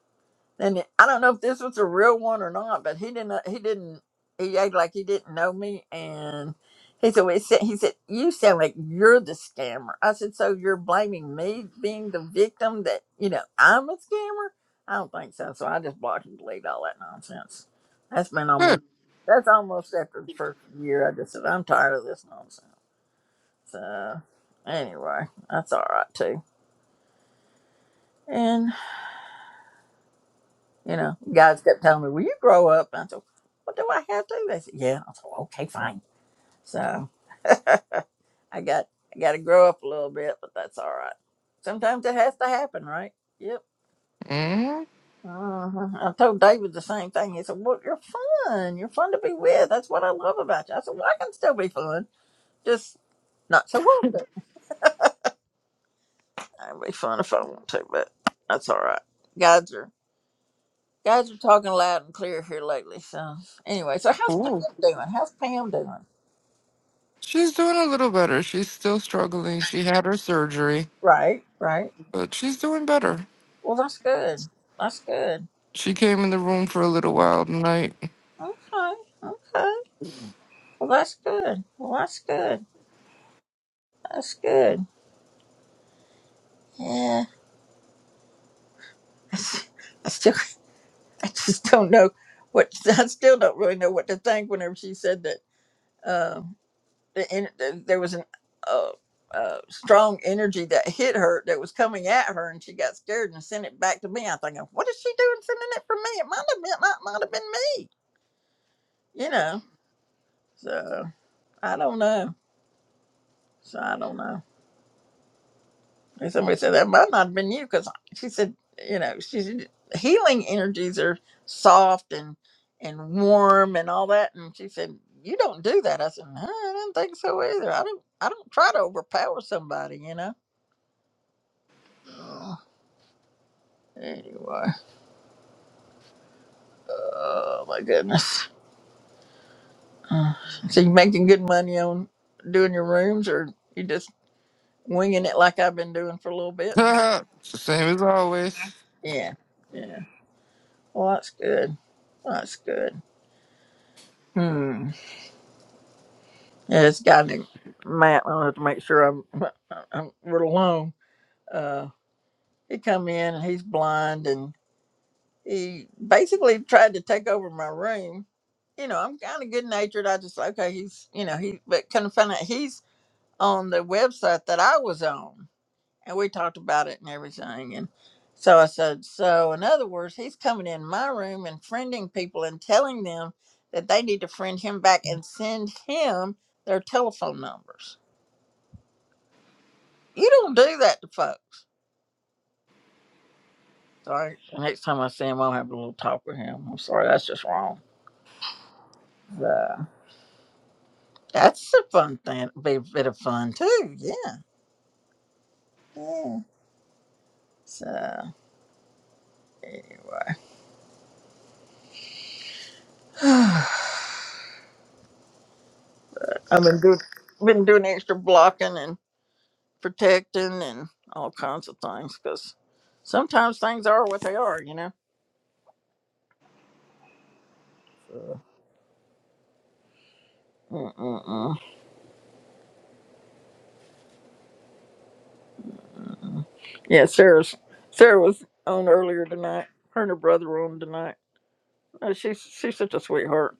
and I don't know if this was a real one or not, but he didn't, he didn't, he acted like he didn't know me. And he said, well, he said, he said, you sound like you're the scammer. I said, so you're blaming me being the victim that, you know, I'm a scammer? I don't think so. So I just blocked and deleted all that nonsense. That's been almost, Good. that's almost after the first year. I just said, I'm tired of this nonsense. So anyway, that's all right too. and. You know, guys kept telling me, "Will you grow up?" And I said, "What do I have to?" They said, "Yeah." I said, "Okay, fine." So I got I got to grow up a little bit, but that's all right. Sometimes it has to happen, right? Yep. hmm Uh-huh. I told David the same thing. He said, "Well, you're fun. You're fun to be with. That's what I love about you." I said, "Well, I can still be fun, just not so often. i would be fun if I want to, but that's all right. Guys are guys are talking loud and clear here lately. So anyway, so how's Pam Cool. doing? How's Pam doing? She's doing a little better. She's still struggling. She had her surgery, Right, right. but she's doing better. Well, that's good. That's good. She came in the room for a little while tonight. <laughs> Okay, okay. Well, that's good. Well, that's good. That's good. Yeah. <laughs> I still, I just don't know what. <laughs> I still don't really know what to think whenever she said that. Uh, the, en- the, there was an uh, uh, strong energy that hit her that was coming at her, and she got scared and sent it back to me. I'm thinking, what is she doing sending it for me? It might have been, might, might have been me. You know. So I don't know. So I don't know. And somebody said, That might not have been you because she said, You know, she said, healing energies are soft and and warm and all that. And she said, You don't do that. I said, no, I didn't think so either. I don't, I don't try to overpower somebody, you know. Oh, anyway, oh my goodness. <sighs> Uh, So you making good money on doing your rooms or you just winging it like I've been doing for a little bit? it's the same as always. Yeah. Yeah. Well, that's good. That's good. Hmm. Yeah, this guy named Matt. I have to make sure I'm I'm we're alone. Uh, he come in and he's blind and he basically tried to take over my room. You know, I'm kind of good natured. I just okay, he's you know he but kind of found out he's on the website that I was on, and we talked about it and everything. And so I said, so in other words, he's coming in my room and friending people and telling them that they need to friend him back and send him their telephone numbers. You don't do that to folks. Sorry. next time I see him, I'll have a little talk with him. I'm sorry, that's just wrong. Yeah. That's a fun thing. It'd be a bit of fun too. Yeah. Yeah. So <sighs> I've been doing been doing extra blocking and protecting and all kinds of things because sometimes things are what they are, you know. So, mm-mm-mm. yeah, Sarah's Sarah was on earlier tonight. Her and her brother were on tonight. Uh, she's she's such a sweetheart.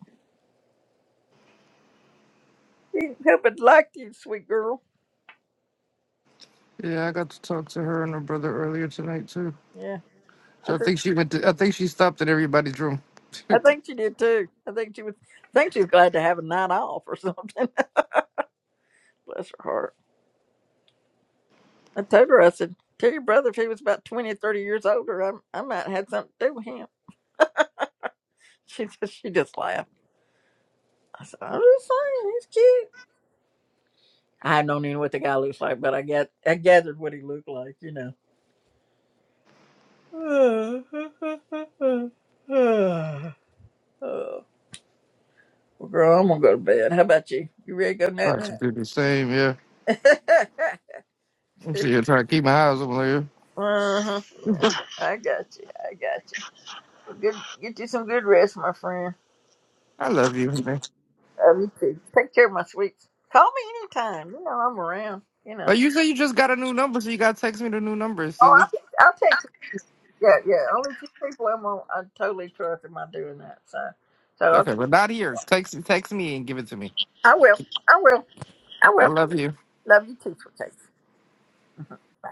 She happened liked you, sweet girl. Yeah, I got to talk to her and her brother earlier tonight too. Yeah, I So I think think she went. To, I think she stopped at everybody's room. <laughs> I think she did too. I think she was. I think she was glad to have a night off or something. <laughs> Bless her heart. I told her, I said, tell your brother if he was about 20 or 30 years older, I, I might have had something to do with him. <laughs> She just, she just laughed. I said, I'm just saying, he's cute. I don't even know what the guy looks like, but I get I gathered what he looked like, you know. <sighs> Oh, well, girl, I'm gonna go to bed. How about you? You ready to go I can night do the same. Yeah, night? I'm <laughs> sitting here trying to keep my eyes on Uh-huh. you. Yeah, I got you. I got you. Good. Get you some good rest, my friend. I love you, man. Love you too. Take care of my sweets. Call me anytime. You know I'm around. You know. But you say you just got a new number, so you gotta text me the new number, Oh, silly. I'll, I'll text. you. Yeah, yeah. Only two people I'm on. I totally trust in my doing that. So, so Okay, but not here. Text text me and give it to me. I will. I will. I I will. love you. Love you too, sweet. Bye.